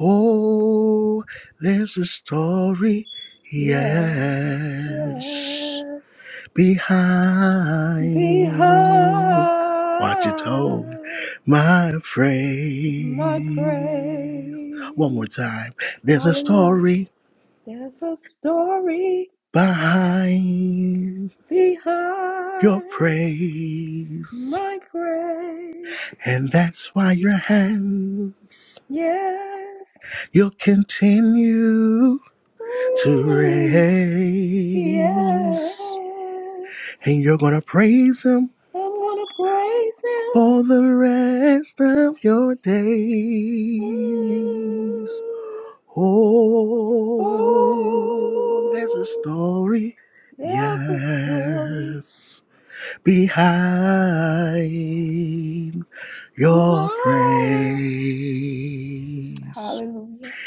Oh, there's a story, Yes. yes, Yes. behind what you told Behind my my friend. One more praise. time. There's a Hallelujah. story There's a story behind your behind praise, my praise. and that's why your hands Yes. you'll continue to Mm, yes. raise. and you're gonna praise him I'm going to praise him. for the rest of your days. Mm. Oh, there's a Oh, story, there's a story. yes, behind your Mile. praise. Hallelujah.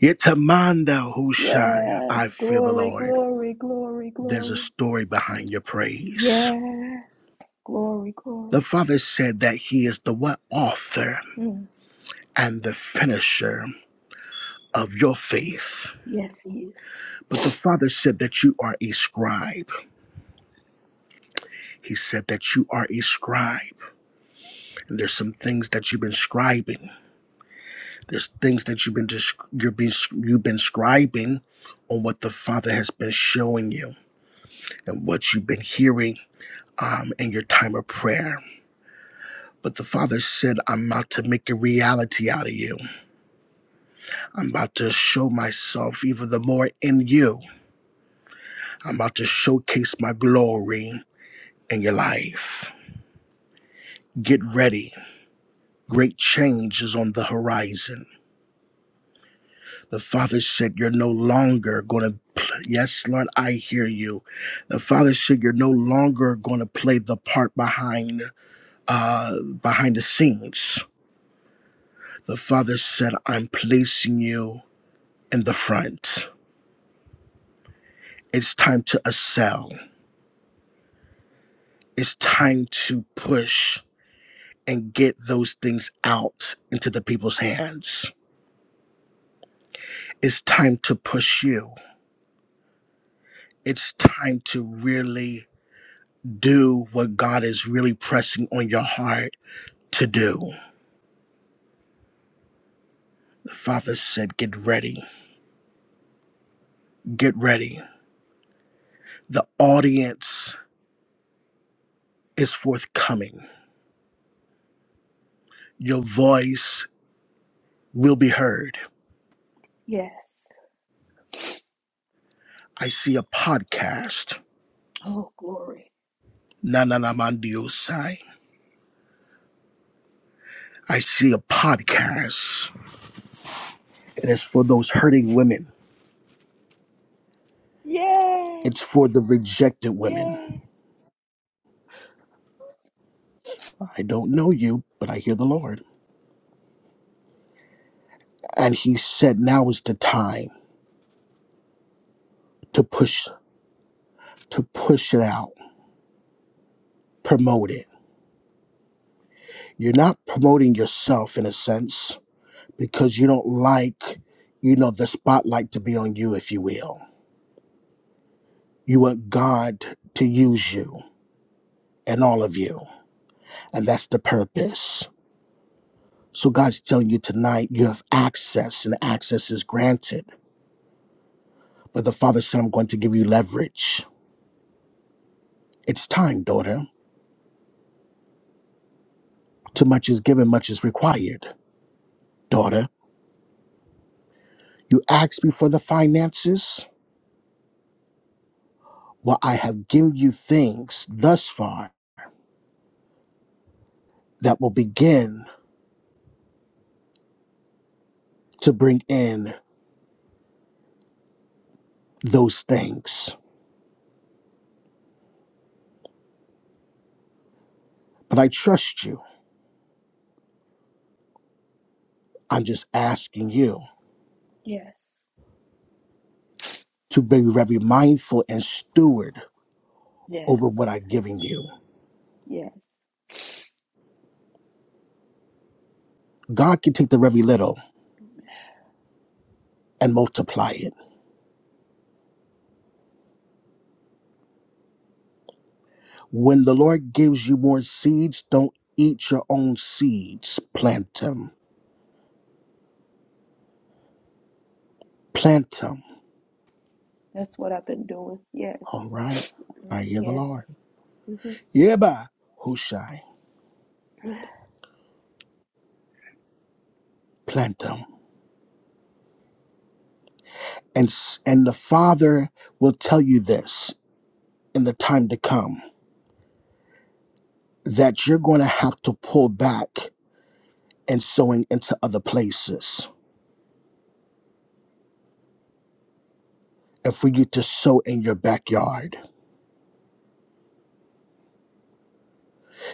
Yetamanda Hushai, I Yes. feel the Glory, Lord. glory, glory, There's a glory. story behind your praise. Yes. Glory, The glory. Father said that He is the what author Mm. and the finisher of your faith. Yes, He is. But the Father said that you are a scribe. He said that you are a scribe. And there's some things that you've been scribing. There's things that you've been dis- you've been you've been scribing on what the Father has been showing you and what you've been hearing um, in your time of prayer. But the Father said, I'm about to make a reality out of you. I'm about to show myself even the more in you. I'm about to showcase my glory. in your life. Get ready. Great change is on the horizon. The Father said, You're no longer going to. pl- Yes, Lord, I hear you. The Father said, You're no longer going to play the part behind. Uh, behind the scenes, the father said, I'm placing you in the front. It's time to excel. It's time to push and get those things out into the people's hands. It's time to push you it's time to really do what God is really pressing on your heart to do. The Father said, Get ready, get ready. The audience is forthcoming, your voice will be heard. Yes. I see a podcast. Oh, glory. Na na na mandiosai. I see a podcast. It is for those hurting women. Yes. It's for the rejected women. Yes. I don't know you, but I hear the Lord. And he said, Now is the time to push to push it out, promote it. You're not promoting yourself in a sense because you don't like, you know, the spotlight to be on you, if you will. You want God to use you and all of you, and that's the purpose. So God's telling you tonight you have access, and access is granted. But the Father said, I'm going to give you leverage. It's time, daughter. Too much is given, much is required. Daughter, you asked me for the finances Well, I have given you things thus far that will begin to bring in those things. But I trust you. I'm just asking you Yes. to be very mindful and steward over what Yes. I've given you. Yes. God can take the very little and multiply it. When the Lord gives you more seeds, don't eat your own seeds. Plant them. Plant them. That's what I've been doing. Yes. All right. I hear the Yes. Lord. hmm Yeah, bye. Hushai. Plant them And, s- and the Father will tell you this in the time to come that you're going to have to pull back and sowing into other places and for you to sow in your backyard.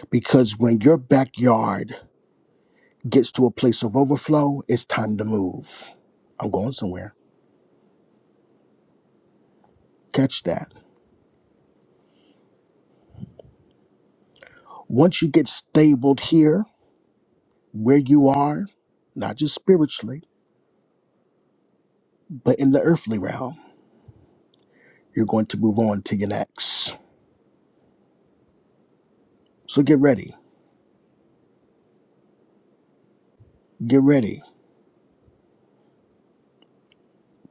Because when your backyard gets to a place of overflow, it's time to move. I'm going somewhere. Catch that. Once you get stabled here, where you are, not just spiritually, but in the earthly realm, you're going to move on to your next. So get ready. Get ready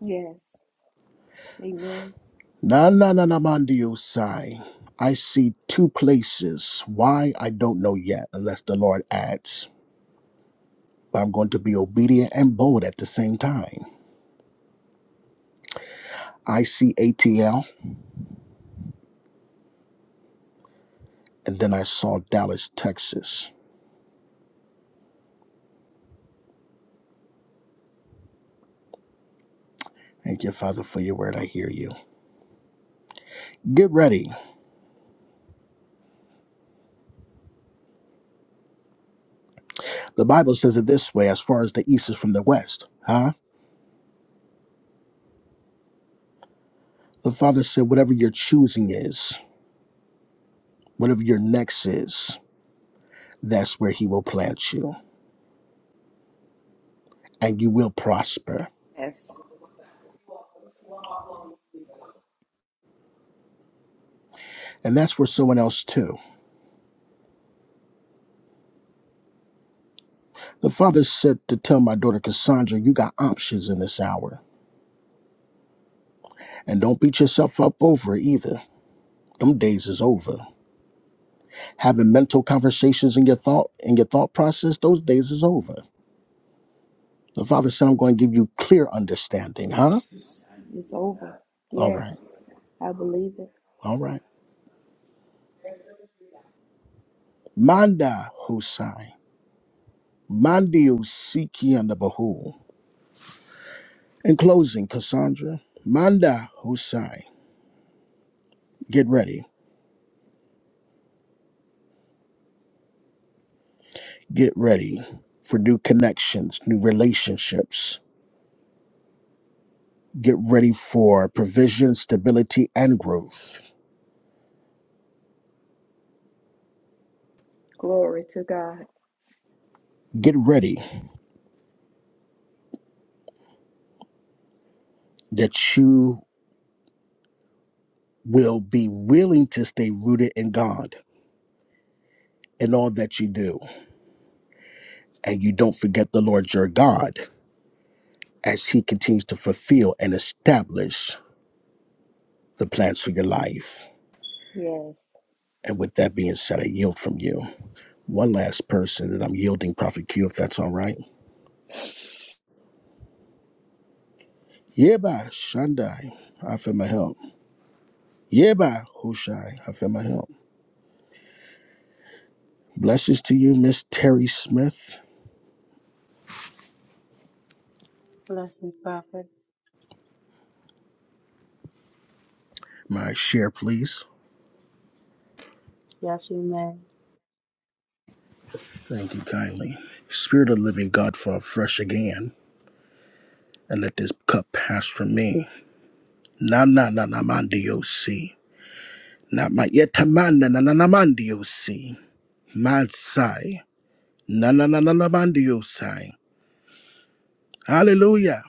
Yes. Amen. Na na na na mandiosai. I see two places. Why I don't know yet, unless the Lord adds. But I'm going to be obedient and bold at the same time. I see ATL, and then I saw Dallas, Texas. Thank you, Father, for your word. I hear you. Get ready. The Bible says it this way as far as the east is from the west. Huh? The Father said, whatever your choosing is, whatever your next is, that's where He will plant you, and you will prosper. Yes. And that's for someone else too. The father said to tell my daughter Cassandra, you got options in this hour. And don't beat yourself up over it either. Them days is over. Having mental conversations in your thought in your thought process, those days is over. The father said, I'm going to give you clear understanding, huh? Yes, It's over. All right. Yes. I believe it. All right. Manda Hosai. Mandi Usiki and the Bahu. In closing, Cassandra, Manda Hosai. Get ready. Get ready for new connections, new relationships Get ready for provision, stability, and growth. Glory to God. Get ready that you will be willing to stay rooted in God in all that you do. And you don't forget the Lord your God as he continues to fulfill and establish the plans for your life. Yes. And with that being said, I yield from you. One last person that I'm yielding, Prophet Q, if that's all right. Yeba Shandai, I feel my help. Yeba Hushai, I feel my help. Blessings to you, Miss Terry Smith. Bless me, Prophet. My share, please. Yes, you may. Thank you kindly. Spirit of living God, fall fresh again, and let this cup pass from me. Na na na na mandio si. Na ma yetamanda na na na mandio si. Mad sai. Na na na na na mandio sai. Hallelujah.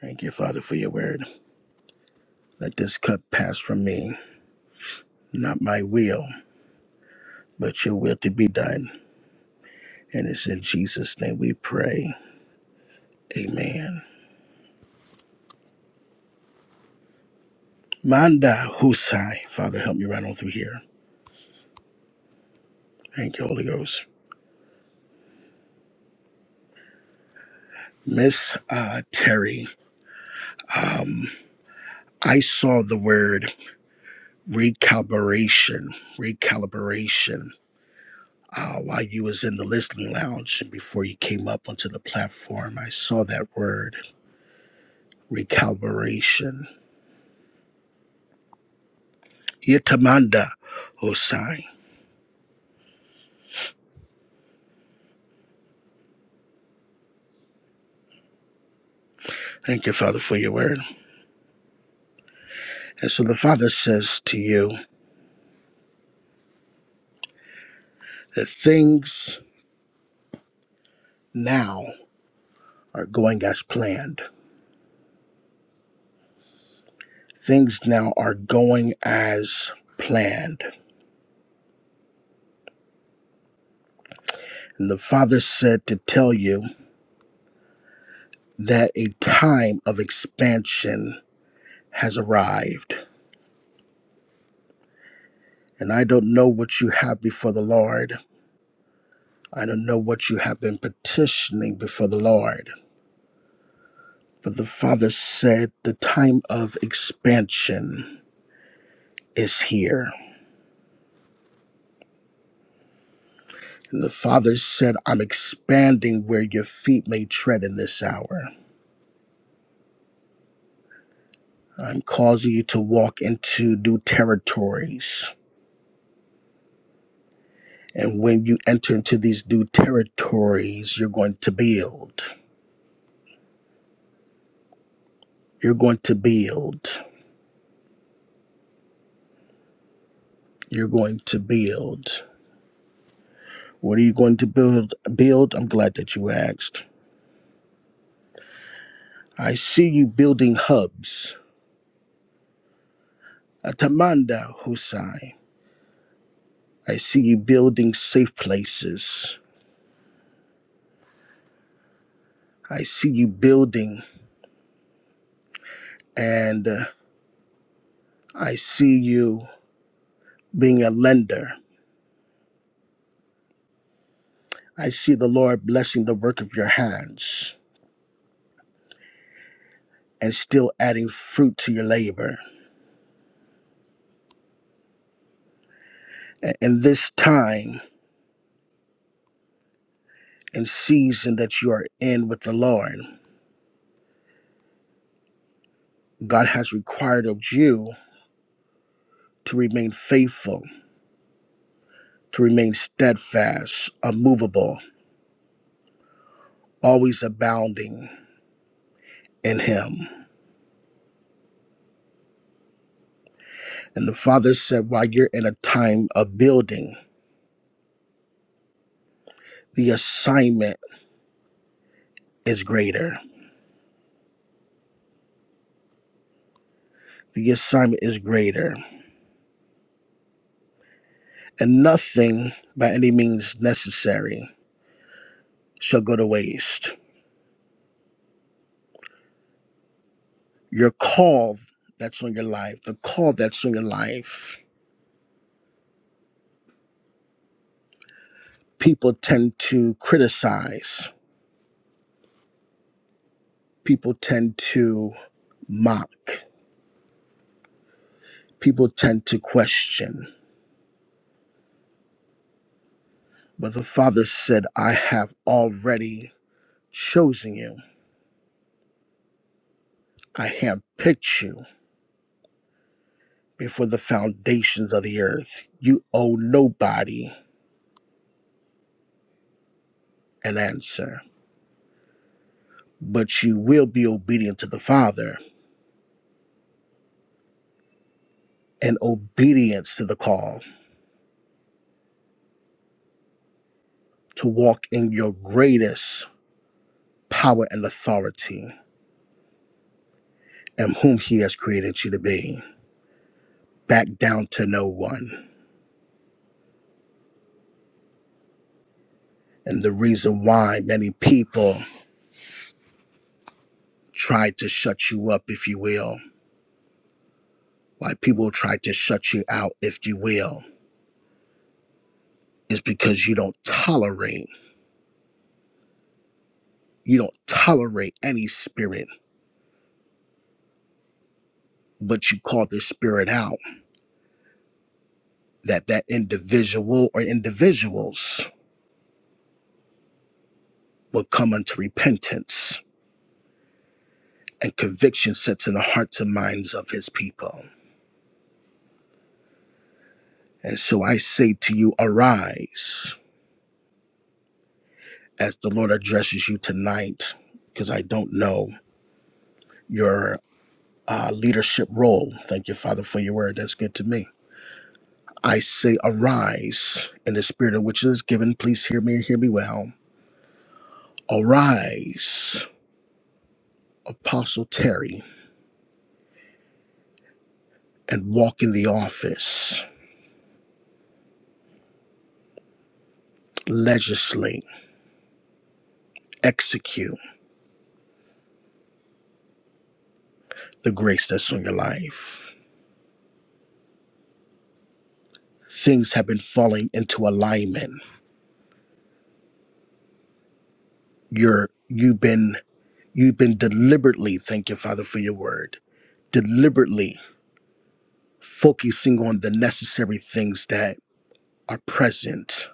Thank you, Father, for your word. Let this cup pass from me. Not my will, but your will to be done. And it's in Jesus' name we pray. Amen. Manda Husai. Father, help me right on through here. Thank you, Holy Ghost. Miss uh, Terry, um, I saw the word recalibration, recalibration. Uh, while you was in the listening lounge and before you came up onto the platform, I saw that word recalibration. Yitamanda Hosai. Thank you, Father, for your word. And so the Father says to you that things now are going as planned. Things now are going as planned And the Father said to tell you that a time of expansion has arrived. And I don't know what you have before the Lord. I don't know what you have been petitioning before the Lord. But the Father said the time of expansion is here. And the Father said, I'm expanding where your feet may tread in this hour. I'm causing you to walk into new territories. And when you enter into these new territories, you're going to build. You're going to build. You're going to build. What are you going to build? Build. I'm glad that you asked. I see you building hubs. Atamanda Husai. I see you building safe places. I see you building and uh, I see you being a lender. I see the Lord blessing the work of your hands and still adding fruit to your labor. A- In this time and season that you are in with the Lord, God has required of you to remain faithful, to remain steadfast, unmovable, always abounding in Him. And the Father said, while you're in a time of building, the assignment is greater. The assignment is greater. And nothing by any means necessary shall go to waste. Your call that's on your life, the call that's on your life people tend to criticize, people tend to mock, people tend to question. But the Father said, I have already chosen you, I have picked you before the foundations of the earth. You owe nobody an answer, but you will be obedient to the Father and obedience to the call to walk in your greatest power and authority and whom He has created you to be. back down to no one. And the reason why many people try to shut you up, if you will, why people try to shut you out, if you will, is because you don't tolerate, you don't tolerate any spirit, but you call the spirit out that that individual or individuals will come unto repentance and conviction sets in the hearts and minds of his people. And so I say to you, arise as the Lord addresses you tonight, because I don't know your uh, leadership role. Thank you, Father, for your word. That's good to me. I say, arise in the spirit of which is given. Please hear me and hear me well. Arise, Apostle Terry, and walk in the office, legislate, execute the grace that's on your life. Things have been falling into alignment. You're you've been you've been deliberately, thank you, Father, for your word deliberately focusing on the necessary things that are present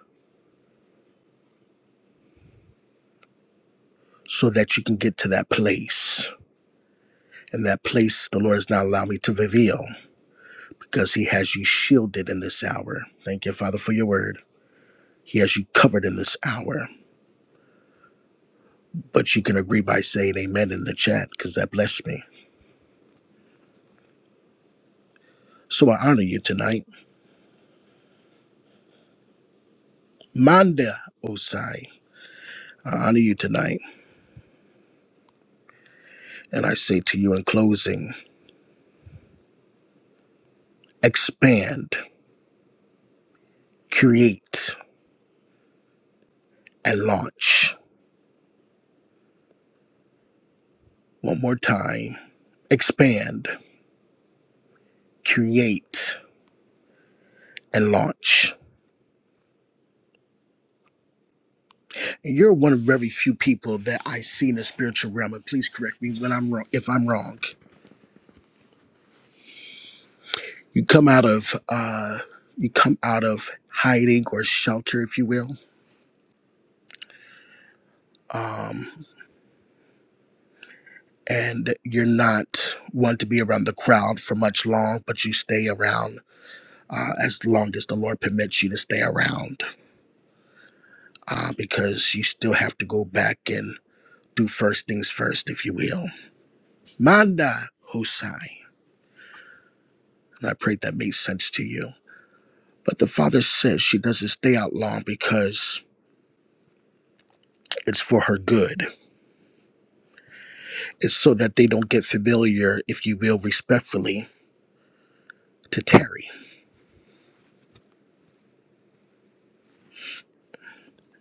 so that you can get to that place. And that place the Lord has not allowed me to reveal because He has you shielded in this hour. Thank you, Father, for your word. He has you covered in this hour. But you can agree by saying amen in the chat because that blessed me. So I honor you tonight. Manda Osai, I honor you tonight. And I say to you in closing expand, create, and launch. One more time expand, create, and launch. And you're one of very few people that I see in the spiritual realm. And please correct me when I'm wrong. If I'm wrong, you come out of uh, you come out of hiding or shelter, if you will, um, and you're not one to be around the crowd for much long, but you stay around. Uh, as long as the Lord permits you to stay around, uh, because you still have to go back and do first things first, if you will. Manda Hosai. And I pray that makes sense to you. But the father says she doesn't stay out long because it's for her good. It's so that they don't get familiar, if you will, respectfully, to Terry.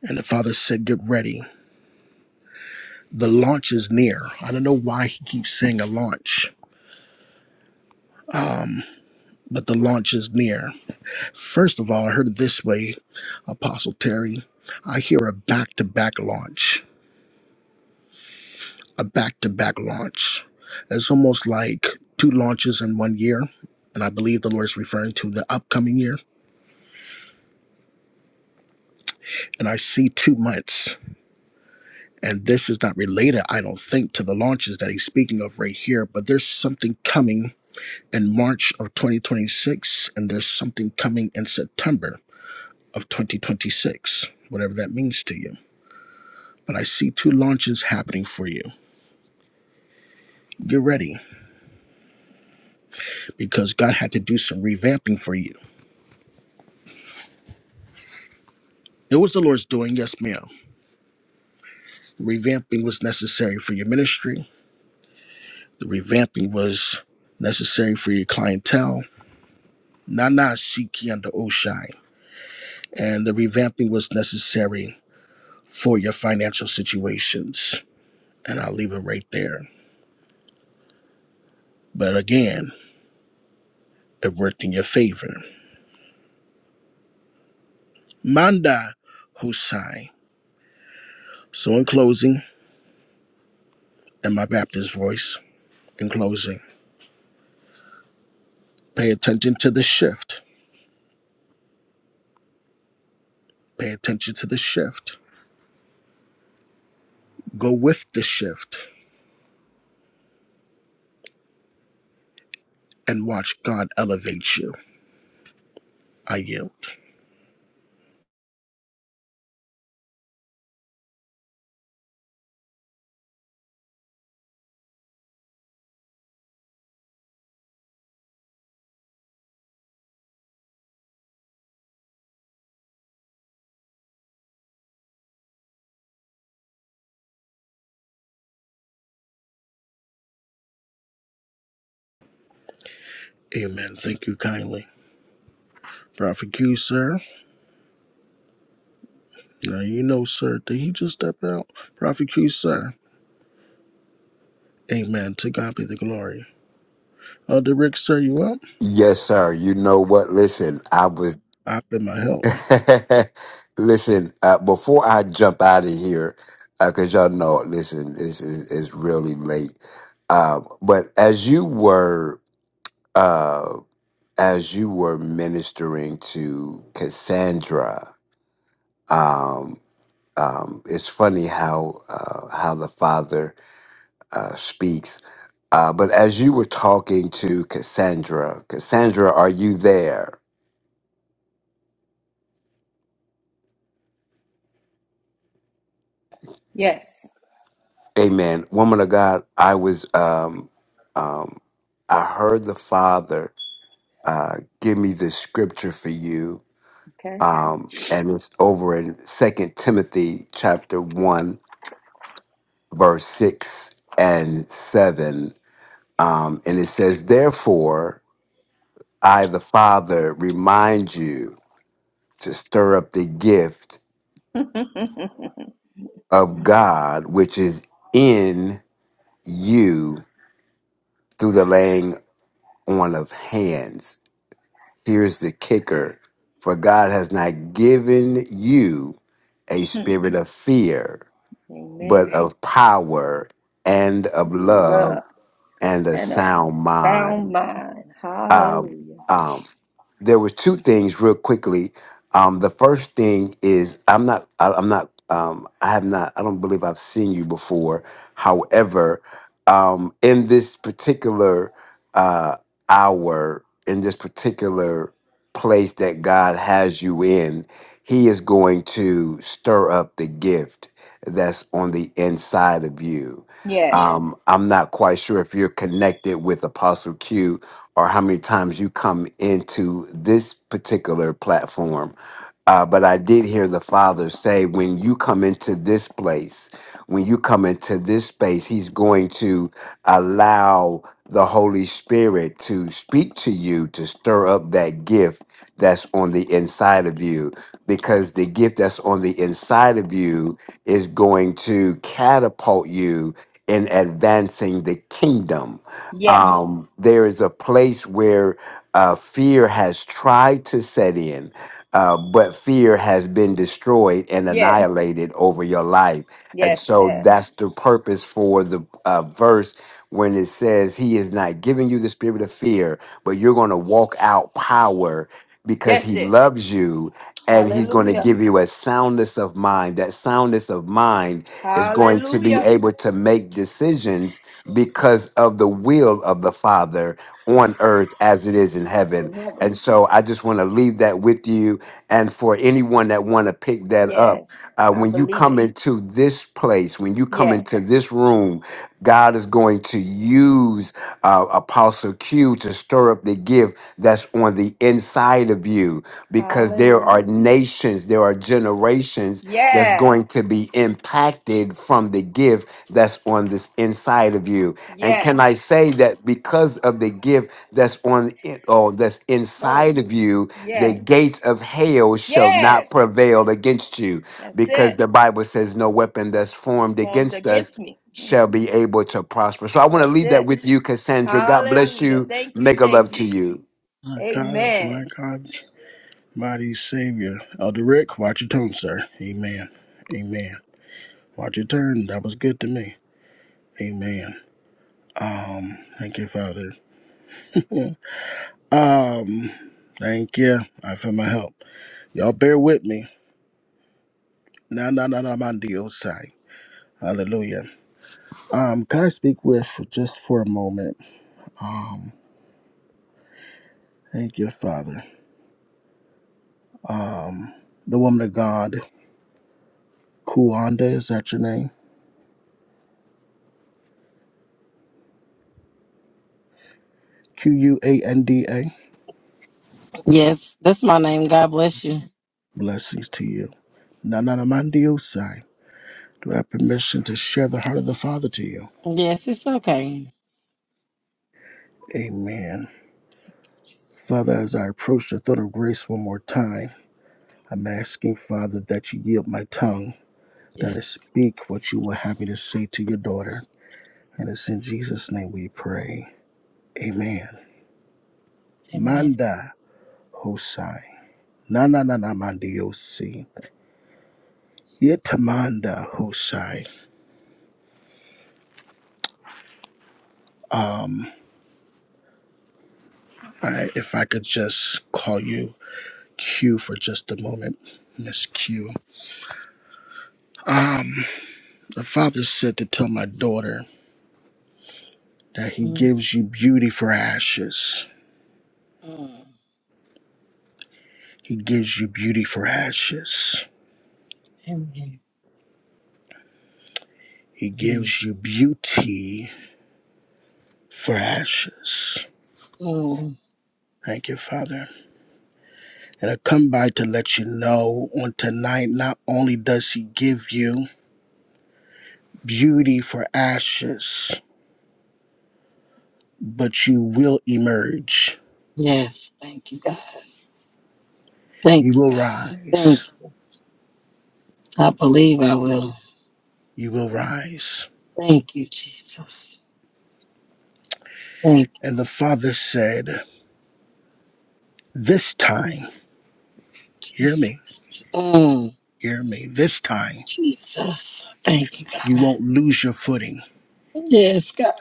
And the father said, Get ready. The launch is near. I don't know why he keeps saying a launch, but the launch is near. First of all, I heard it this way, Apostle Terry. I hear a back to back launch a back to back launch. It's almost like two launches in one year. And I believe the Lord is referring to the upcoming year. And I see two months. And this is not related, I don't think, to the launches that he's speaking of right here, but there's something coming in March of 2026, and there's something coming in September of 2026, whatever that means to you. But I see two launches happening for you. Get ready because God had to do some revamping for you. It was the Lord's doing, yes, ma'am Revamping was necessary for your ministry. The revamping was necessary for your clientele. Nana Siki under Oshai. And the revamping was necessary for your financial situations. And I'll leave it right there. But again, it worked in your favor. Manda Husai. So in closing, in my Baptist voice, in closing, pay attention to the shift. Pay attention to the shift. Go with the shift and watch God elevate you I yield. Amen. Thank you kindly. Prophet Q, sir. Now you know, sir. Did he just step out? Prophet Q, sir. Amen. To God be the glory. Elder Rick, sir, you up? Yes, sir. You know what? Listen, I was. I've been my help. listen, uh, before I jump out of here, because y'all know, listen, it's, it's, it's really late. Uh, but as you were, uh, as you were ministering to Cassandra, um, um, it's funny how uh, how the Father uh, speaks. Uh, but as you were talking to Cassandra, Cassandra, are you there? Yes. Amen. Woman of God, I was um um I heard the Father uh give me this scripture for you. Okay. Um and it's over in Second Timothy chapter one, verse six and seven. Um and it says, Therefore I the Father remind you to stir up the gift of God which is in you through the laying on of hands. Here's the kicker for God has not given you a spirit of fear, but Amen. of power and of love Love and a and a sound mind. sound mind. Um, Hallelujah. um, there was two things real quickly. Um, the first thing is I'm not I, I'm not um, I have not I don't believe I've seen you before. However, um, in this particular uh, hour, in this particular place that God has you in, He is going to stir up the gift that's on the inside of you Yes. um, I'm not quite sure if you're connected with Apostle Q or how many times you come into this particular platform. Uh, but I did hear the Father say, when you come into this place, when you come into this space, He's going to allow the Holy Spirit to speak to you, to stir up that gift that's on the inside of you because the gift that's on the inside of you is going to catapult you in advancing the kingdom. Yes. Um, there is a place where uh, fear has tried to set in, uh, but fear has been destroyed and Yes. annihilated over your life. And Yes, it so has. that's the purpose for the uh, verse when it says, He is not giving you the spirit of fear, but you're going to walk out power because That's He it. loves you and he's going to Hallelujah. give you a soundness of mind. That soundness of mind is going to be Hallelujah. able to make decisions because of the will of the Father on earth as it is in It's heaven. in heaven. And so I just want to leave that with you. And for anyone that want to pick that Yes. up, uh, I when you believe it. come into this place, when you come Yes. into this room, God is going to use uh, Apostle Q to stir up the gift that's on the inside of you because there are Hallelujah. nations, there are generations that's Yes. going to be impacted from the gift that's on this inside of you. And can Yes. I say that because of the gift that's on it, oh, that's Oh, inside of you, the Yes. gates of hell shall Yes. not prevail against you That's it. because the Bible says no weapon that's formed Formed against us against me. Mm. shall be able to prosper. So I want to That's leave that it. with you, Cassandra. God bless Hallelujah. you. Thank you. Make a Thank love to you. you. My God, my Amen. God, mighty Savior. Elder Rick, watch your tone, sir. Amen. Amen. Watch your turn. That was good to me. Amen. Um, thank you, Father. um, thank you. I feel my help. Y'all bear with me. Nah, nah, nah, nah, my deal, Hallelujah. Um, can I speak with just for a moment? Um, thank you, Father. Um, the woman of God, Kuanda, is that your name? Q U A N D A. Yes, that's my name. God bless you. Blessings to you. Nananamandiosai. Do I have permission to share the heart of the Father to you? Yes, it's okay. Amen. Father, as I approach the throne of grace one more time, I'm asking, Father, that you yield my tongue, that I Yes. speak what you will have me to say to your daughter. And it's in Jesus' name we pray. Amen. Amen. Manda Hosai. Na na na na mandiosi. Yetamanda Hosai. Um, I, if I could just call you Q for just a moment, Miss Q. Um, the father said to tell my daughter that he mm gives you beauty for ashes. mm. He gives you beauty for ashes. Amen. He mm gives you beauty for ashes. mm. Thank you, Father. And I come by to let you know on tonight, not only does he give you beauty for ashes, but you will emerge. Yes. Thank you, God. You Thank you, will God. rise. Thank you. I believe I will. You will rise. Thank you, Jesus. Thank you, And the Father said, This time, hear me, Jesus. Mm. hear me, this time, Jesus. Thank you, you God. won't lose your footing. Yes, God.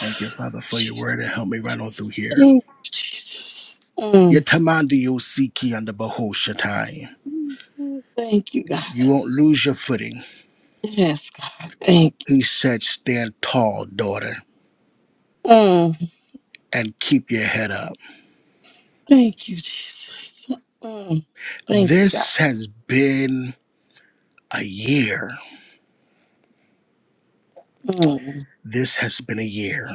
Thank you, Father, for your Jesus. word and help me run on through here. Thank you, Jesus. Mm. Yatamandi Yosiki and the Baho Shatai. Thank you, You God. won't lose your footing. Yes, God. Thank you, He Jesus. said, Stand tall, daughter, Mm, and keep your head up. thank you, Jesus. Mm, thank you, God. This has been a year Mm, This has been a year.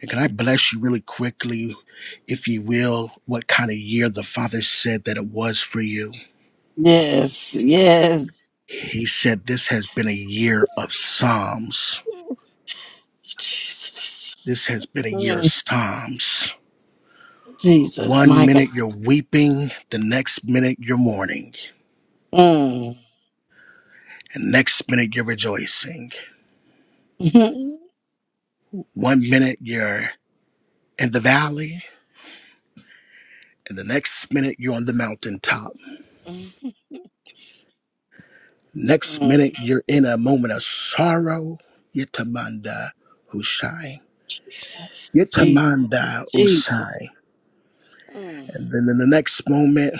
And can I bless you really quickly, if you will, what kind of year the Father said that it was for you? yes, yes, He said, This has been a year of Psalms. Jesus. This has been a year of Mm, Psalms. Jesus, One my God. minute you're weeping, the next minute you're mourning, Mm, and next minute you're rejoicing. Mhm. One minute you're in the valley, and the next minute you're on the mountaintop. mm, Next mm, minute, you're in a moment of sorrow. Yetamanda, Hushai. Jesus, Jesus, Yetamanda, Jesus. Hushai. Mm, And then in the next moment,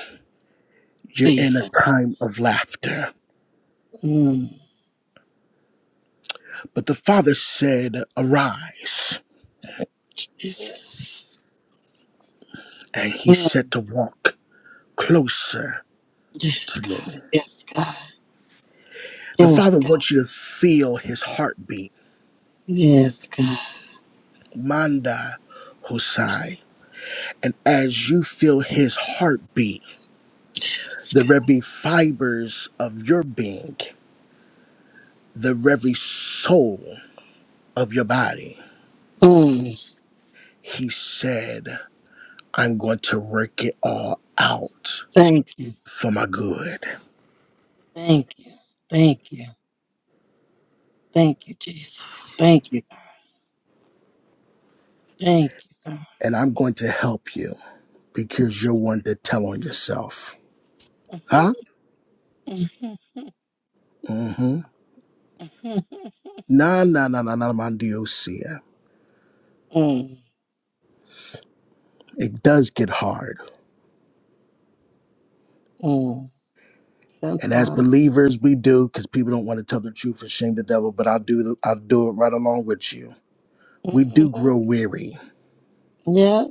you're in a Jesus. time of laughter. Mm, But the father said, Arise. Jesus. And he Mm, said to walk closer yes, to God. me. Yes, God. The Yes, father God. wants you to feel his heartbeat. Yes, God. Manda Hushai. And as you feel his heartbeat, Yes, the God. very fibers of your being. the very soul of your body. Mm, He said, I'm going to work it all out thank you. for my good. Thank you. Thank you. Thank you, Jesus. Thank you. Thank you, God. And I'm going to help you because you're one that tell on yourself. Huh? Mm-hmm. Nah, nah, nah, nah, nah, my Diosia. mm, It does get hard. mm. And as Sometimes. believers, we do, because people don't want to tell the truth and shame the devil, but I'll do the, I'll do it right along with you. We do Mm-hmm. grow weary Yeah,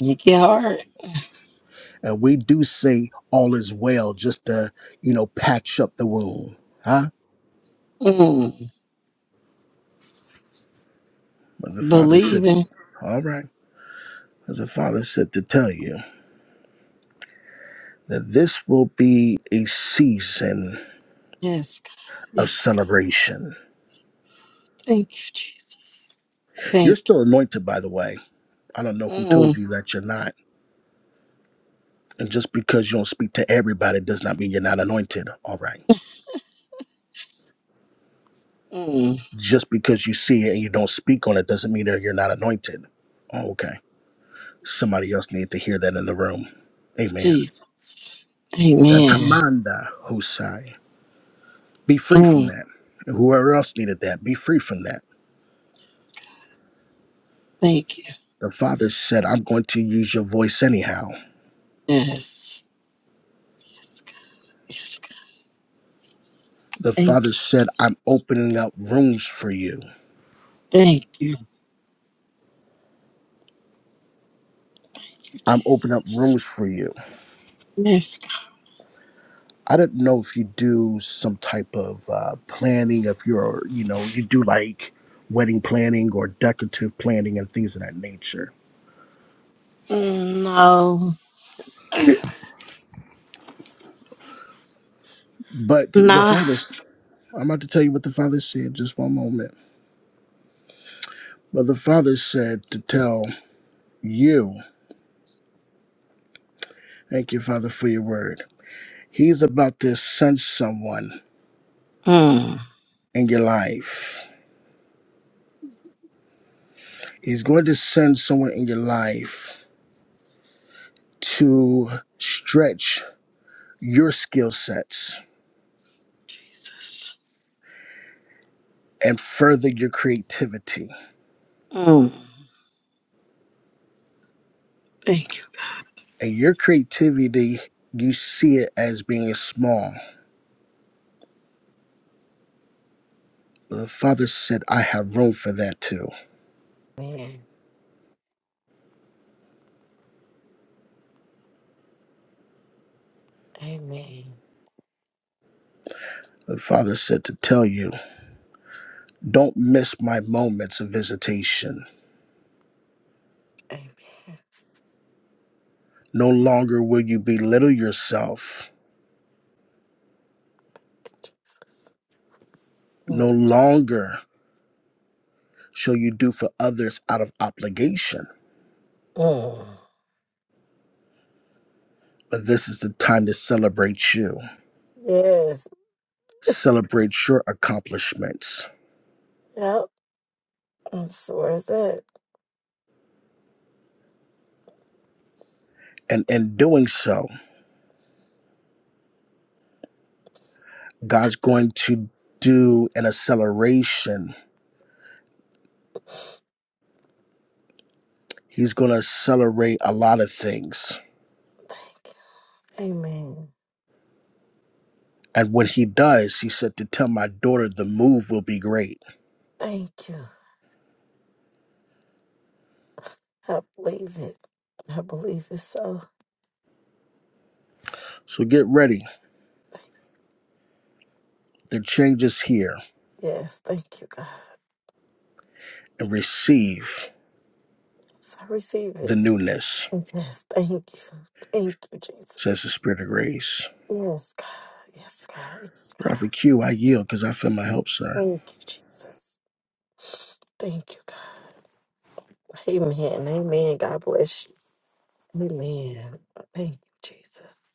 you get hard. And we do say all is well just to, you know, patch up the wound. Huh? Mm. But the Father said, Believing. all right. But the Father said to tell you that this will be a season Yes, God. of Yes, God. celebration. Thank you, Jesus. You're Thank still anointed, by the way. I don't know you. who Mm, told you that you're not. And just because you don't speak to everybody does not mean you're not anointed. All right. mm. Just because you see it and you don't speak on it doesn't mean that you're not anointed. Oh, okay. Somebody Jesus. else needed to hear that in the room. Amen. Jesus. Uh, Amen. Tamanda Hosai. Be free from Mm. that. And whoever else needed that, be free from that. Thank you. The Father said, I'm going to use your voice anyhow. Yes. Yes, God. Yes, God. The Thank Father you. said, I'm opening up rooms for you. Thank you. Thank you, I'm opening up Jesus. rooms for you. Yes, God. I didn't know if you do some type of uh, planning, if you're, you know, you do like wedding planning or decorative planning and things of that nature. Mm, No. But the Nah. Father's, I'm about to tell you what the Father said, just one moment. But the Father said to tell you Thank you, Father, for your word. He's about to send someone Mm. in your life. He's going to send someone in your life to stretch your skill sets Jesus. and further your creativity. Mm. Thank you. And your creativity, you see it as being small. But the Father said, I have room for that too. Amen. Amen. The Father said to tell you, don't miss my moments of visitation. Amen. No longer will you belittle yourself. Jesus. No longer shall you do for others out of obligation? Mm-mm. But this is the time to celebrate you, Yes. celebrate your accomplishments. Yep. That's where it's at. And in doing so, God's going to do an acceleration. He's going to accelerate a lot of things. Thank you. Amen. And when he does, he said to tell my daughter the move will be great. Thank you. I believe it. I believe it so. So get ready. Thank- The change is here Yes. Thank you, God. and receive Yes, I receive the it. newness, Yes. Thank you. Thank you, says Jesus. the Spirit of Grace. Yes, God. Yes, God. Yes, God. Prophet Q, I yield because I feel my help, sir. Thank you, Jesus. Thank you, God. Amen. Amen. God bless you. Amen. Thank you, Jesus.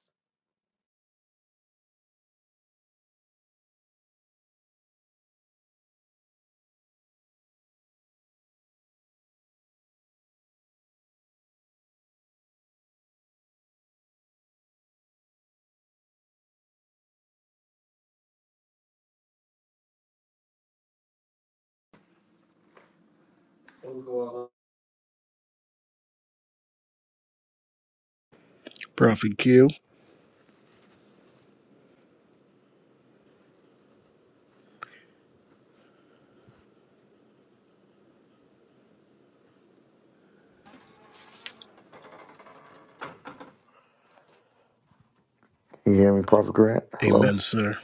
Prophet Q. Amen, sir.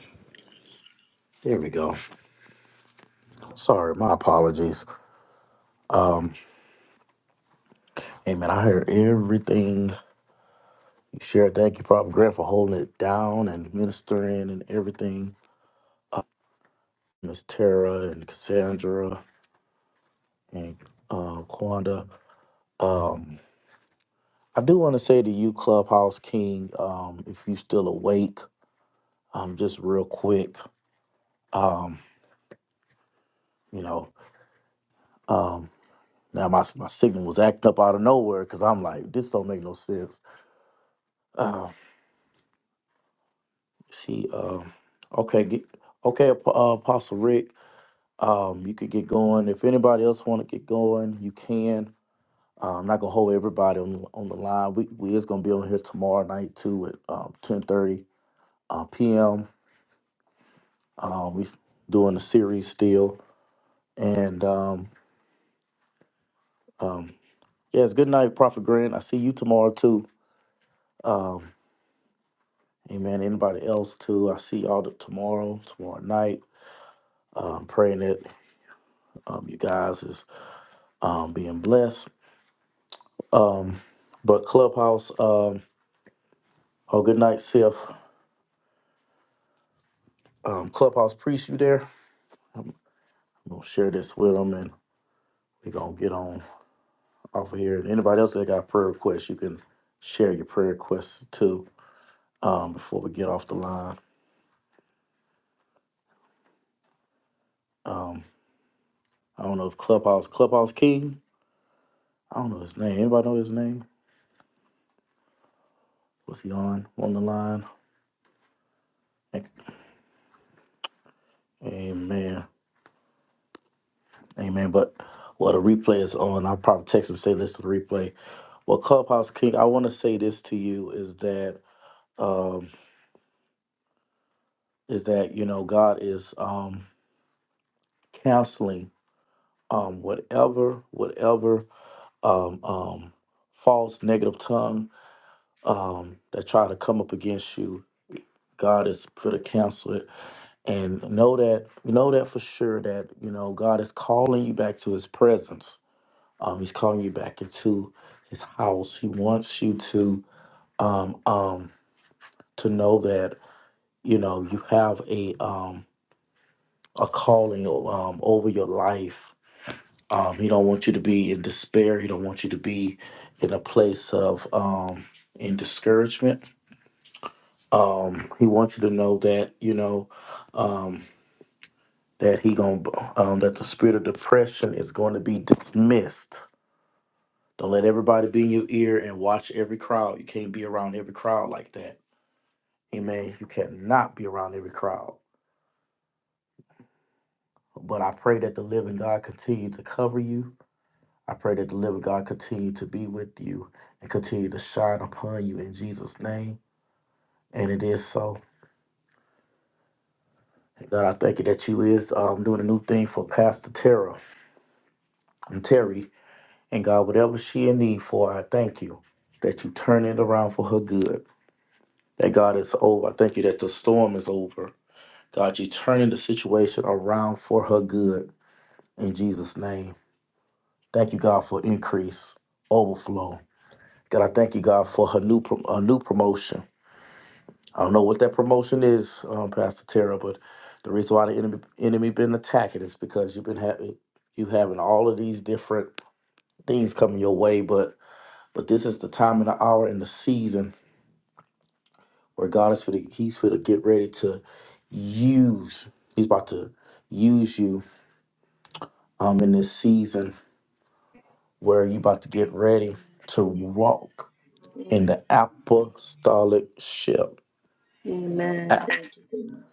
Amen. Thank you, Lord.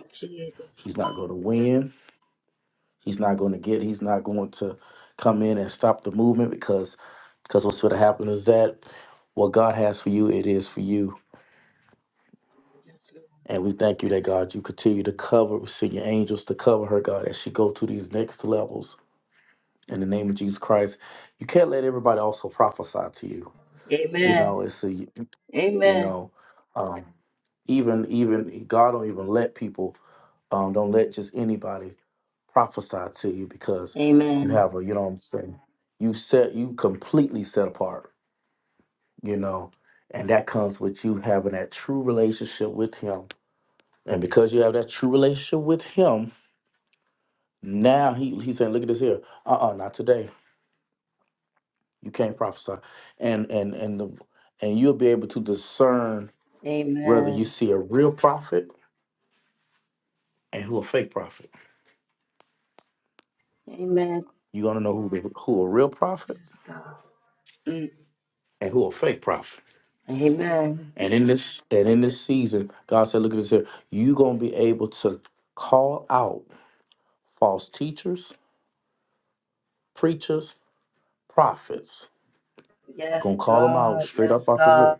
Mm, Jesus. Yes, Lord. Amen. Amen. Amen. Amen. Amen. Yes, God. Mm. Amen. Yes, God. Yes, God.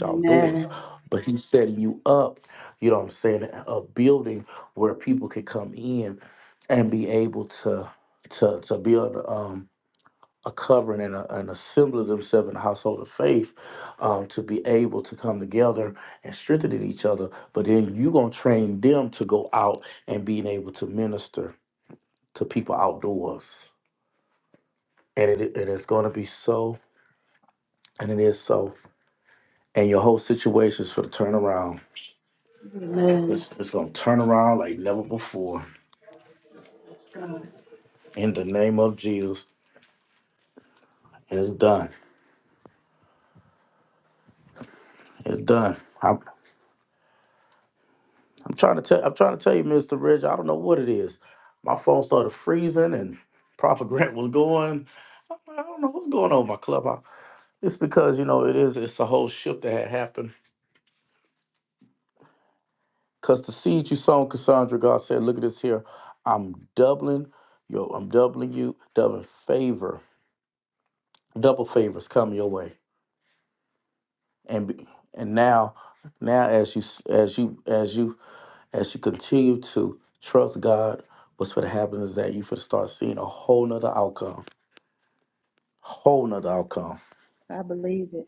Amen. Amen. Yes, God. I believe it.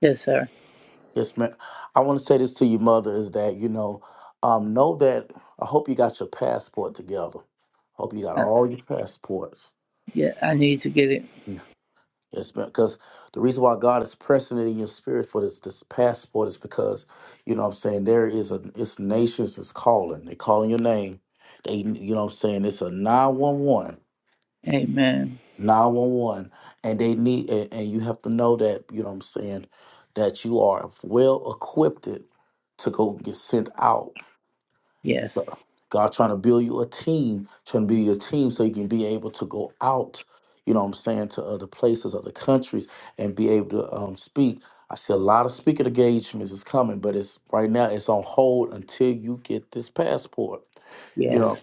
Yes, sir. Uh, yeah, I need to get it. Amen. Yes, yes.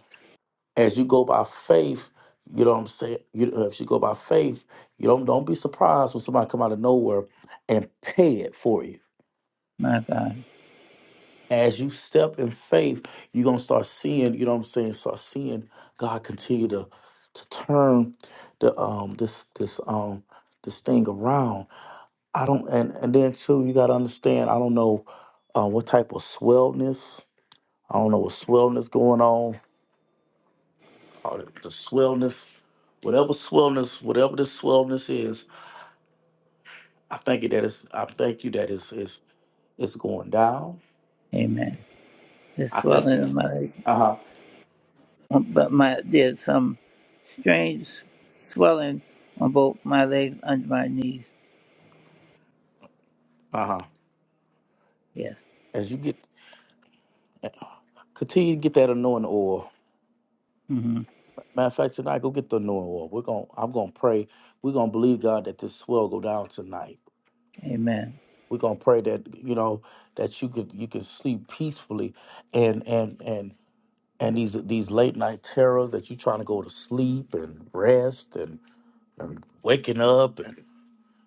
My God. Amen. This swelling in my leg, Um, but my there's some strange swelling on both my legs under my knees. Yes. hmm Amen.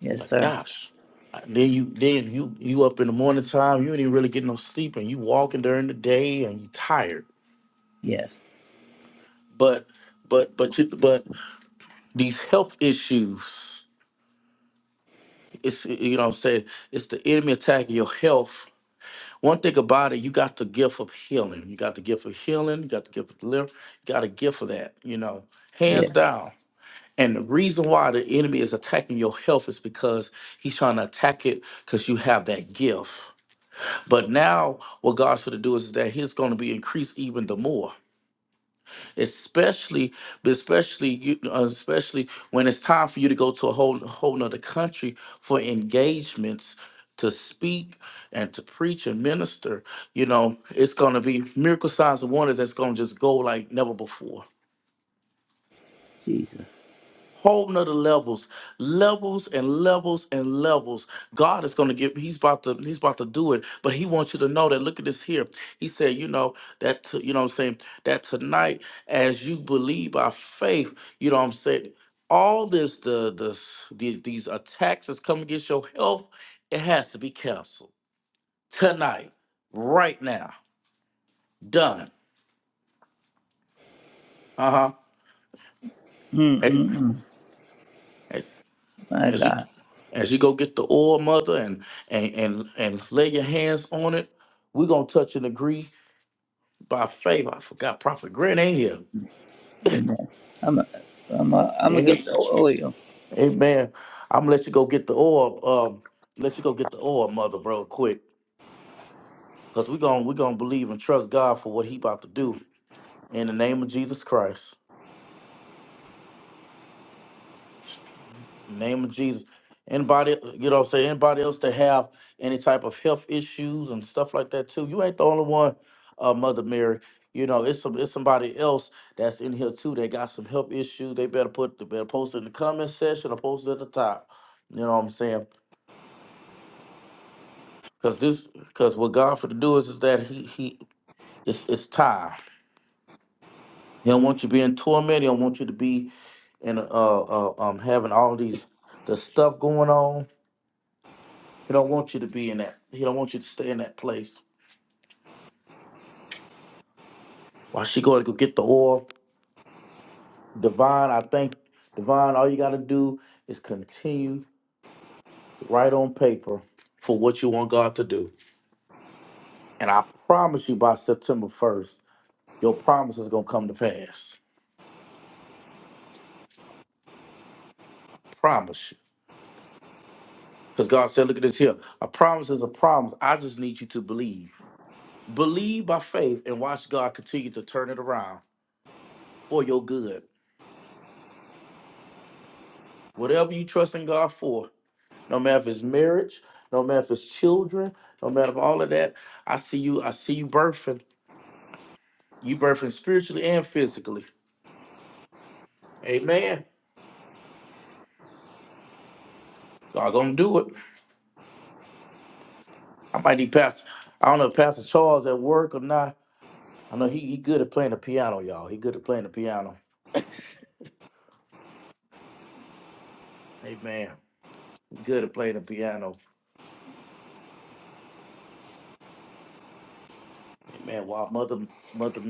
Yes, sir. Yes. Yes, Jesus. Mm-mm-mm. My God. Amen. I'm a, I'm a, I'm gonna get the oil.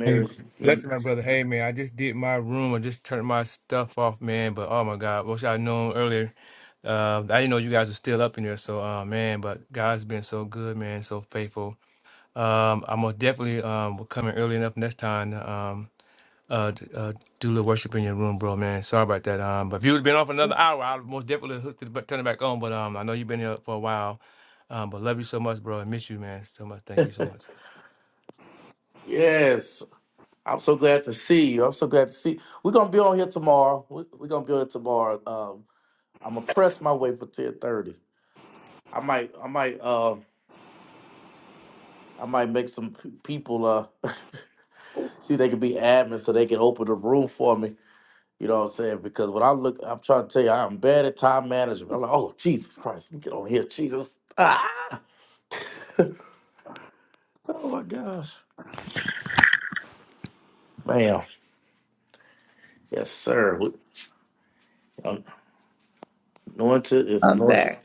Hey, blessing my brother. Hey, man, I just did my room. I just turned my stuff off, man. But oh my God, wish I'd known earlier. Uh, I didn't know you guys were still up in there. So, uh, man, but God's been so good, man, so faithful. Um, I'm going definitely um will come in early enough next time. to, Um, uh, d- uh, do a little worship in your room, bro, man. Sorry about that. Um, but if you was been off another hour, I'd most definitely hooked it, but turn it back on. But um, I know you've been here for a while. Um, but love you so much, bro. I miss you, man, so much. Thank you so much. I'm back.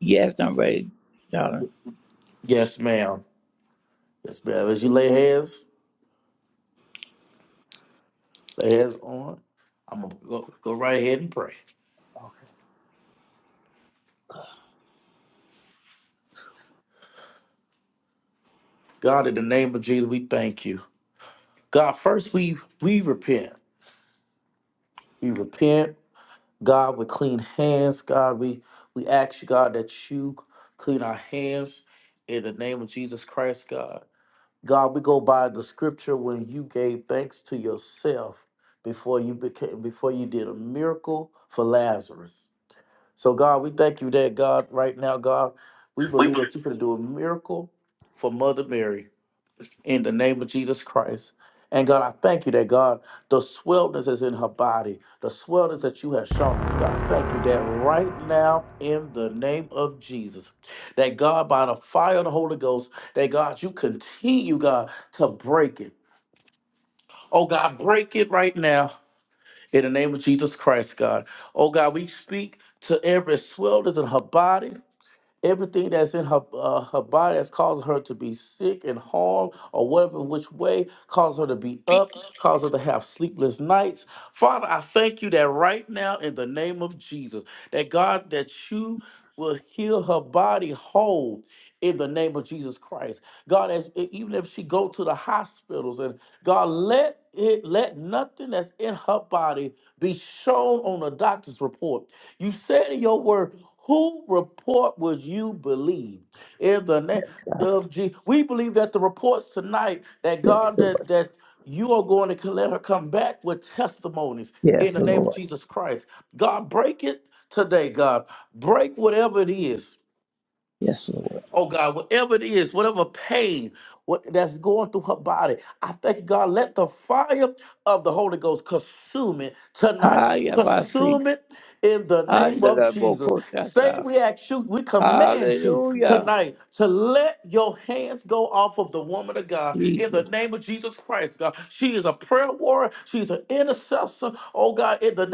Yes, I'm ready, darling. Yes, God. Yes, Lord. Yes, Lord. Yes, Lord. Hayabasi. Andala Bokoshata. Hallelujah. Jesus.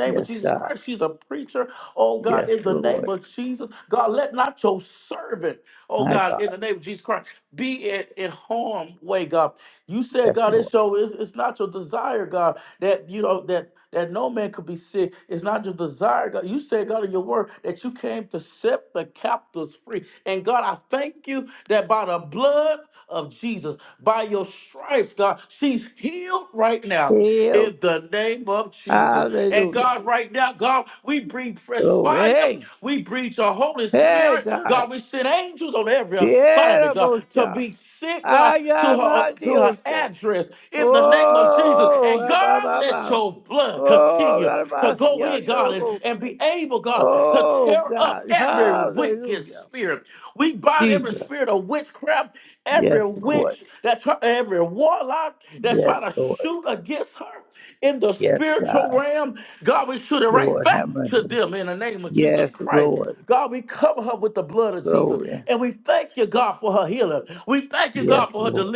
Yes, God. Yes, Lord. My God. Yes, Lord. Healed. Hallelujah. Glory. Hey, hey, God. Tierra Bosha. Ayamadiose. Oh, Ababa. Oh, Abasiando. Oh, God. Hallelujah. Jesus. Yes, Lord. Yes, Lord. Yes, God. Lord, have mercy. Yes, Lord. Glory. Yes, Lord.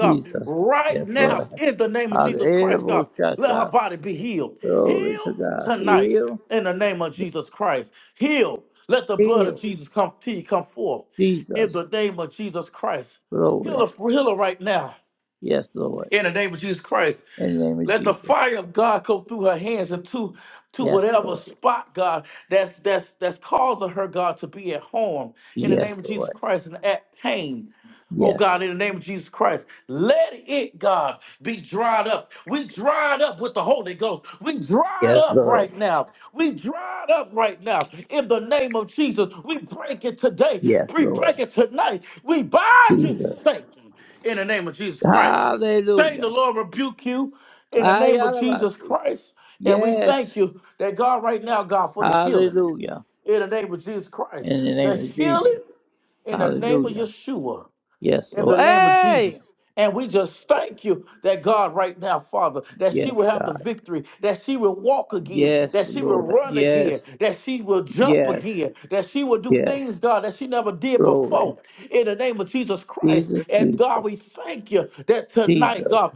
Jesus. Yes, Lord. Hallelujah. Shout out. Glory to God. Heal. Heal. Jesus. Glory. Yes, Lord. In the name of Jesus. Yes, Lord. Yes, Lord. Yes. Yes, Lord. Yes, Lord. Jesus. Hallelujah. Ayalabasi. Yes. Hallelujah. In the name of Jesus. Hallelujah. Yes, Lord. Hey! Yes, God. Yes, Lord. Yes, yes, yes. Glory. Jesus, Jesus, Jesus.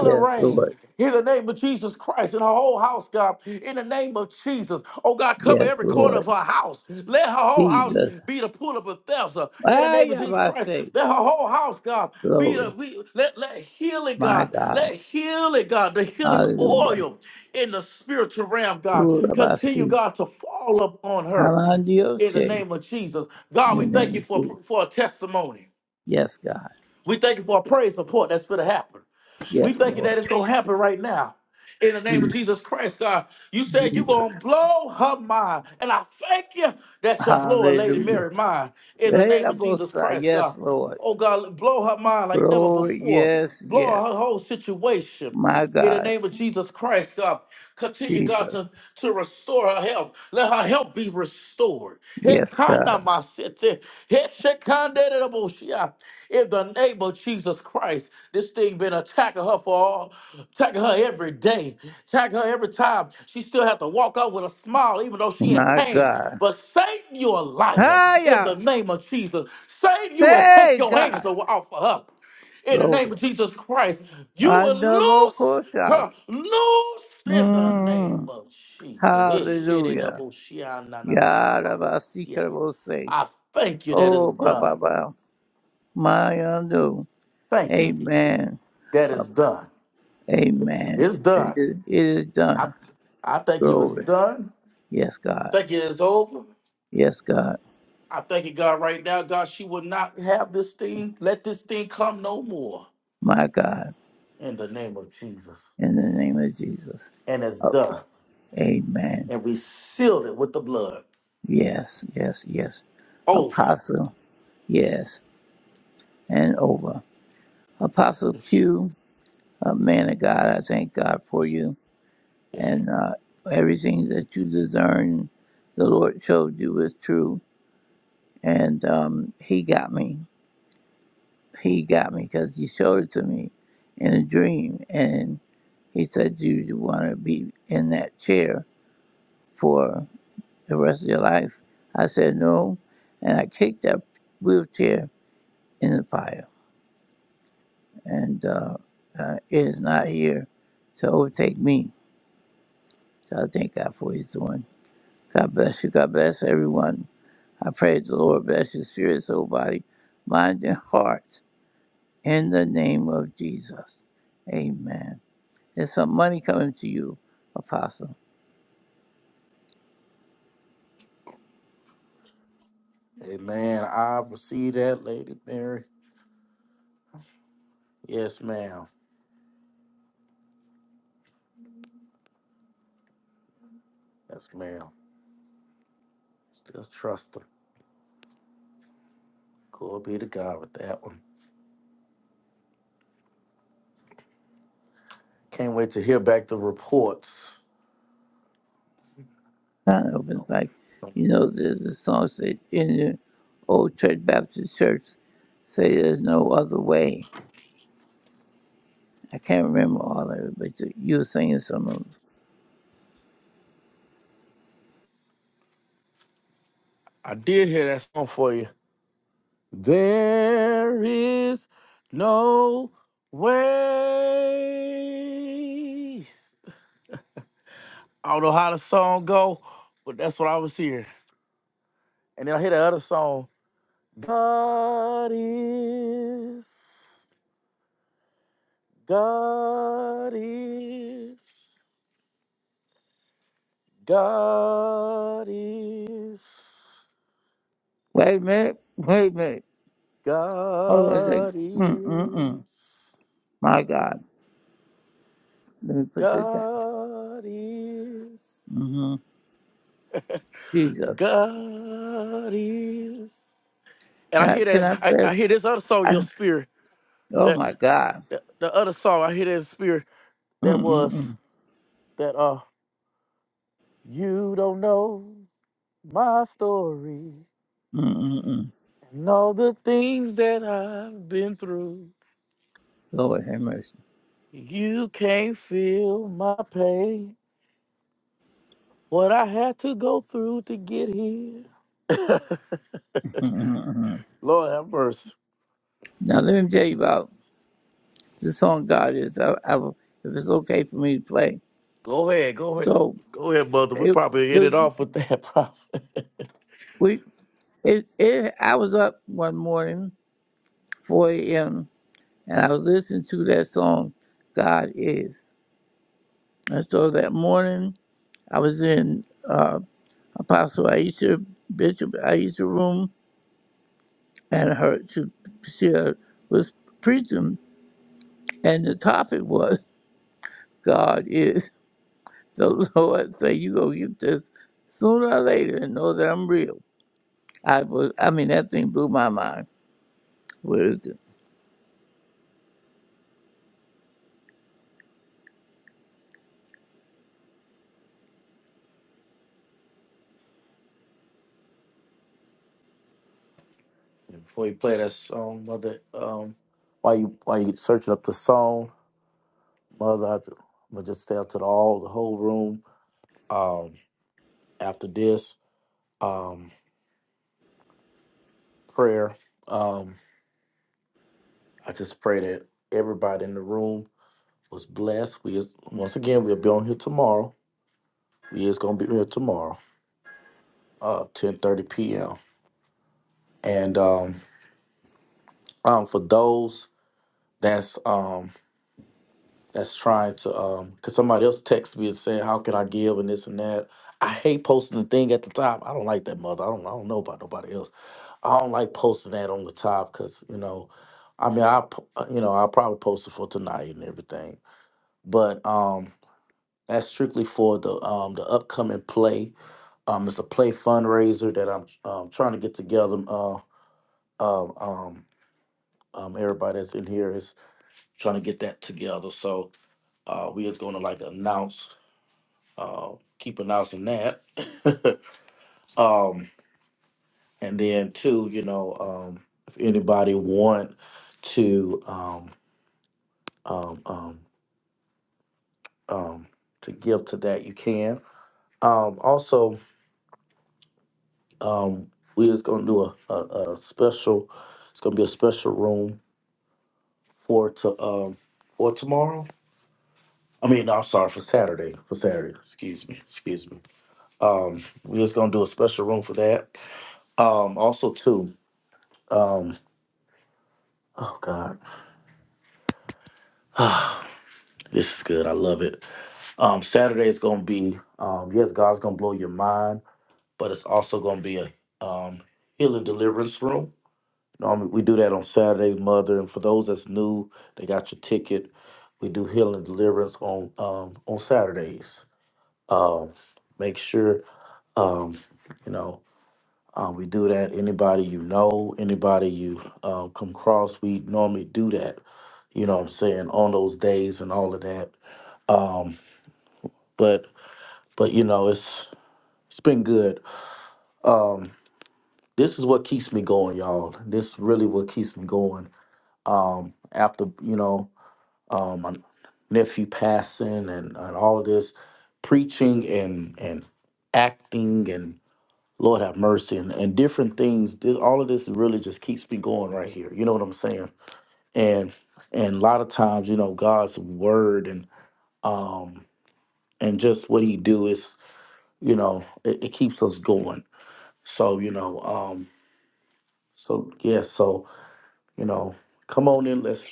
Yes, Lord. Yes, Lord. Jesus. Hey, I say, glory. My God. Hallelujah. Ooh, Rabbi, see. In the name of Jesus. Yes, God. Yes, Lord. Jesus. Hallelujah. Hey, Rabbi, Yes, Lord. Glory. Yes, yes. My God. Jesus. Yes, God. My God. Hiya. Hey, God. Glory. I double quota. Mm. Hallelujah. Yarabasikra will say. Oh, Baba. Ba. My undo. Amen. Amen. It is, it is done. Glory. Yes, God. Yes, God. My God. In the name of Jesus. Amen. Yes, yes, yes. Apostle, yes, and over. Apostle Q, a man of God, I thank God for you and uh, everything that you discern. The Lord showed you is true, and um, He got me. He got me because He showed it to me in a dream, and He said, "Do you want to be in that chair for the rest of your life?" I said, "No," and I kicked that wheelchair in the fire, and uh, uh, it is not here to overtake me. So I thank God for what He's doing. God bless you. God bless everyone. I pray the Lord bless your spirit, soul, body, mind, and heart in the name of Jesus. Amen. There's some money coming to you, Apostle. Kind of opens like, you know, there's a song said in the old church, Baptist church, say there's no other way. I can't remember all of it, but you you were singing some of 'em. Wait a minute. Wait a minute. Hold on a second. Mm, mm, mm. My God. Let me put this down. hmm Jesus. Can I, can I play? I, oh, my God. Mm, mm, mm. Mm, mm, mm. Lord have mercy. Mm, mm, mm, mm. Now, let me tell you about the song God is. I, I, will- if it's okay for me to play. So, it, it was, we, it, it, I was up one morning, 4 a.m., and I was listening to that song, God is. And so that morning, I was in uh, Apostle Aisha, Bishop Aisha room, and her she, she was preaching, and the topic was God is the Lord. Say you gonna get this sooner or later, and know that I'm real. I was, I mean, that thing blew my mind. Where is it?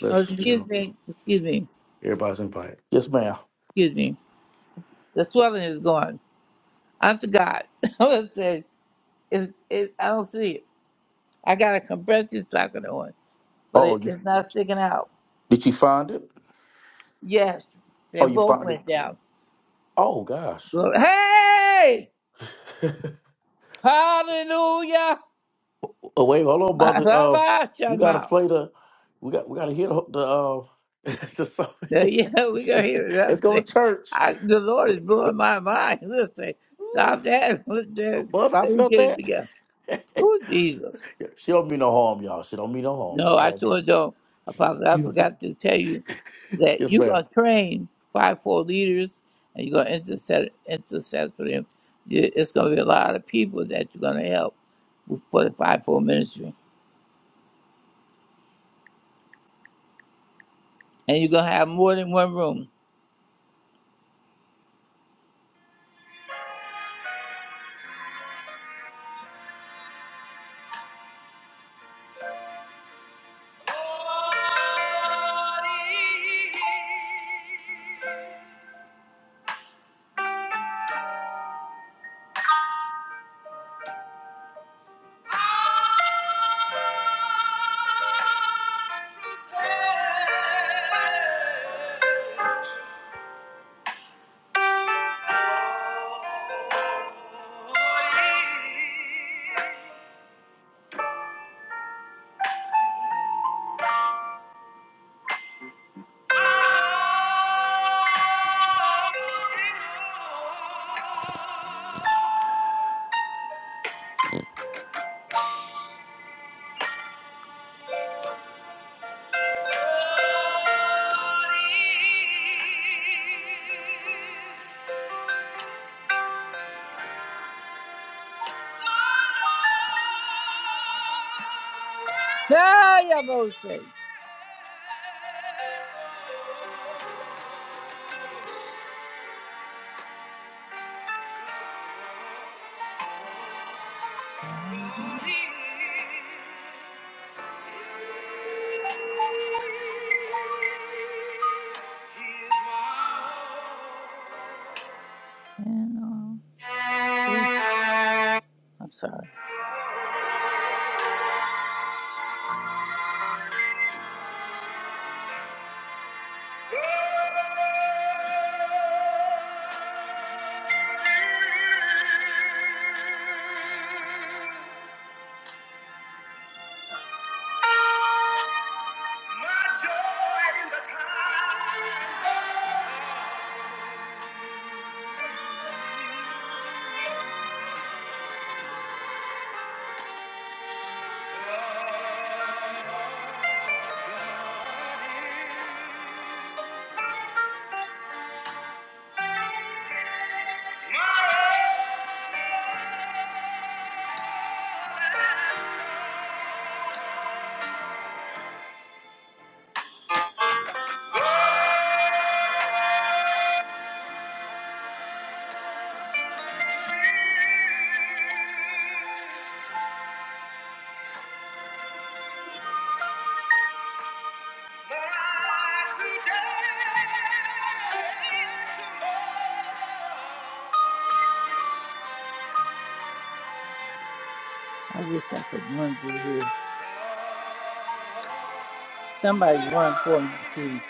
Oh, excuse me, excuse me, excuse me. The swelling is gone. I forgot. I was saying, it, it, I don't see it. I got a compressive stocking on, but it, it's not sticking out. Yes, they both went down. Glory. Hey! Hallelujah! My Baba Shama. Yeah, we gonna hear it. That's it. I, the Lord is blowing my mind. Listen, stop that. Let me get it together. Oh, Jesus. No, I sure don't. Apostle, I forgot to tell you that you're gonna train five, four leaders and you're gonna intercede intercede for them. You- It's gonna be a lot of people that you're gonna help for the five, four ministry. and you're gonna have more than one room. Yeah, yeah, Moses. And, uh, I'm sorry. Today, tomorrow. I wish I could run through here. Somebody run for me, please.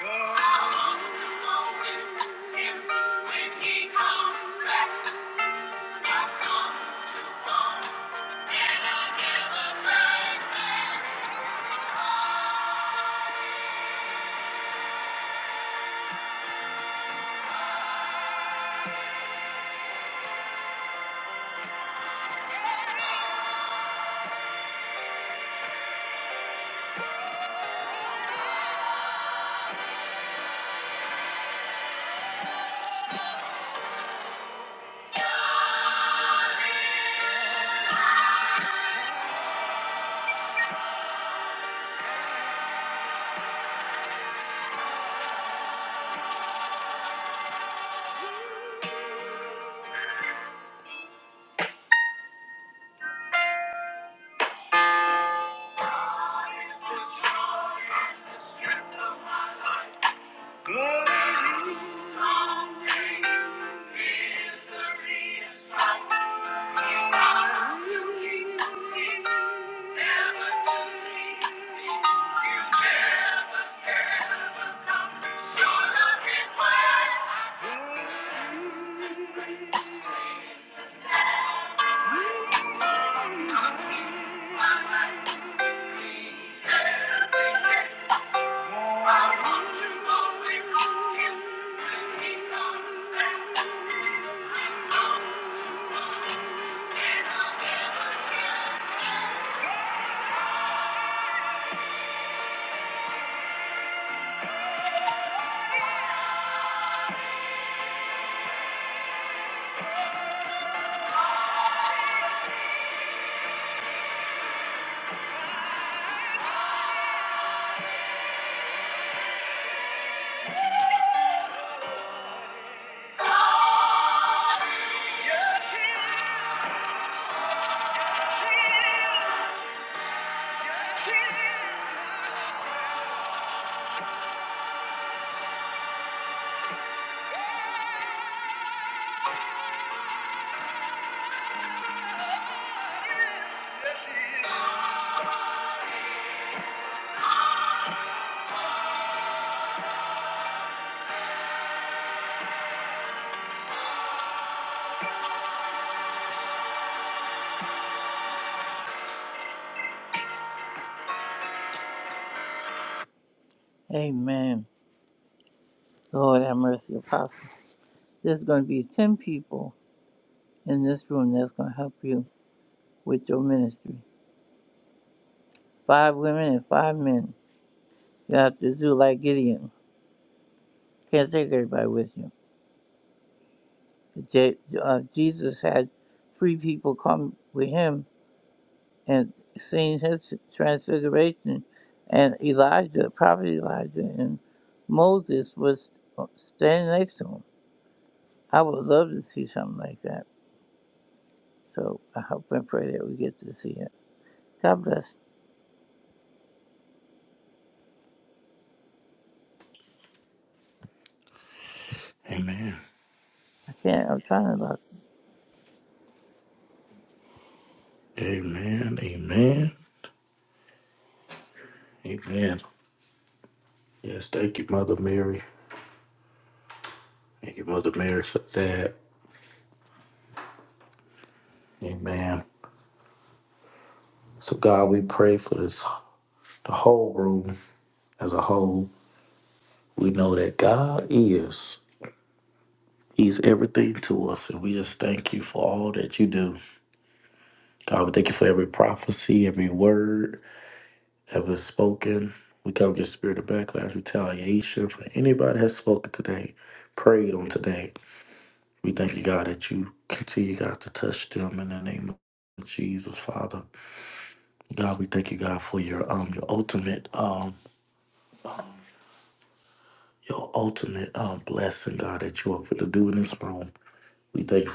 Go. Amen. Lord have mercy, Apostle. There's going to be 10 people in this room that's going to help you with your ministry. Five women and five men. You have to do like Gideon. Can't take everybody with you. Je- uh, Jesus had three people come with him and seen his transfiguration. And Elijah, prophet Elijah, and Moses was standing next to him. I would love to see something like that. So I hope and pray that we get to see it. God bless you. I can't. I'm trying to look.